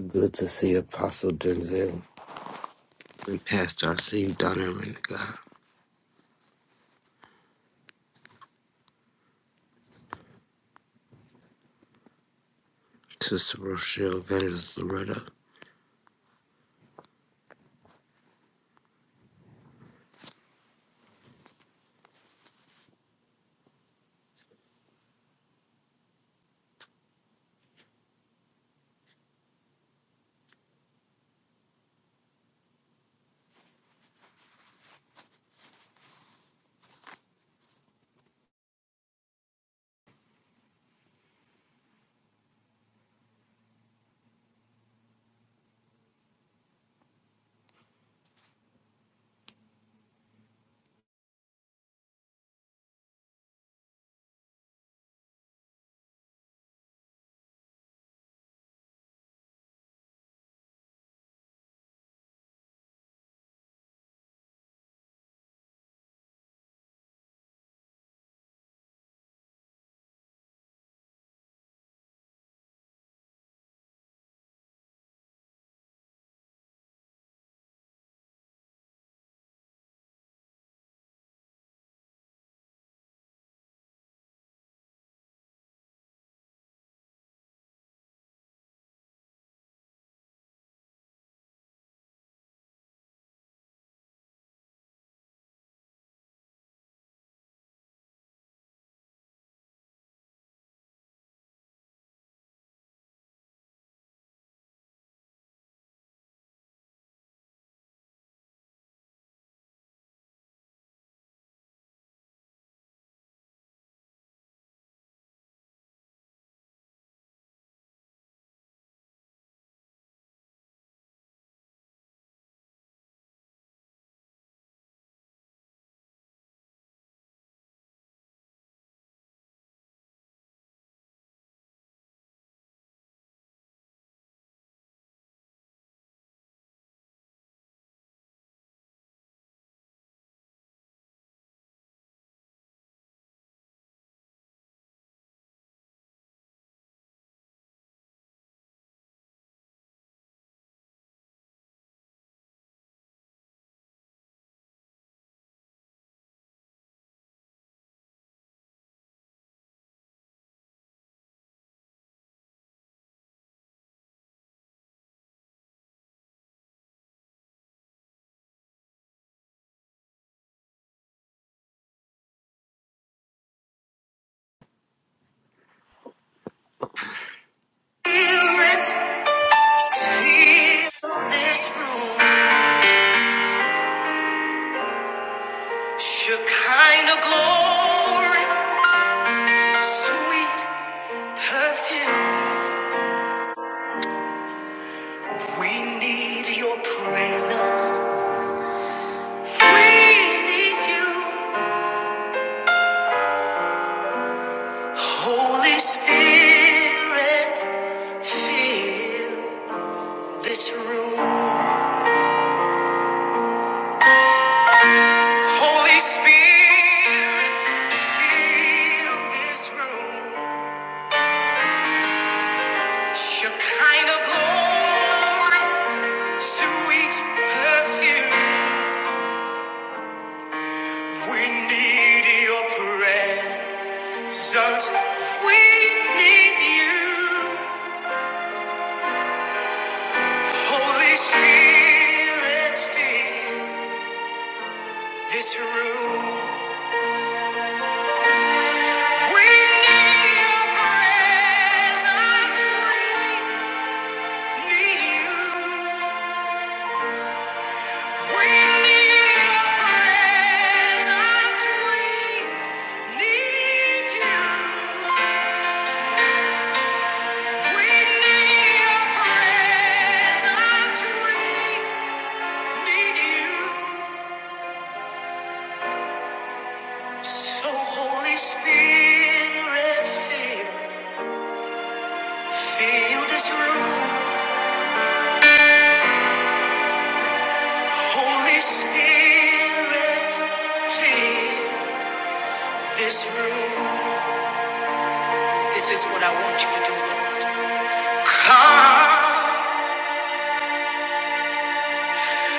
A: Good to see Apostle Denzel and Pastor Arcee Donovan, God. Sister Rochelle Vendors Loretta.
B: Feel it, feel this room. Shekinah glory, sweet perfume. We need your presence. We need you. Holy Spirit, fill this room. Holy Spirit, fill this room. Shekinah glory, sweet perfume. We need your presence. We need you. Holy Spirit, fill this room. We need your presence. We need you. We need your presence. We need you. We need your presence. We need you. So Holy Spirit, fill, fill this room. Holy Spirit, fill. This room, this is what I want you to do, Lord. Come,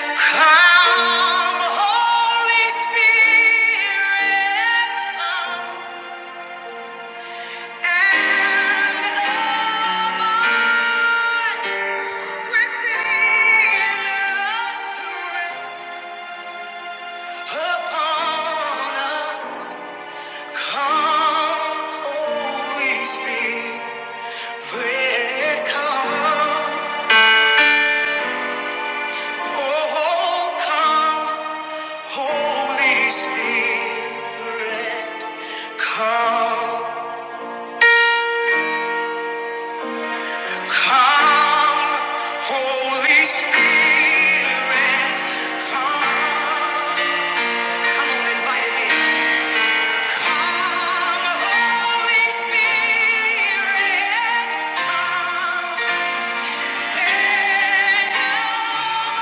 B: come, Holy Spirit, come and abide within us, rest upon us. Come, Holy Spirit, come, oh, come. Holy Spirit, come, come, Holy Spirit, come. Come on, invite him in. Come, Holy Spirit, come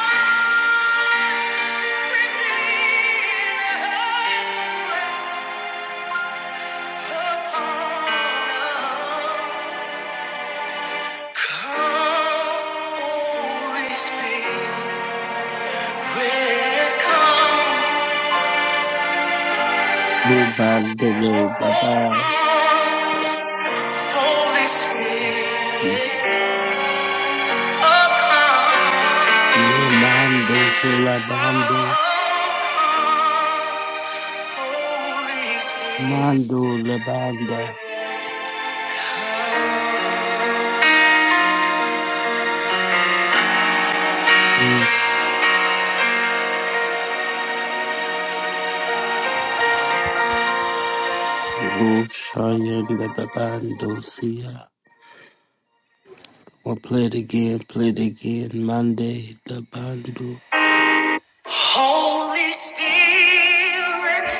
B: and abide within us. Rest upon us.
A: Mubandele Baba.
B: Holy Spirit, oh come,
A: Mando to Labande.
B: Holy Spirit,
A: Mando Labanda. Roshayanda Babandosia. We'll play it again, play it again. Monday, the bando.
B: Holy Spirit,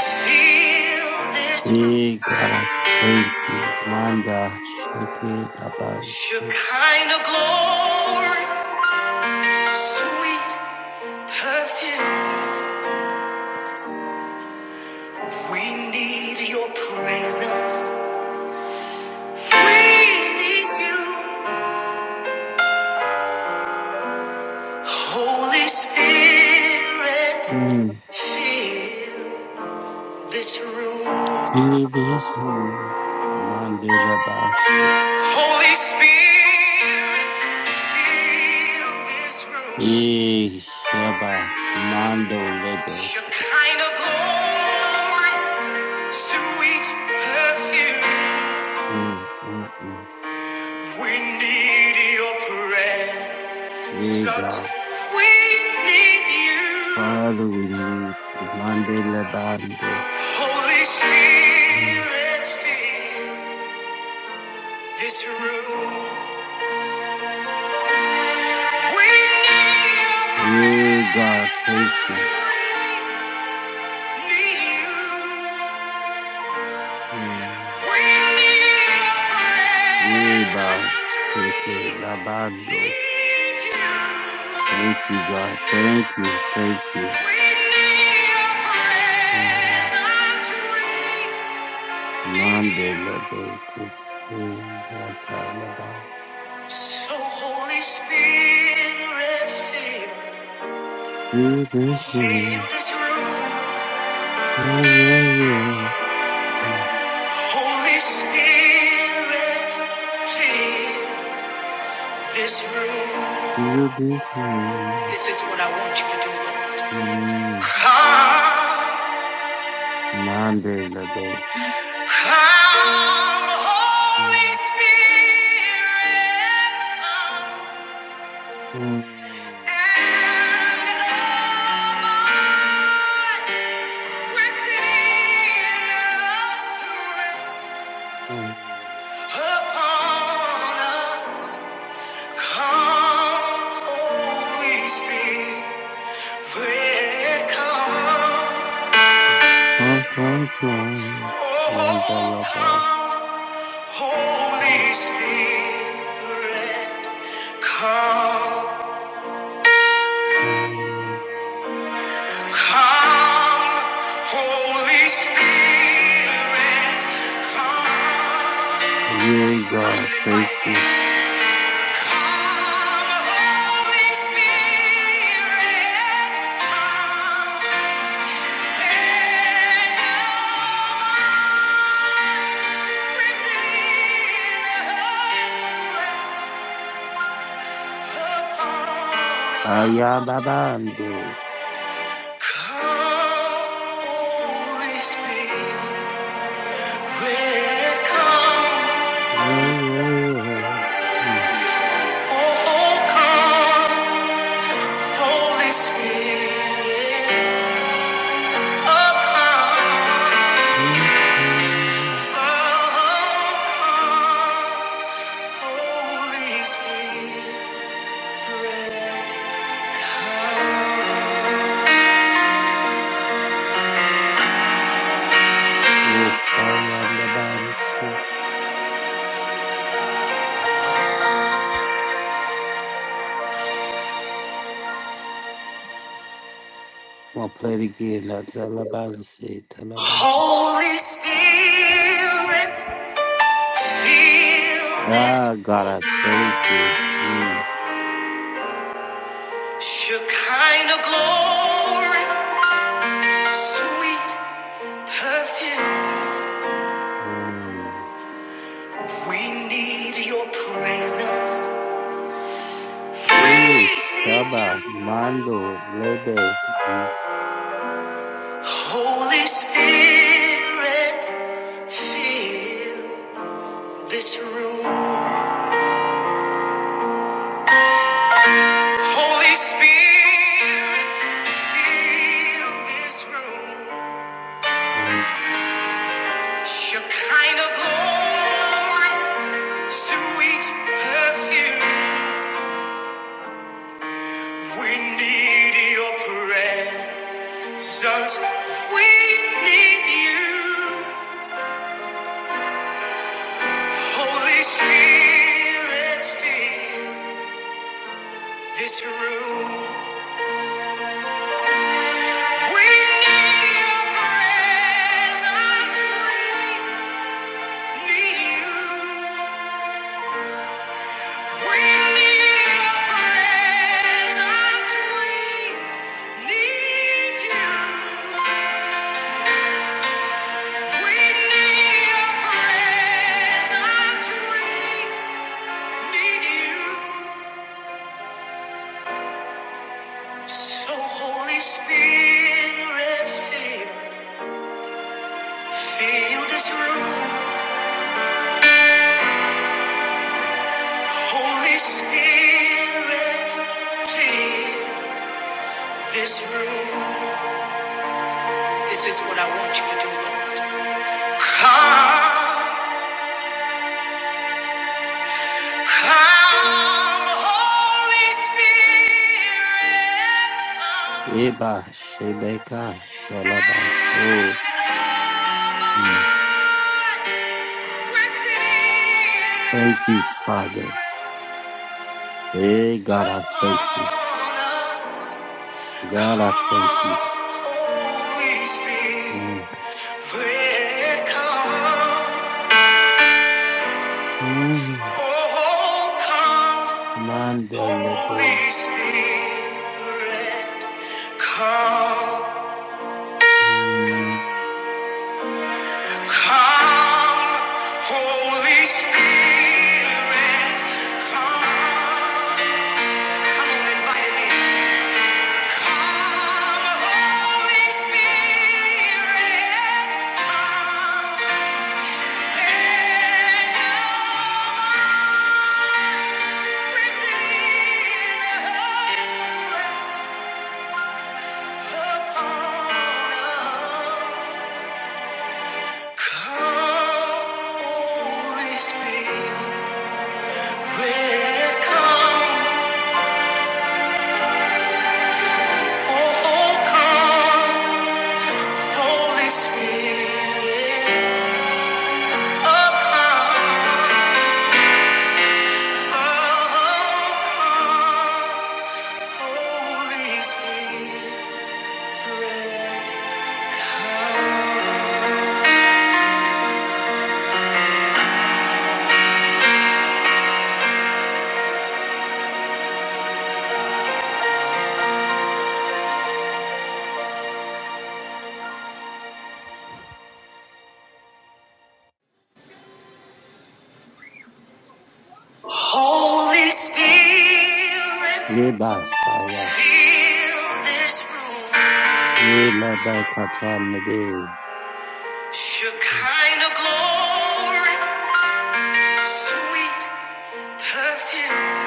B: feel this room.
A: Yeah, God, I thank you. Manda, shake it, the basso.
B: Your kind of glory, sweet perfume. We need your presence. We need you, Holy Spirit,
A: Mm,
B: Fill this room.
A: Feel this. Mm. Monday, the basso.
B: Holy Spirit, fill this room.
A: Yeah, Sheba, Mando, Lebe.
B: Your kind of glory, sweet perfume.
A: Mm, mm, mm.
B: We need your presence.
A: Yeah, God,
B: We need you.
A: Father, we need you. Monday, the bando.
B: Holy
A: Mm.
B: Spirit, fill this room. We need your
A: Yeah, God,
B: presence.
A: thank you.
B: We need you.
A: Mm.
B: We need your
A: Yeah,
B: presence.
A: bye.
B: We
A: Take care. La bando.
B: need you.
A: Thank you, God. Thank you. Thank you.
B: We need your presence.
A: Mm.
B: We need
A: Mande
B: you.
A: le be kusi gata la ba.
B: So Holy Spirit, fill,
A: You this moon.
B: fill this room,
A: Oh, yeah, yeah. Mm.
B: Spirit.
A: You this moon.
B: This is what I want you to do, Lord.
A: Mm.
B: Come,
A: Mande le be.
B: Holy
A: Mm.
B: Spirit,
A: Mm.
B: and abide. Holy
A: Come,
B: Spirit,
A: come, come. Mande la ba.
B: come,
A: Mm.
B: come, Holy Spirit, come.
A: Yeah, God.
B: and
A: Thank
B: invite him
A: you. Ayababande. Yeah, yeah, yeah. Mm,
B: Spirit, oh come.
A: mm, mm.
B: Holy Spirit, come.
A: Oh, Sayandabansu. I'll play it again. That's Alabansi. Talabansi.
B: Holy Spirit, feel this
A: Ah, God, I thank you. Mm.
B: Shekinah glory, sweet perfume.
A: Mm.
B: We need your presence. We
A: Yes,
B: need
A: Shaba,
B: you.
A: Mando, Lebe, Mm,
B: Holy Spirit, feel this room. Holy Spirit, fill this room.
A: mm.
B: Shekinah glory, sweet perfume. We need your presence. We need you. Holy Spirit, fill this room. We need your presence. We need you. We need your This room, this is what I want you to do, Lord. Come, Holy Spirit, come
A: Eba, Shebeka,
B: and
A: Talabanso. Mm.
B: abide within
A: Thank you, Father.
B: us.
A: Hey, God, I thank you. God, I thank you.
B: Rest
A: Mm. Mm. Mandela Bay. Mm.
B: Come, Holy Spirit, come. Come on, invite him Come, Holy Spirit, come. And come within us, rest upon us. Holy Spirit, oh, come. Holy Spirit, come. Holy Spirit,
A: Ye basaya.
B: fill this room.
A: Ye labai katana day. Mm,
B: Shekinah glory, sweet perfume.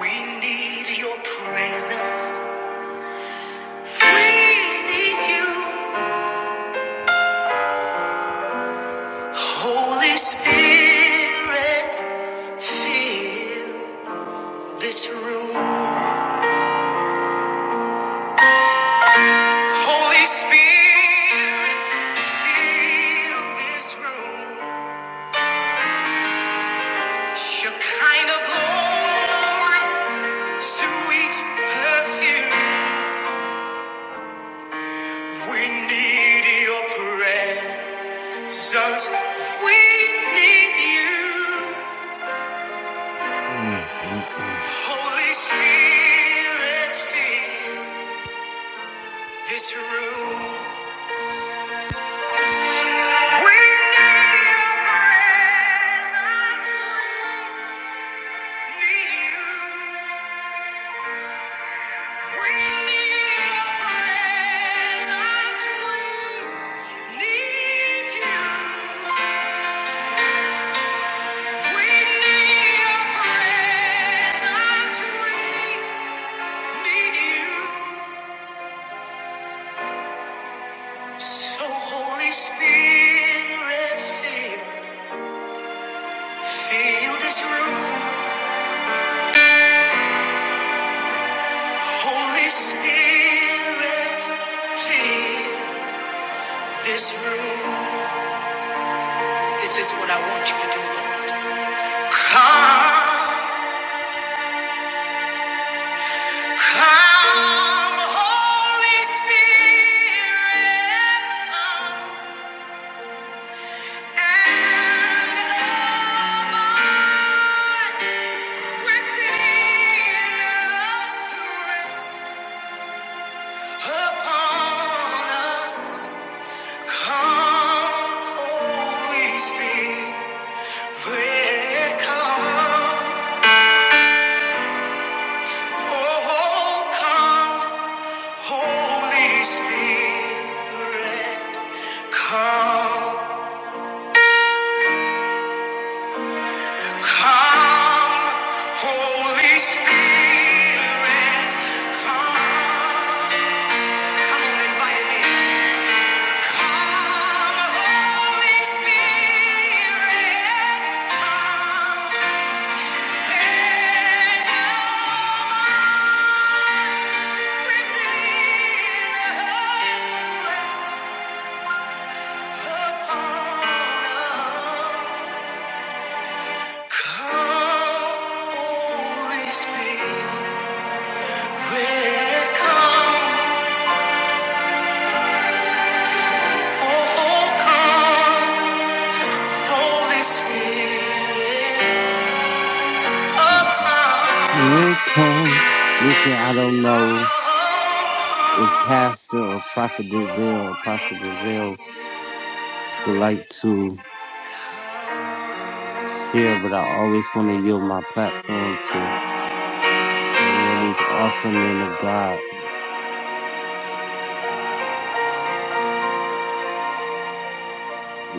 B: We need your presence. We need you, Holy Spirit, fill. This room, Holy Spirit, fill this room. Shekinah glory, sweet perfume. We need your presence. We need you,
A: mm, mm,
B: Holy Spirit, fill this room. We need your presence. Need you. We need your presence. We need you. We need your presence. We need you. So Holy Spirit, fill, fill this room. Holy Spirit, fill this room. This is what I want you to do, Lord. Come. Come, Holy Spirit, come. And Holy Spirit, come. Come, Holy Spirit, come. Come on, invite him in. Come, Holy Spirit, come.
A: mm. Oh, come. Listen, I don't know if Pastor or Prophet Dazil, Apostle Dazil would like to share, but I always want to yield my platform to uh, man, these awesome men of God,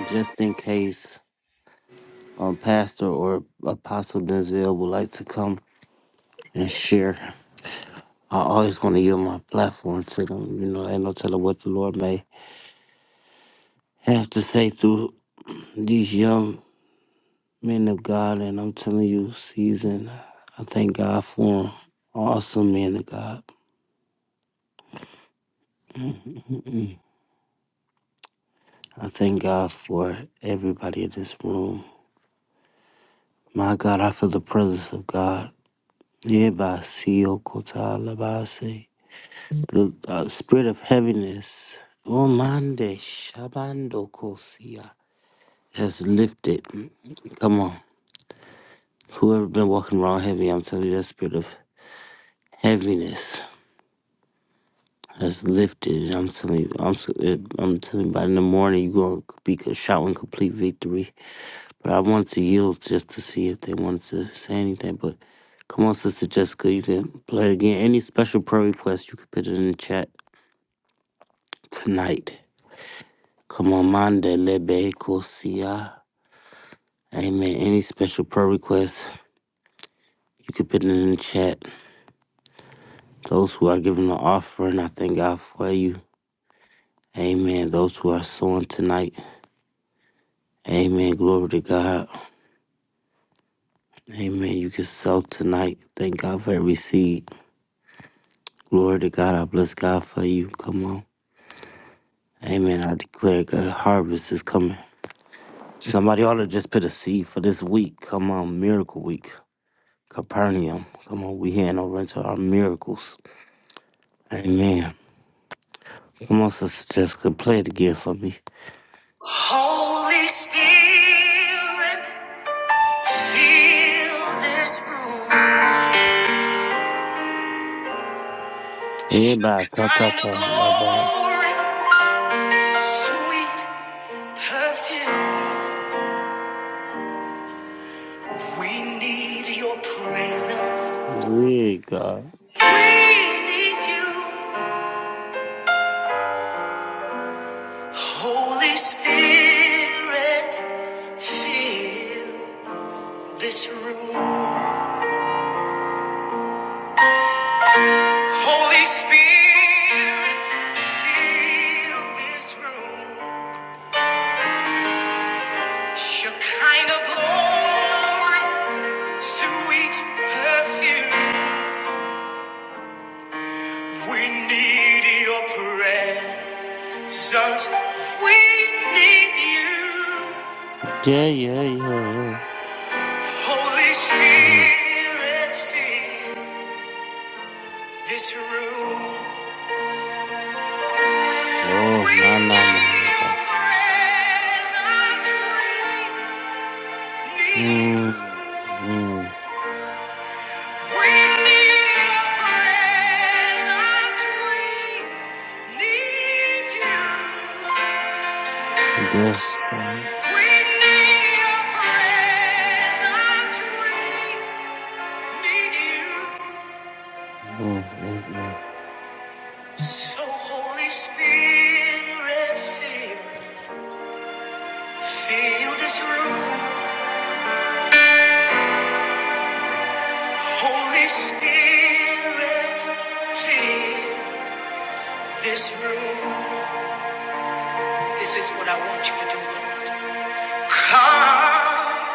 A: just in case um, Pastor or Apostle Denzel would like to come and share. I always want to yield my platform to them. You know, ain't no telling what the Lord may have to say through these young men of God. And I'm telling you, season, I thank God for 'em. Awesome men of God. Mm-mm-mm. I thank God for everybody in this room. My God, I feel the presence of God. Yeah, by Sio Kota Labase. The uh, spirit of heaviness. Oh, Mande Shabando has lifted. Come on. Whoever been walking around heavy, I'm telling you, that spirit of heaviness has lifted. And I'm telling you, I'm, s- it- I'm telling you, by in the morning, you're going to be co- shouting complete victory. But I wanted to yield just to see if they wanted to say anything. But come on, Sister Jessica, you can play it again. Any special prayer requests, you can put it in the chat tonight. Come on, Monday, Lebe, Kosia. Amen. Any special prayer requests, you can put it in the chat. Those who are giving the offering, I thank God for you. Amen. Those who are sowing tonight, amen. Glory to God. Amen. You can sow tonight. Thank God for every seed. Glory to God. I bless God for you. Come on. Amen. I declare God, harvest is coming. Somebody ought to just put a seed for this week. Come on, miracle week. Capernaum. Come on, we hand over into our miracles. Amen. Come on, Sister Jessica, play it again for me.
B: Holy Spirit, fill this room.
A: Everybody,
B: The
A: ta ta
B: Kind of
A: ta, la ba.
B: glory. Sweet perfume, we need your presence.
A: Yeah, God.
B: We need you, Holy Spirit. Fill this room, Holy Spirit. Fill this room, Shekinah glory, sweet perfume. We need your presence. Sons, we need you.
A: Yeah, yeah, yeah, yeah.
B: Holy
A: Mm.
B: Spirit, fill this room.
A: Oh,
B: We
A: no, no, no, no.
B: need your
A: no.
B: presence. We need you.
A: Mm. Mm.
B: We need your presence. We need you.
A: Yes, Father.
B: We need your presence. We need you.
A: Mm, mm,
B: So Holy Spirit, feel, feel this room. Holy Spirit, feel this room. This is what I want you to do, Lord. Come,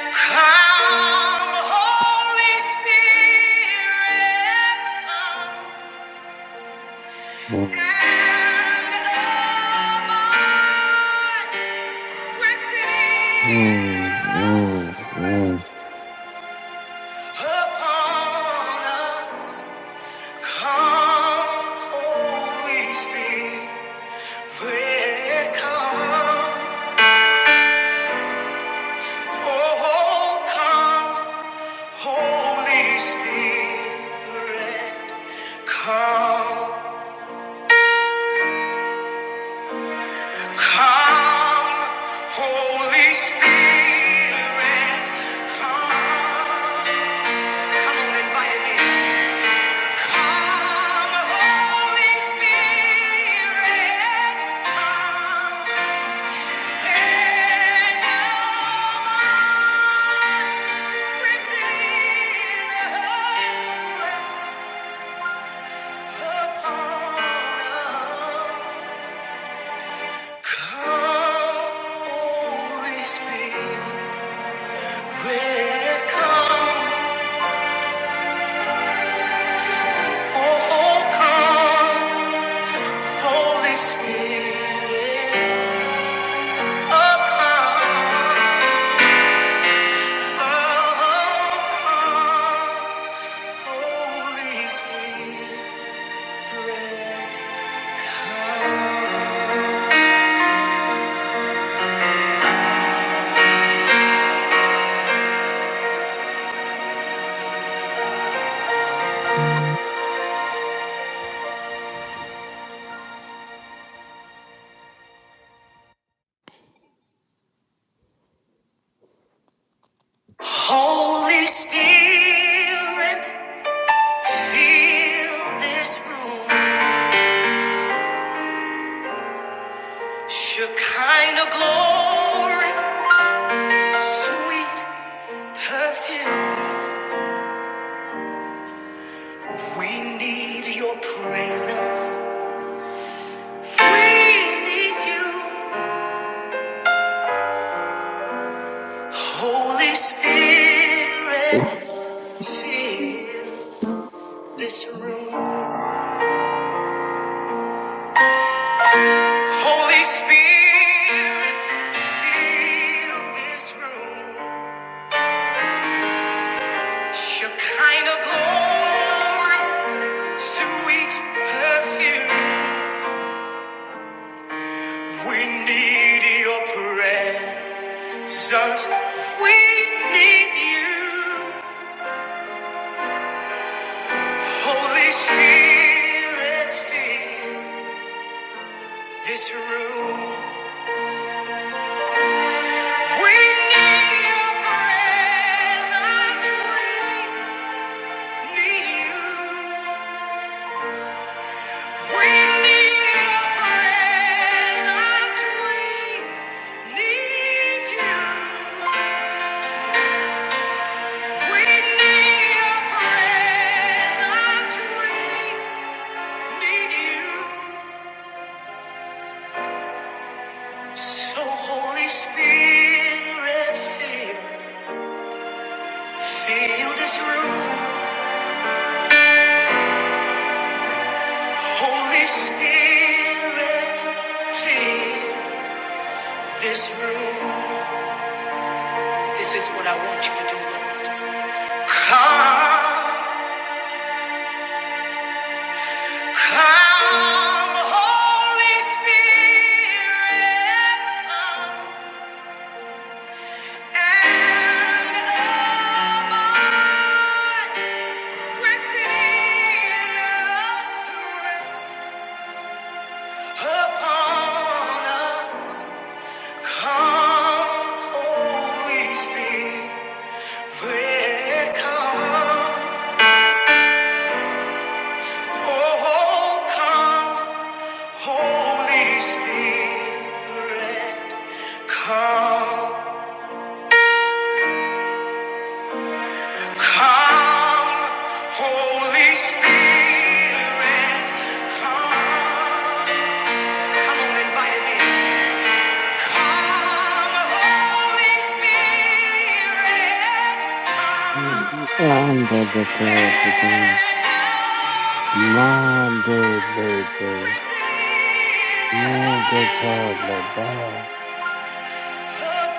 B: come, Holy Spirit, come
A: mm,
B: and abide within us.
A: mm, mm,
B: Rest. Come, Holy Spirit, come. Oh, come, Holy Spirit, come. Come, Holy Spirit, come. Come on, invite him in. Holy Spirit, oh come.
A: mm,
B: Holy Spirit, fill this room. Shekinah glory, sweet perfume. We need your presence. We need you, Holy Spirit. fill. This room. Holy Spirit, fill this room. Shekinah glory, sweet perfume. We need your presence. We need you. Holy Spirit, fill this room. We need your presence. We need you. We need your presence. We need you. We need your presence. We need you. So Holy Spirit, feel, feel this room. Holy Spirit, feel this room. This is what I want you to do, Lord. Come. Come, Holy Spirit, come and abide within us, rest upon us. Come, Holy Spirit, come. Oh, come, Holy Spirit, come. Come, Holy Spirit, come. Come on, invite him Come, Holy Spirit,
A: mm. Under the
B: come and
A: third degree. Monday, baby.
B: lead
A: Move the
B: us upon us.
A: toddler by.
B: Come,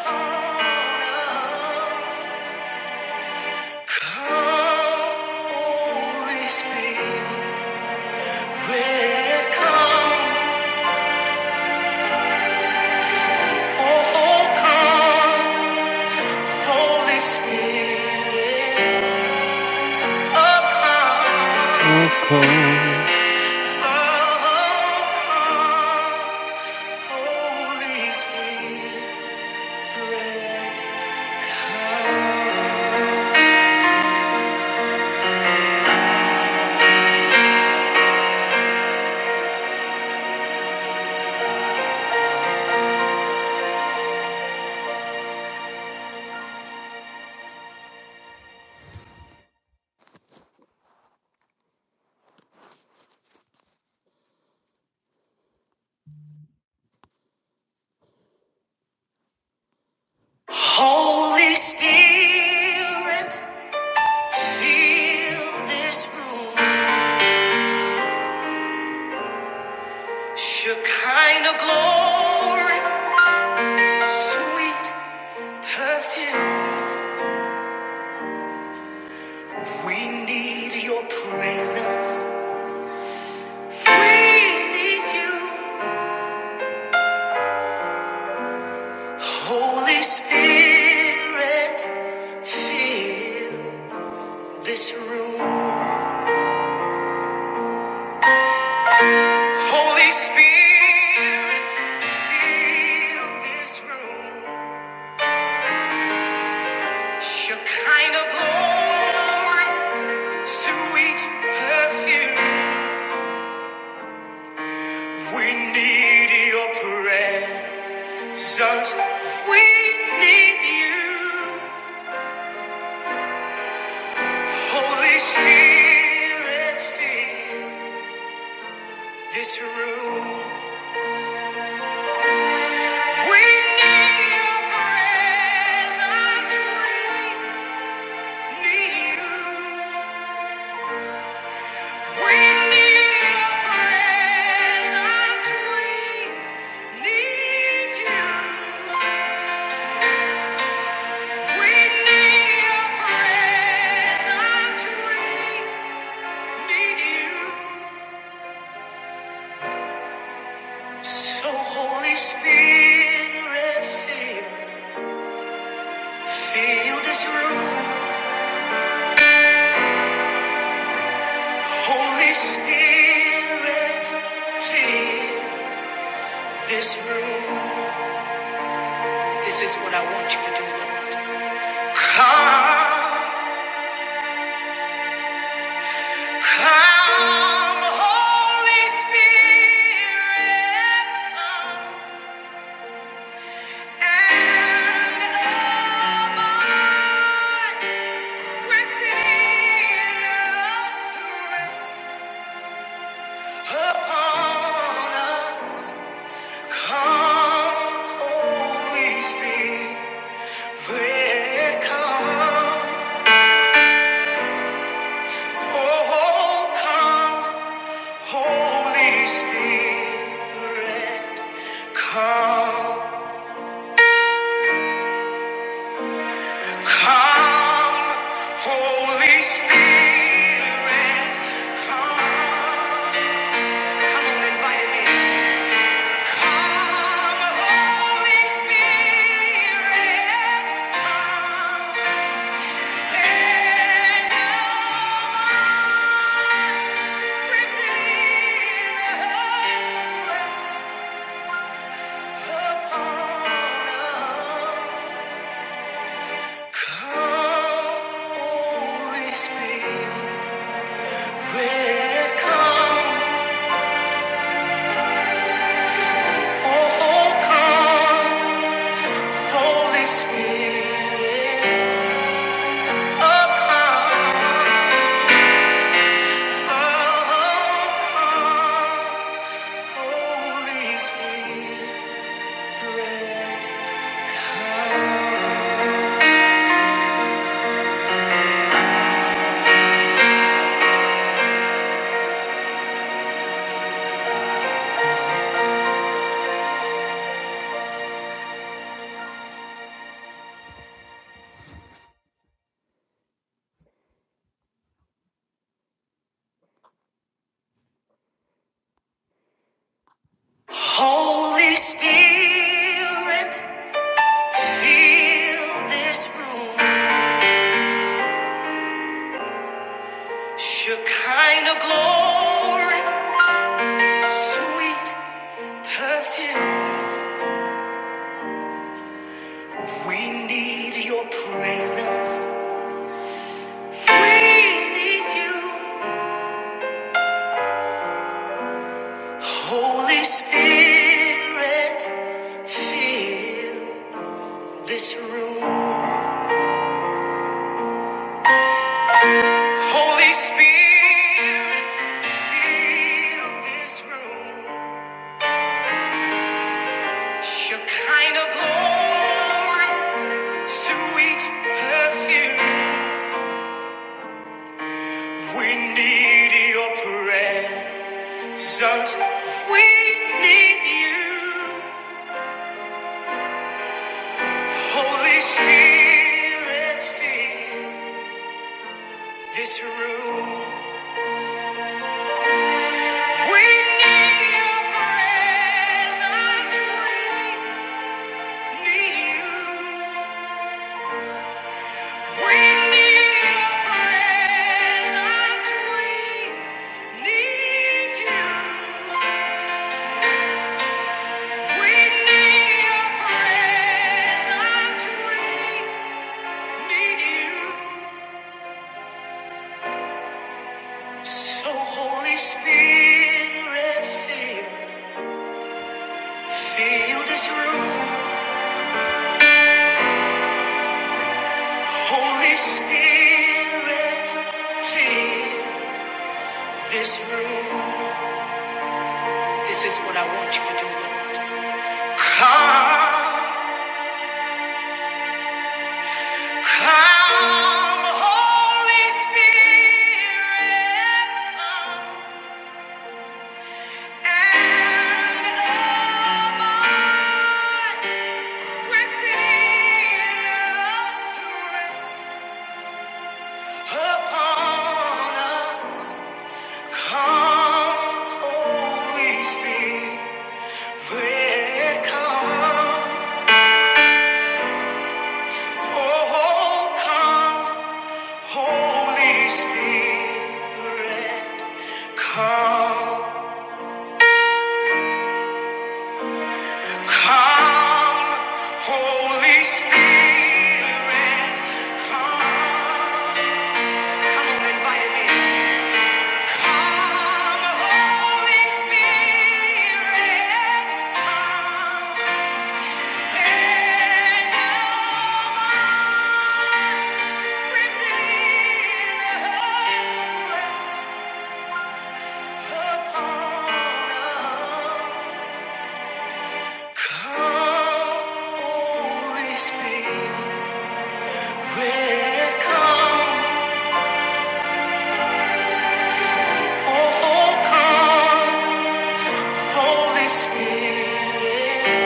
B: Holy Spirit, come. Oh, come. Holy Spirit, oh come,
A: Oh, come.
B: oh come, Holy Spirit, come. Holy Spirit, fill this room. Shekinah glory, sweet perfume. We need your presence. We need you. Holy Spirit, fill this room. Holy Spirit, fill this room. Shekinah glory, sweet perfume. We need your presence. We need you. Holy Spirit, fill this room. We need your presence. We need you. We need your presence. We need you. We need your presence. We need you. So Holy Spirit, fill, fill this room. Holy Spirit, fill. This room, this is what I want you to do, Lord. Come, come, Holy Spirit, come and abide within us, rest upon us. Come, Holy Spirit, come, oh, come. Holy Spirit, come, come, Holy Spirit, come. Come on, invite me. Come, Holy Spirit, come and come within us, rest upon us. Holy Spirit, come. Oh, come. Holy Spirit, Holy Spirit. fill this room. Shekinah glory, sweet perfume. We need your presence. We need you. Holy Spirit, fill this room. Holy Spirit, fill this room. Shekinah glory, sweet perfume. We need your presence. We need you. Holy Spirit, fill this room. We need your presence. We need you. We need your presence. We need you. We need your presence. We need you. So Holy Spirit, fill, fill this room. Holy Spirit, fill. This room, this is what I want you to do, Lord. Come, Holy Spirit, and abide within us. Rest on us. Come, oh, oh, come, Holy Spirit, come, come, Holy Spirit, come. Come Holy Spirit, come and now within us rest upon Come, Holy Spirit, come. Oh, come, Holy Spirit.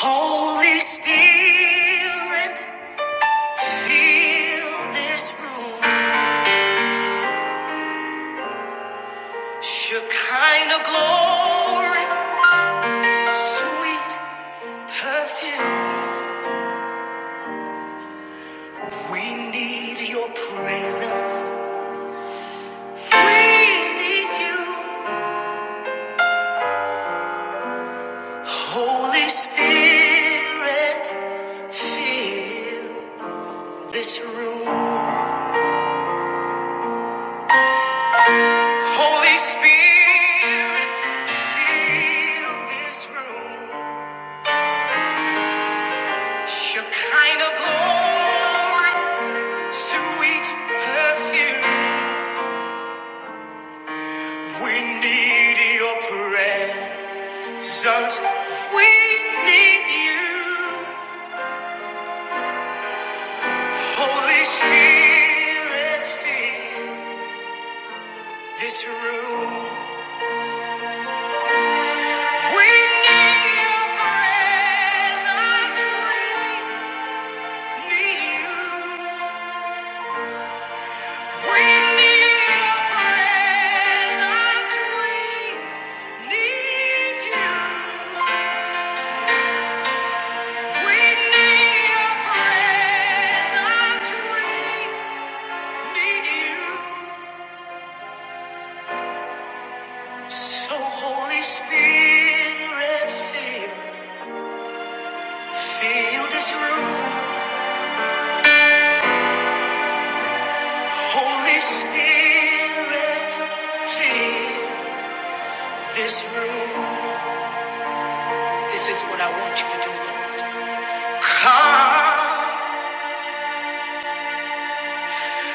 B: Holy Spirit, fill this room. Shekinah glory, sweet perfume. We need your presence. We need you. Holy Spirit, fill this room. Holy Spirit, fill this room. Shekinah glory, sweet perfume. We need your presence. We need you. Holy Spirit, fill this room. We need your praise, I need you. We need your praise, I need you. We need your praise, I need you. So Holy Spirit, fill, fill this room. Holy Spirit, fill. This room, this is what I want you to do, Lord. Come,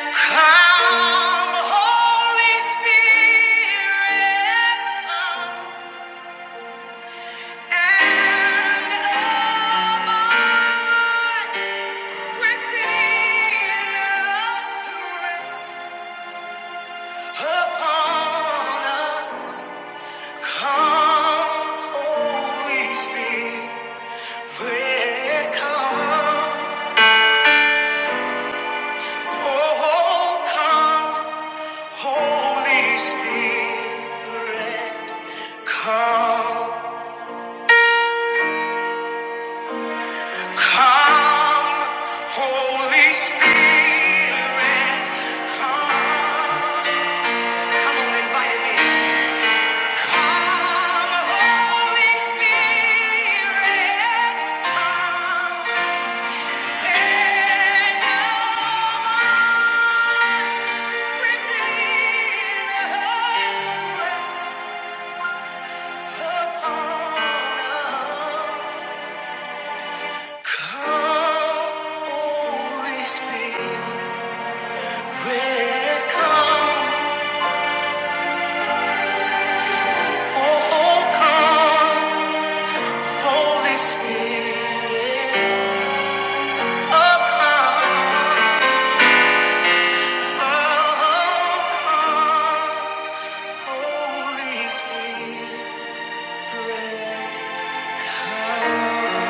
B: come, Holy Spirit, come and abide within us, rest upon us. Come, Holy Spirit, come, oh, come. Holy Spirit, come, come, Holy Spirit, come. Come on, invite him in. Come, Holy Spirit, come. And abide within us, rest upon us. Come, Holy Spirit, come. Oh, come, Holy Spirit, oh, come. Oh, come, Holy Spirit, come.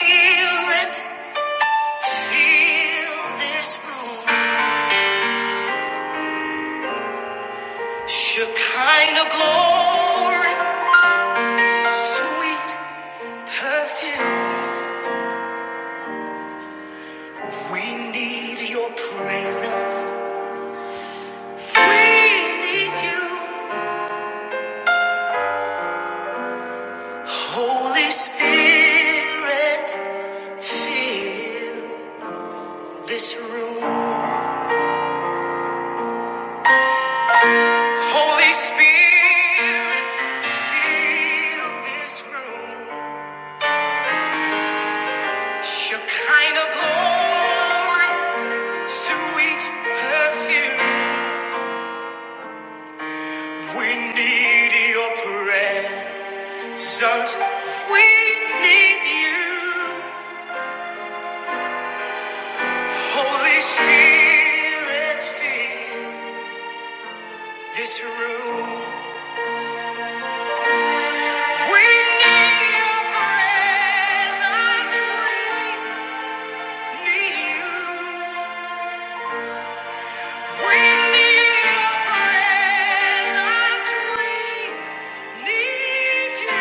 B: Feel it, feel this room. Shekinah glory, sweet perfume. We need your presence. We need you. Holy Spirit, fill this room. Holy Spirit, fill this room. Shekinah glory, sweet perfume. We need your presence. We need you. Holy Spirit, fill this room. We need your presence. We need you. We need your presence. We need you.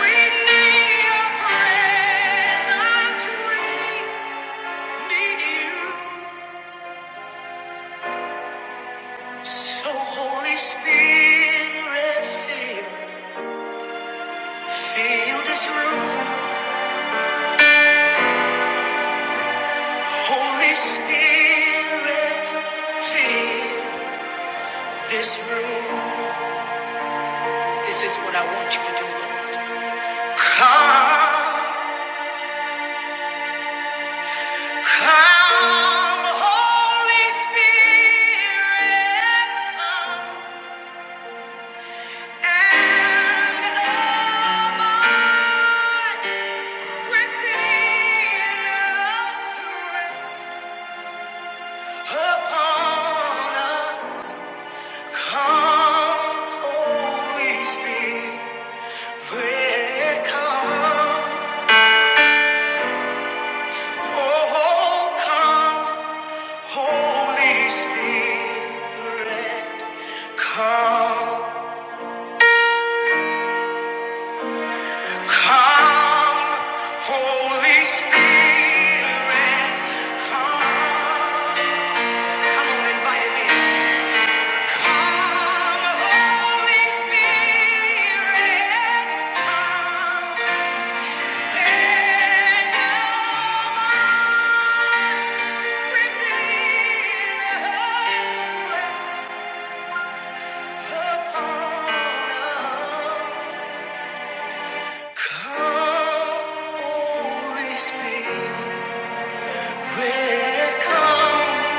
B: We need your presence. We need you. So Holy Spirit, fill, fill this room. Holy Spirit, fill this room. This is what I want you to do, Lord. Come. fill us. us. Come, Holy Spirit, come. Oh, come, Holy Spirit, come. Come, Holy Spirit, come. Come on, invite him Come, Holy Spirit, come. And abide within us, rest upon us. Come, Holy Spirit. With come,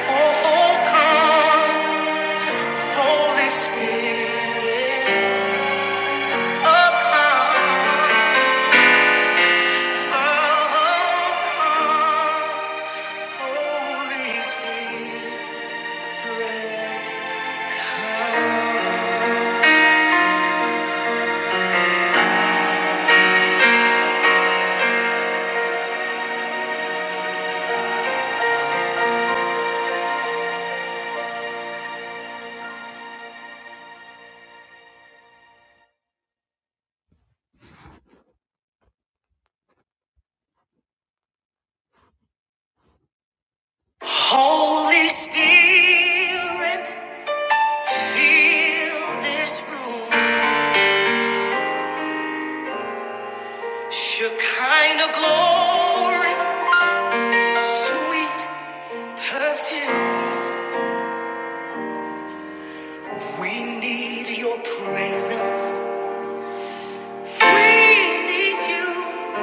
B: oh come, Holy Spirit, oh come, oh come, Holy Spirit, come. Holy Spirit, fill this room, glory, sweet perfume. We need your presence. We need you.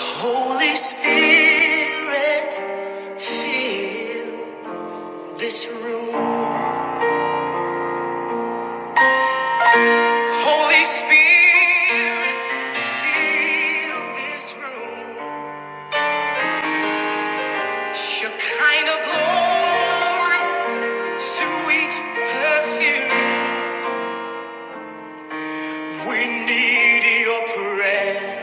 B: Holy Spirit, fill this room. Holy Spirit, fill this room. Shekinah glory, sweet perfume. We need your presence.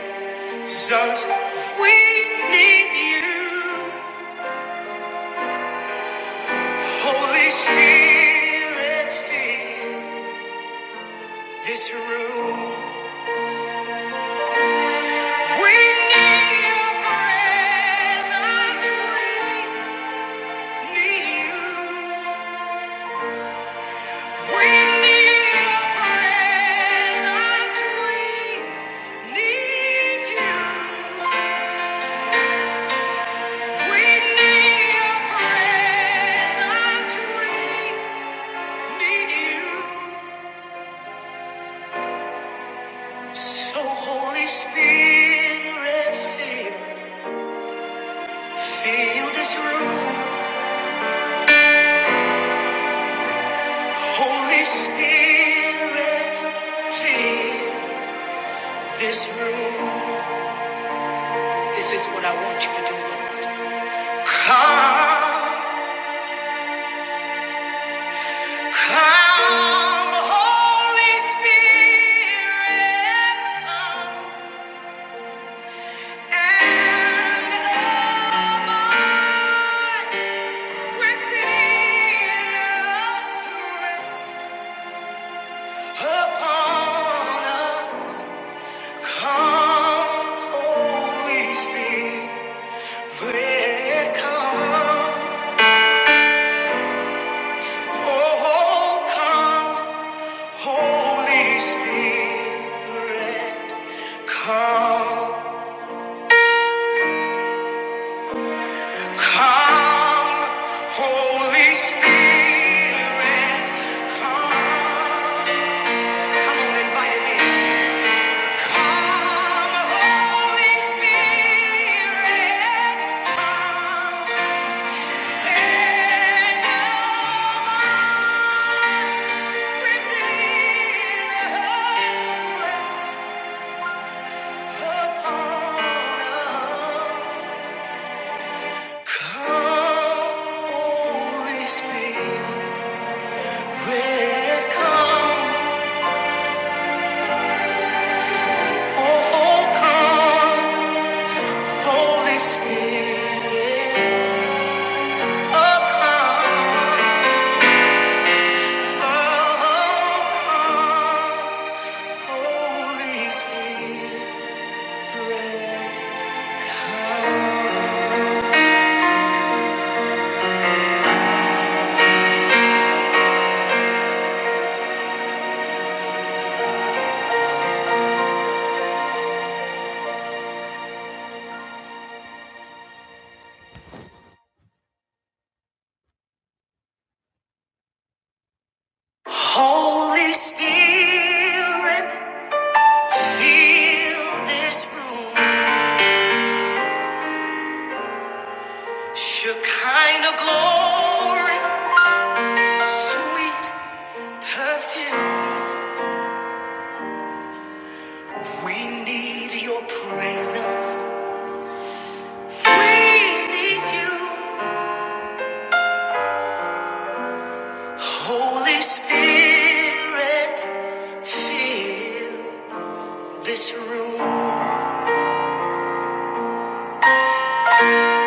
B: We need you. Holy Spirit, fill this room. We need your presence. We need you. We need your presence. We need you. We need your presence. We need you. So Holy Spirit, fill. Fill this room, Holy Spirit. Fill this room. This is what I want you to do, Lord. Come, come, Holy Spirit, come and abide within us, rest upon us. Come, Holy Spirit, come. Oh, come, Holy Spirit, come. Come, Holy Spirit, come. Come on, invite him Come, Holy Spirit, come. Holy Spirit, fill this room. Shekinah glory, sweet perfume. We need your presence. We need you. Holy Spirit, fill this room.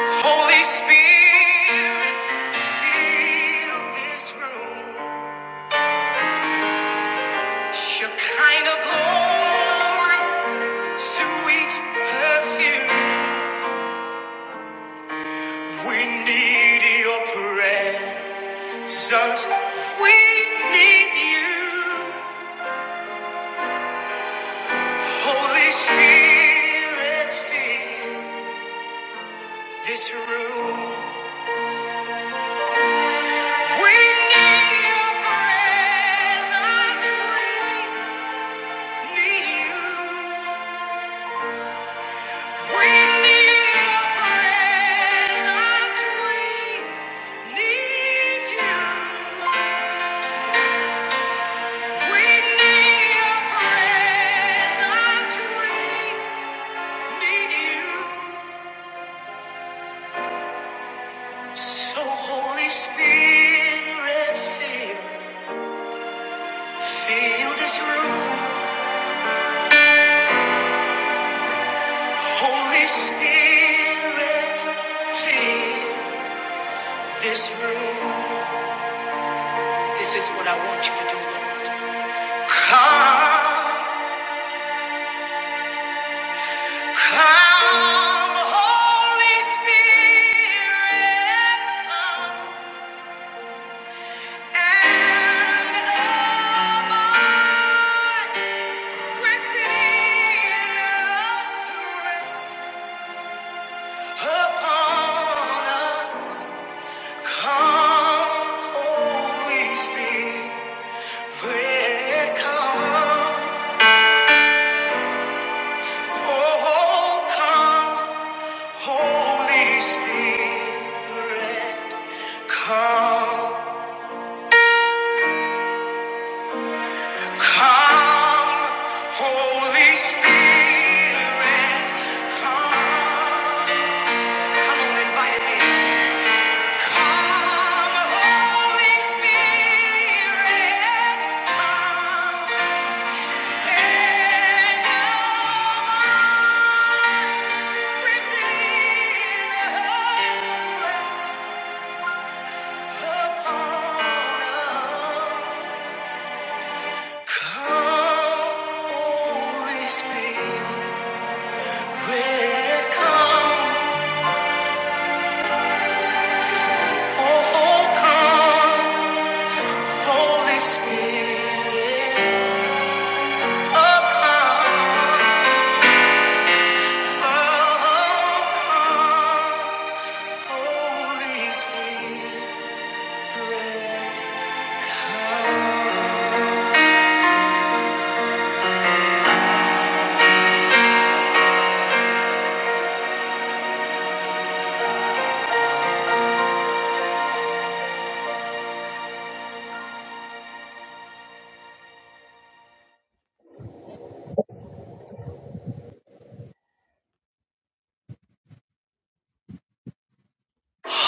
B: Holy Spirit, fill this room. Shekinah glory, sweet perfume. We need your presence. We need you. Holy Spirit, fill this room. We need your presence. We need you. We need your presence. We need you. We need your presence. We need you. So Holy Spirit, fill. Fill this room, Holy Spirit. Fill this room. This is what I want you to do, Lord. Come, come, Holy Spirit, come and abide within us. Rest upon us. Come, Holy Spirit, come. Oh, come, Holy Spirit, come. Come, Holy Spirit, come. Come on, invite him in. Come, Holy Spirit, come. Spirit.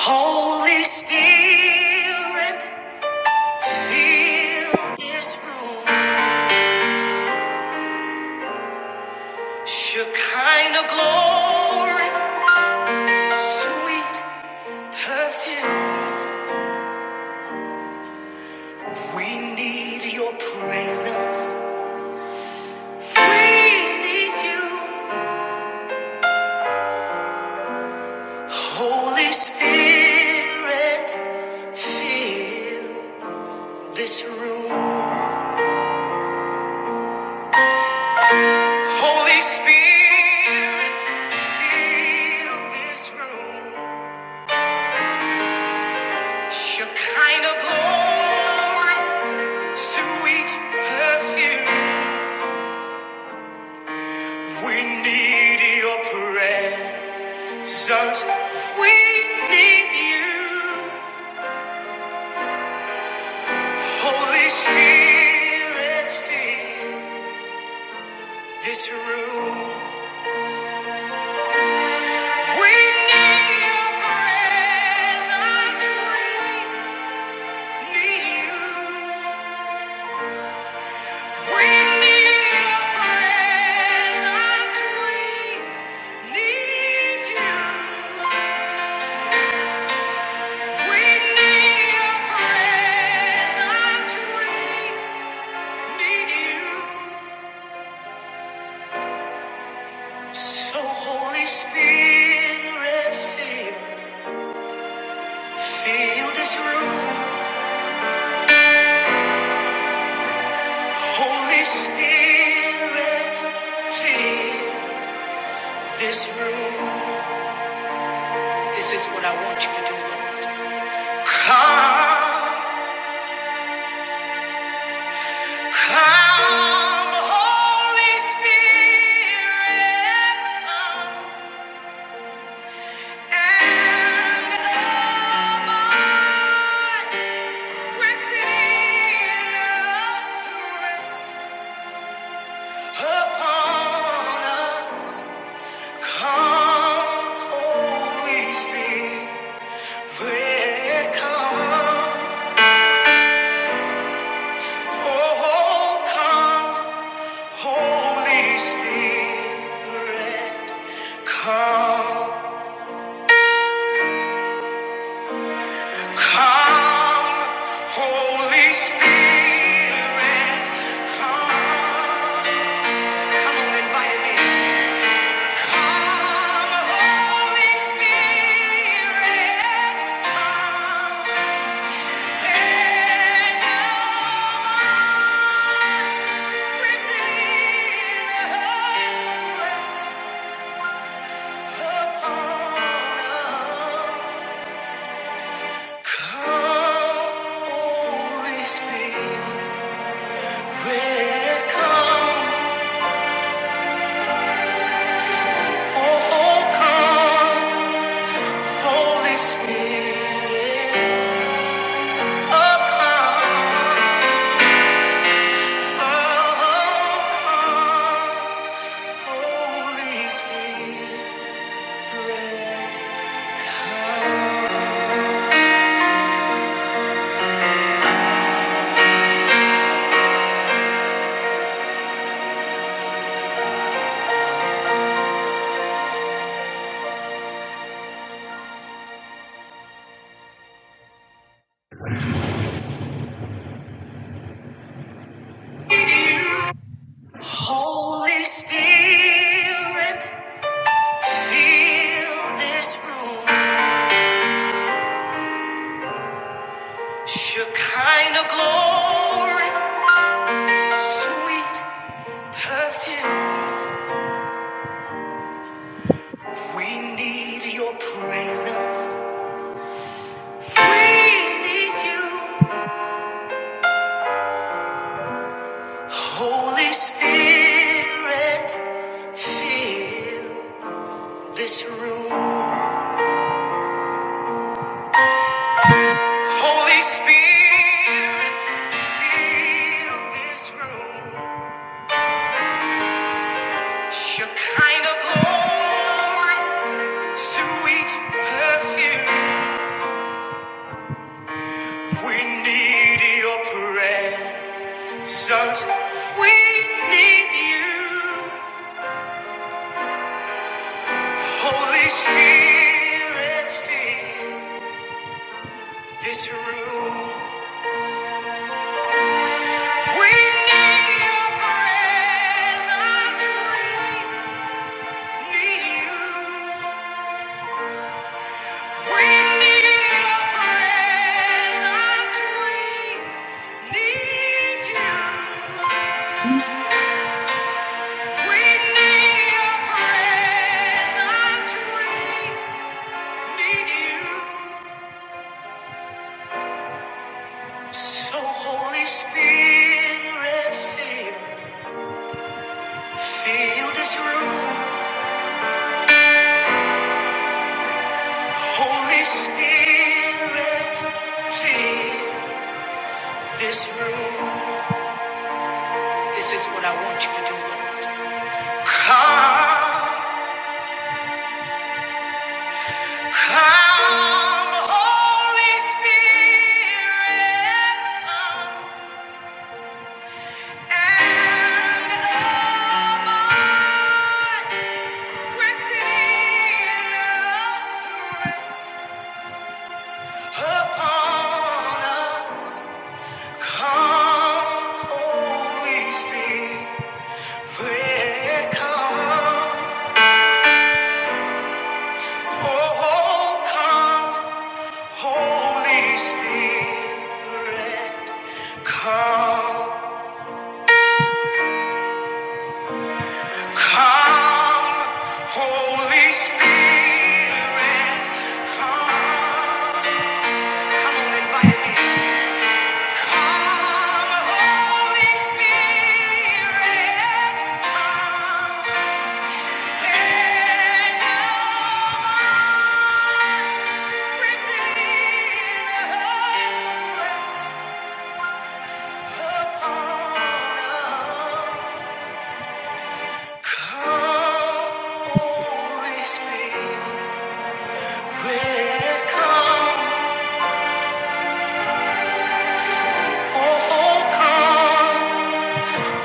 B: Holy Spirit, fill this room. Shekinah glory, sweet perfume. We need your presence. We need you. Holy Spirit, fill this room. Holy Spirit, fill this room. Shekinah glory, sweet perfume. We need your presence. We need you. Holy Spirit, fill this room. We need your presence. We need you. We need your presence. We need you. We need your presence. We need you. So Holy Spirit, fill, fill this room. Holy Spirit, fill this room. This is what I want you to do, Lord. Come. Come, Holy Spirit, come and abide within us, rest upon us. Come, Holy Spirit, come. Oh, come. Holy Spirit, come, come, Holy Spirit, come. Come on, invite me. Come, Holy Spirit, come and abide within us. Rest Holy Spirit, fill this room. Your kind of glory, sweet perfume. We need your presence. We need you, Holy Spirit. Fill this room. Holy Spirit, fill this room. Your kind of glory, sweet perfume. We need your presence. Sons, we need you. Holy Spirit, fill this room. We need your presence. We need you. We need your presence. We need you. We need your presence. We need you. So Holy Spirit, feel, feel this room. Holy Spirit, feel this room. This is what I want you to do, Lord. Come, come, Holy Spirit, come and abide within us. Rest. Upon us, come, Holy Spirit, come. Oh, come, Holy Spirit, come. Come, Holy Spirit, come. Come on, invite me.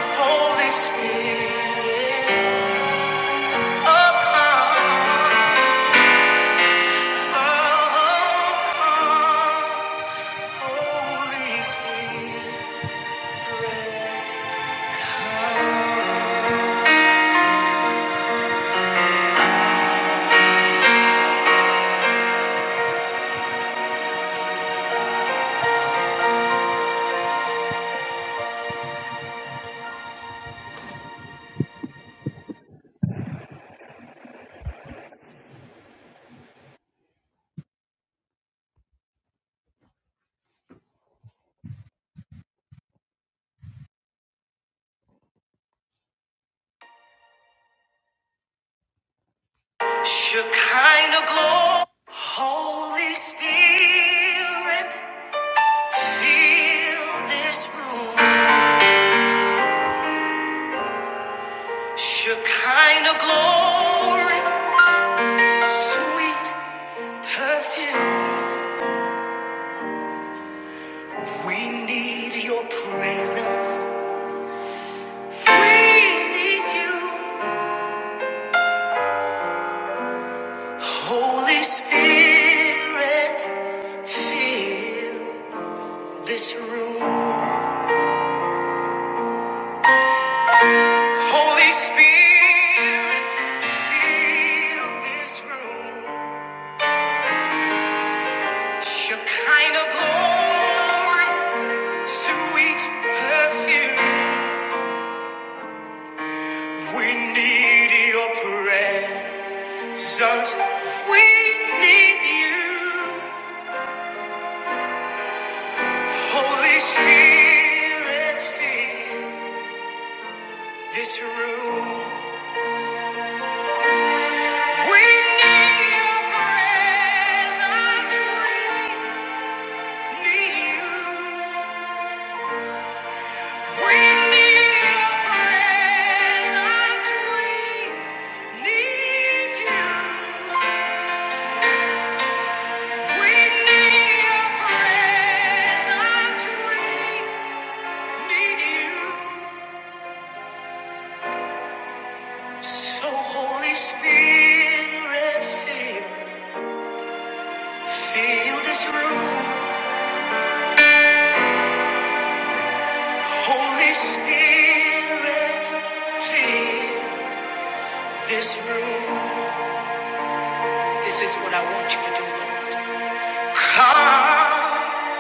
B: Holy Spirit, oh come. Holy Spirit, come. Shekinah glory. Holy Spirit, fill this room. Shekinah glory, sweet perfume. We need your presence. We need you. Holy Spirit, fill this room. Holy Spirit, fill this room. Shekinah glory, sweet perfume. We need your presence. We need you. Holy Spirit, fill this room. We need your presence. We need you. We need your presence. We need you. We need your presence. We need you. So Holy Spirit, fill, fill this room. Holy Spirit, fill. This room, this is what I want you to do, Lord. Come,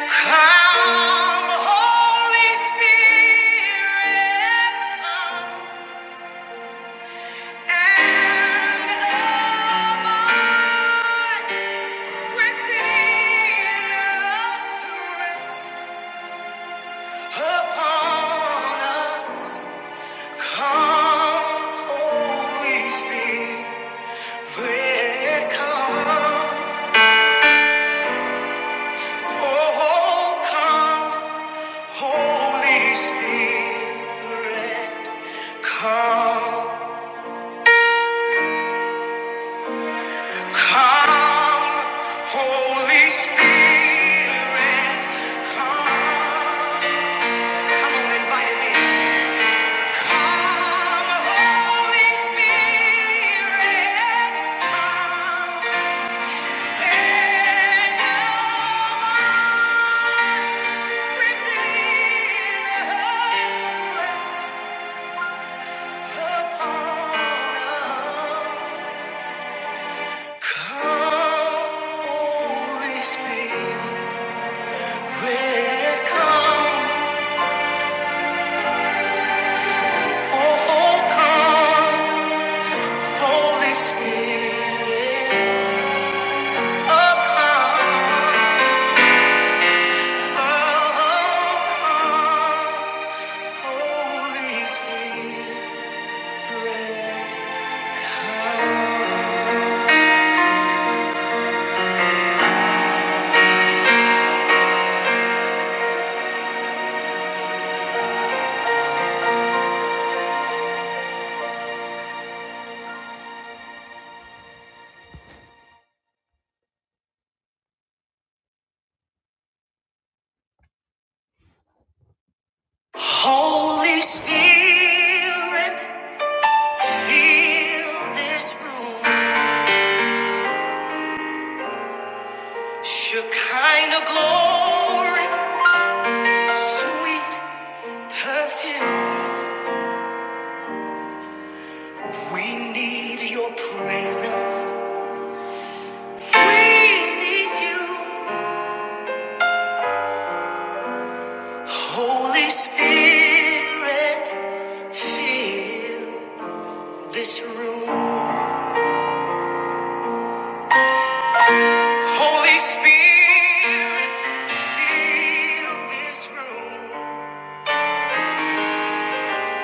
B: come, Holy Spirit, come and abide within us, rest upon us. Come, Holy Spirit, come. Oh, come, Holy Spirit, come. Come, Holy Spirit, come. Come on, invite him in. Come, Holy Spirit, come. And now reveal us, rest. Holy Spirit, fill this room. Shekinah glory, sweet perfume. We need your presence. We need you. Holy Spirit, fill this room. Holy Spirit, fill this room.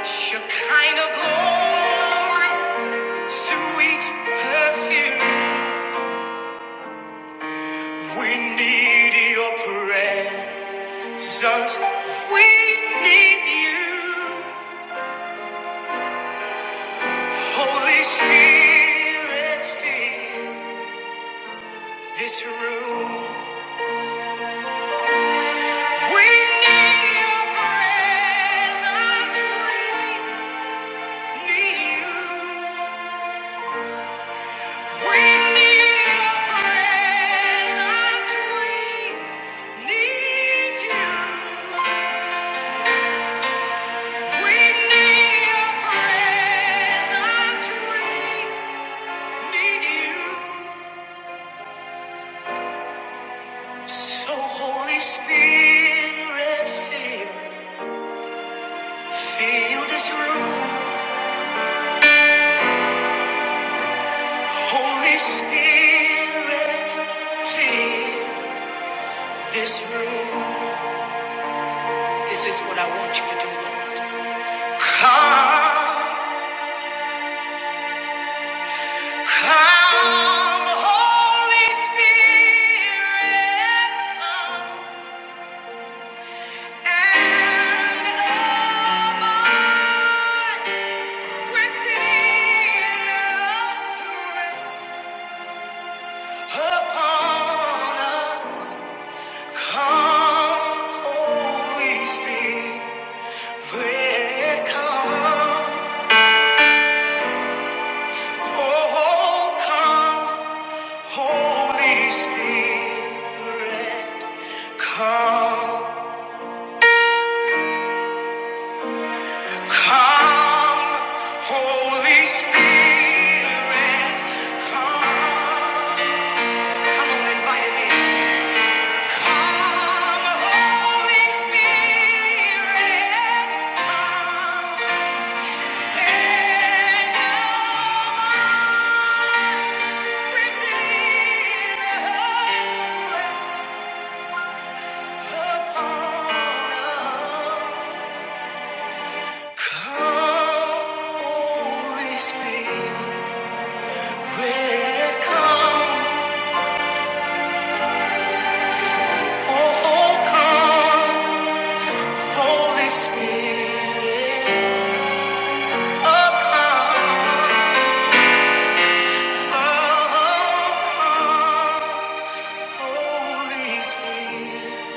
B: Shekinah glory, sweet perfume. We need your presence. We need you. Holy Spirit, fill this room. We need your presence. We need you. We need your presence. We need you. We need your presence. We Need you. So Holy Spirit, feel, feel this room. Holy Spirit, feel this room. This is what I want you to do, Lord. Come, come, Holy Spirit, come and abide. Within us rest upon us. Come, Holy Spirit, come. Oh, come, Holy Spirit, come. Come, Holy Spirit, come. Come on, invite him in. Spirit, oh come. Holy Spirit,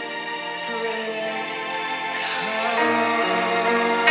B: come.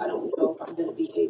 F: I don't know if I'm gonna be able.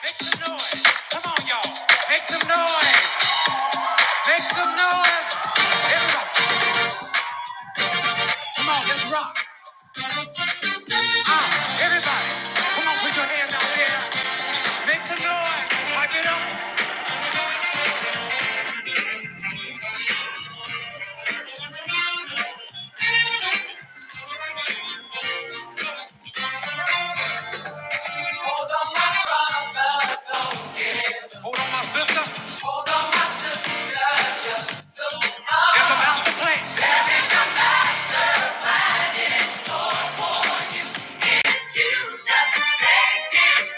B: Make some noise. Come on, y'all. Make some noise. Make some noise. Everybody. Ah, everybody. Come on, put your hands out there. Make some noise. Pipe it up. Hold on, my sister. It's about to play. just made it.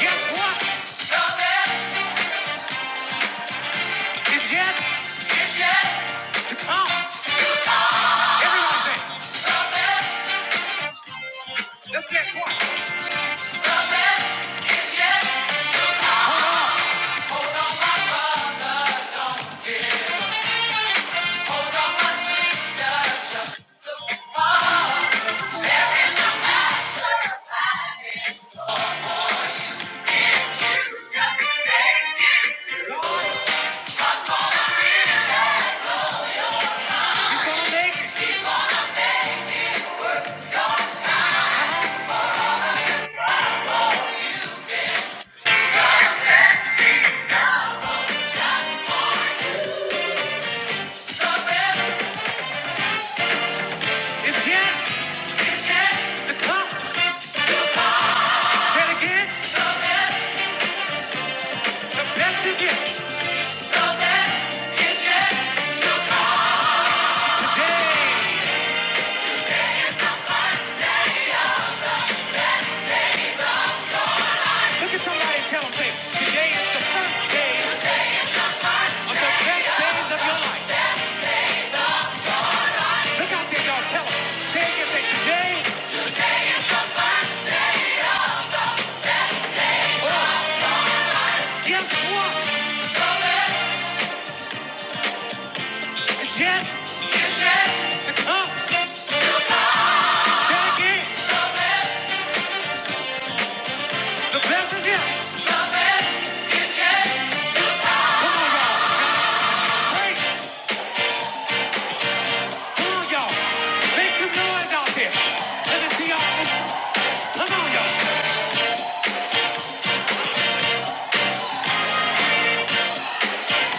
B: Guess what? It's yet. Just. Guess what? You just made it. It's yet to come. Say again. The best is yet. Today. Look at somebody and tell today is the first day of the best days of your life. Look out there, y'all. Tell them. Say Say, today, guess what? It's yet to come. Say again. The best is yet. Come on, y'all. Come on, y'all. Make some noise out there. Let me see y'all. Come on, y'all.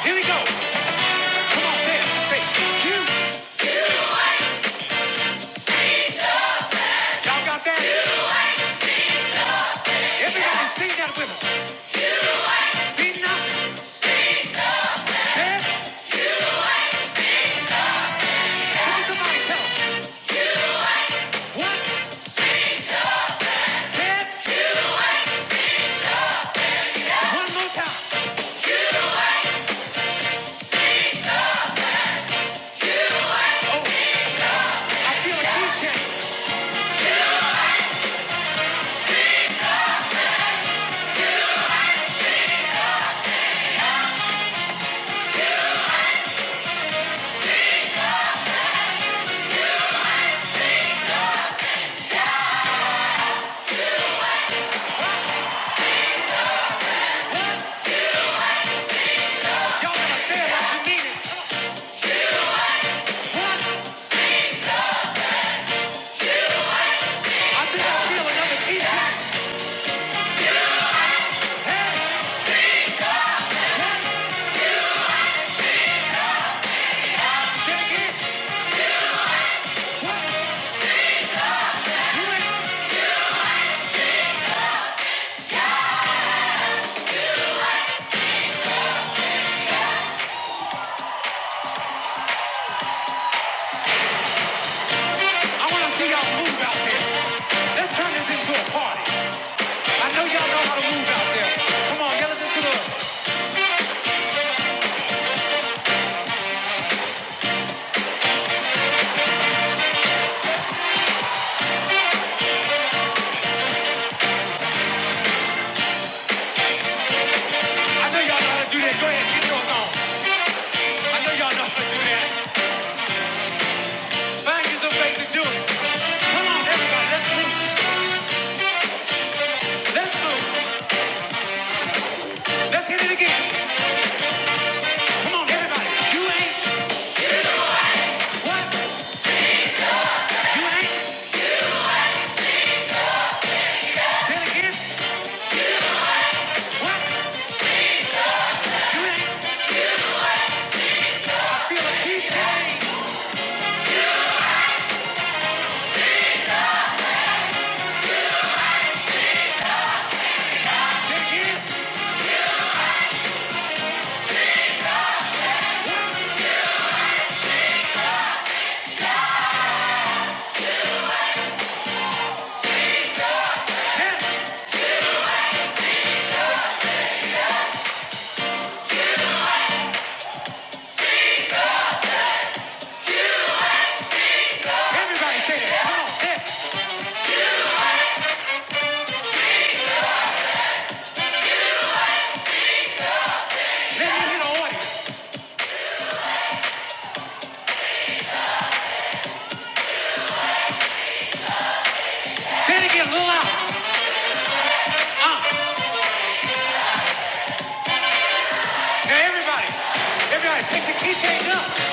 B: Here we go. Come on, dance. Say, you. Y'all got that? Everybody sing that with us. See now. Dance. Look One, more time. Oh, I feel a key Y'all gotta say it like mean it. One, I think I feel another key change. Say it again. I wanna see y'all move out there. Let's turn this into a party. I know y'all know how to move out there. Come on, yell it into the I know y'all know how to do that. Go ahead, get your song. I know y'all know how to do that. Find you some ways to do it. Come on, everybody, let's move. Let's move. Let's hit it again. Come on, everybody. You ain't what? You ain't. Say it again. What? You ain't. I feel a heat change. Say it again. Everybody say that. Come on. Let, let me hit the audience. Say it again a little louder. Uh, now everybody. Everybody, take the key change up.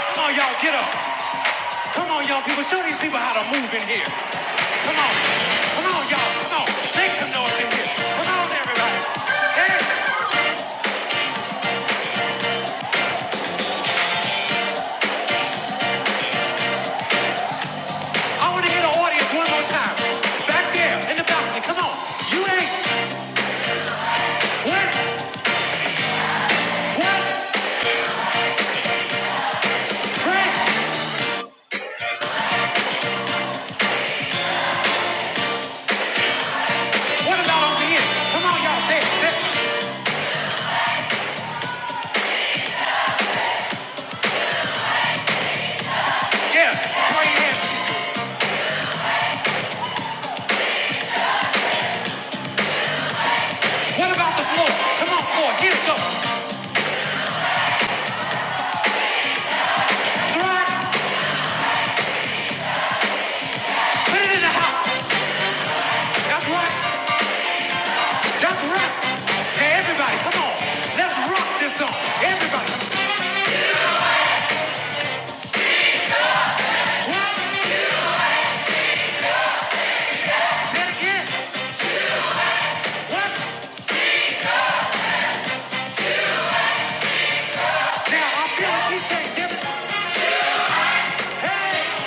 B: Come on, y'all, get up. Come on, young people. Show these people how to move in here. Come on. Come on, y'all. Come on. Make some noise in here. Come on, everybody. Hey, I want to hear the audience one more time. Back there in the balcony. Come on. You ain't. What? What? Pray. What about over here? Come on, y'all. There. there. Yeah. Throw your hands. What about the floor? Come on, floor. Hit it goes. Throw it. Put it in the house. That's right. That's right. Hey, everybody. Come on. Let's rock this song. Everybody. What? It is. What? Now I feel like he can't Hey!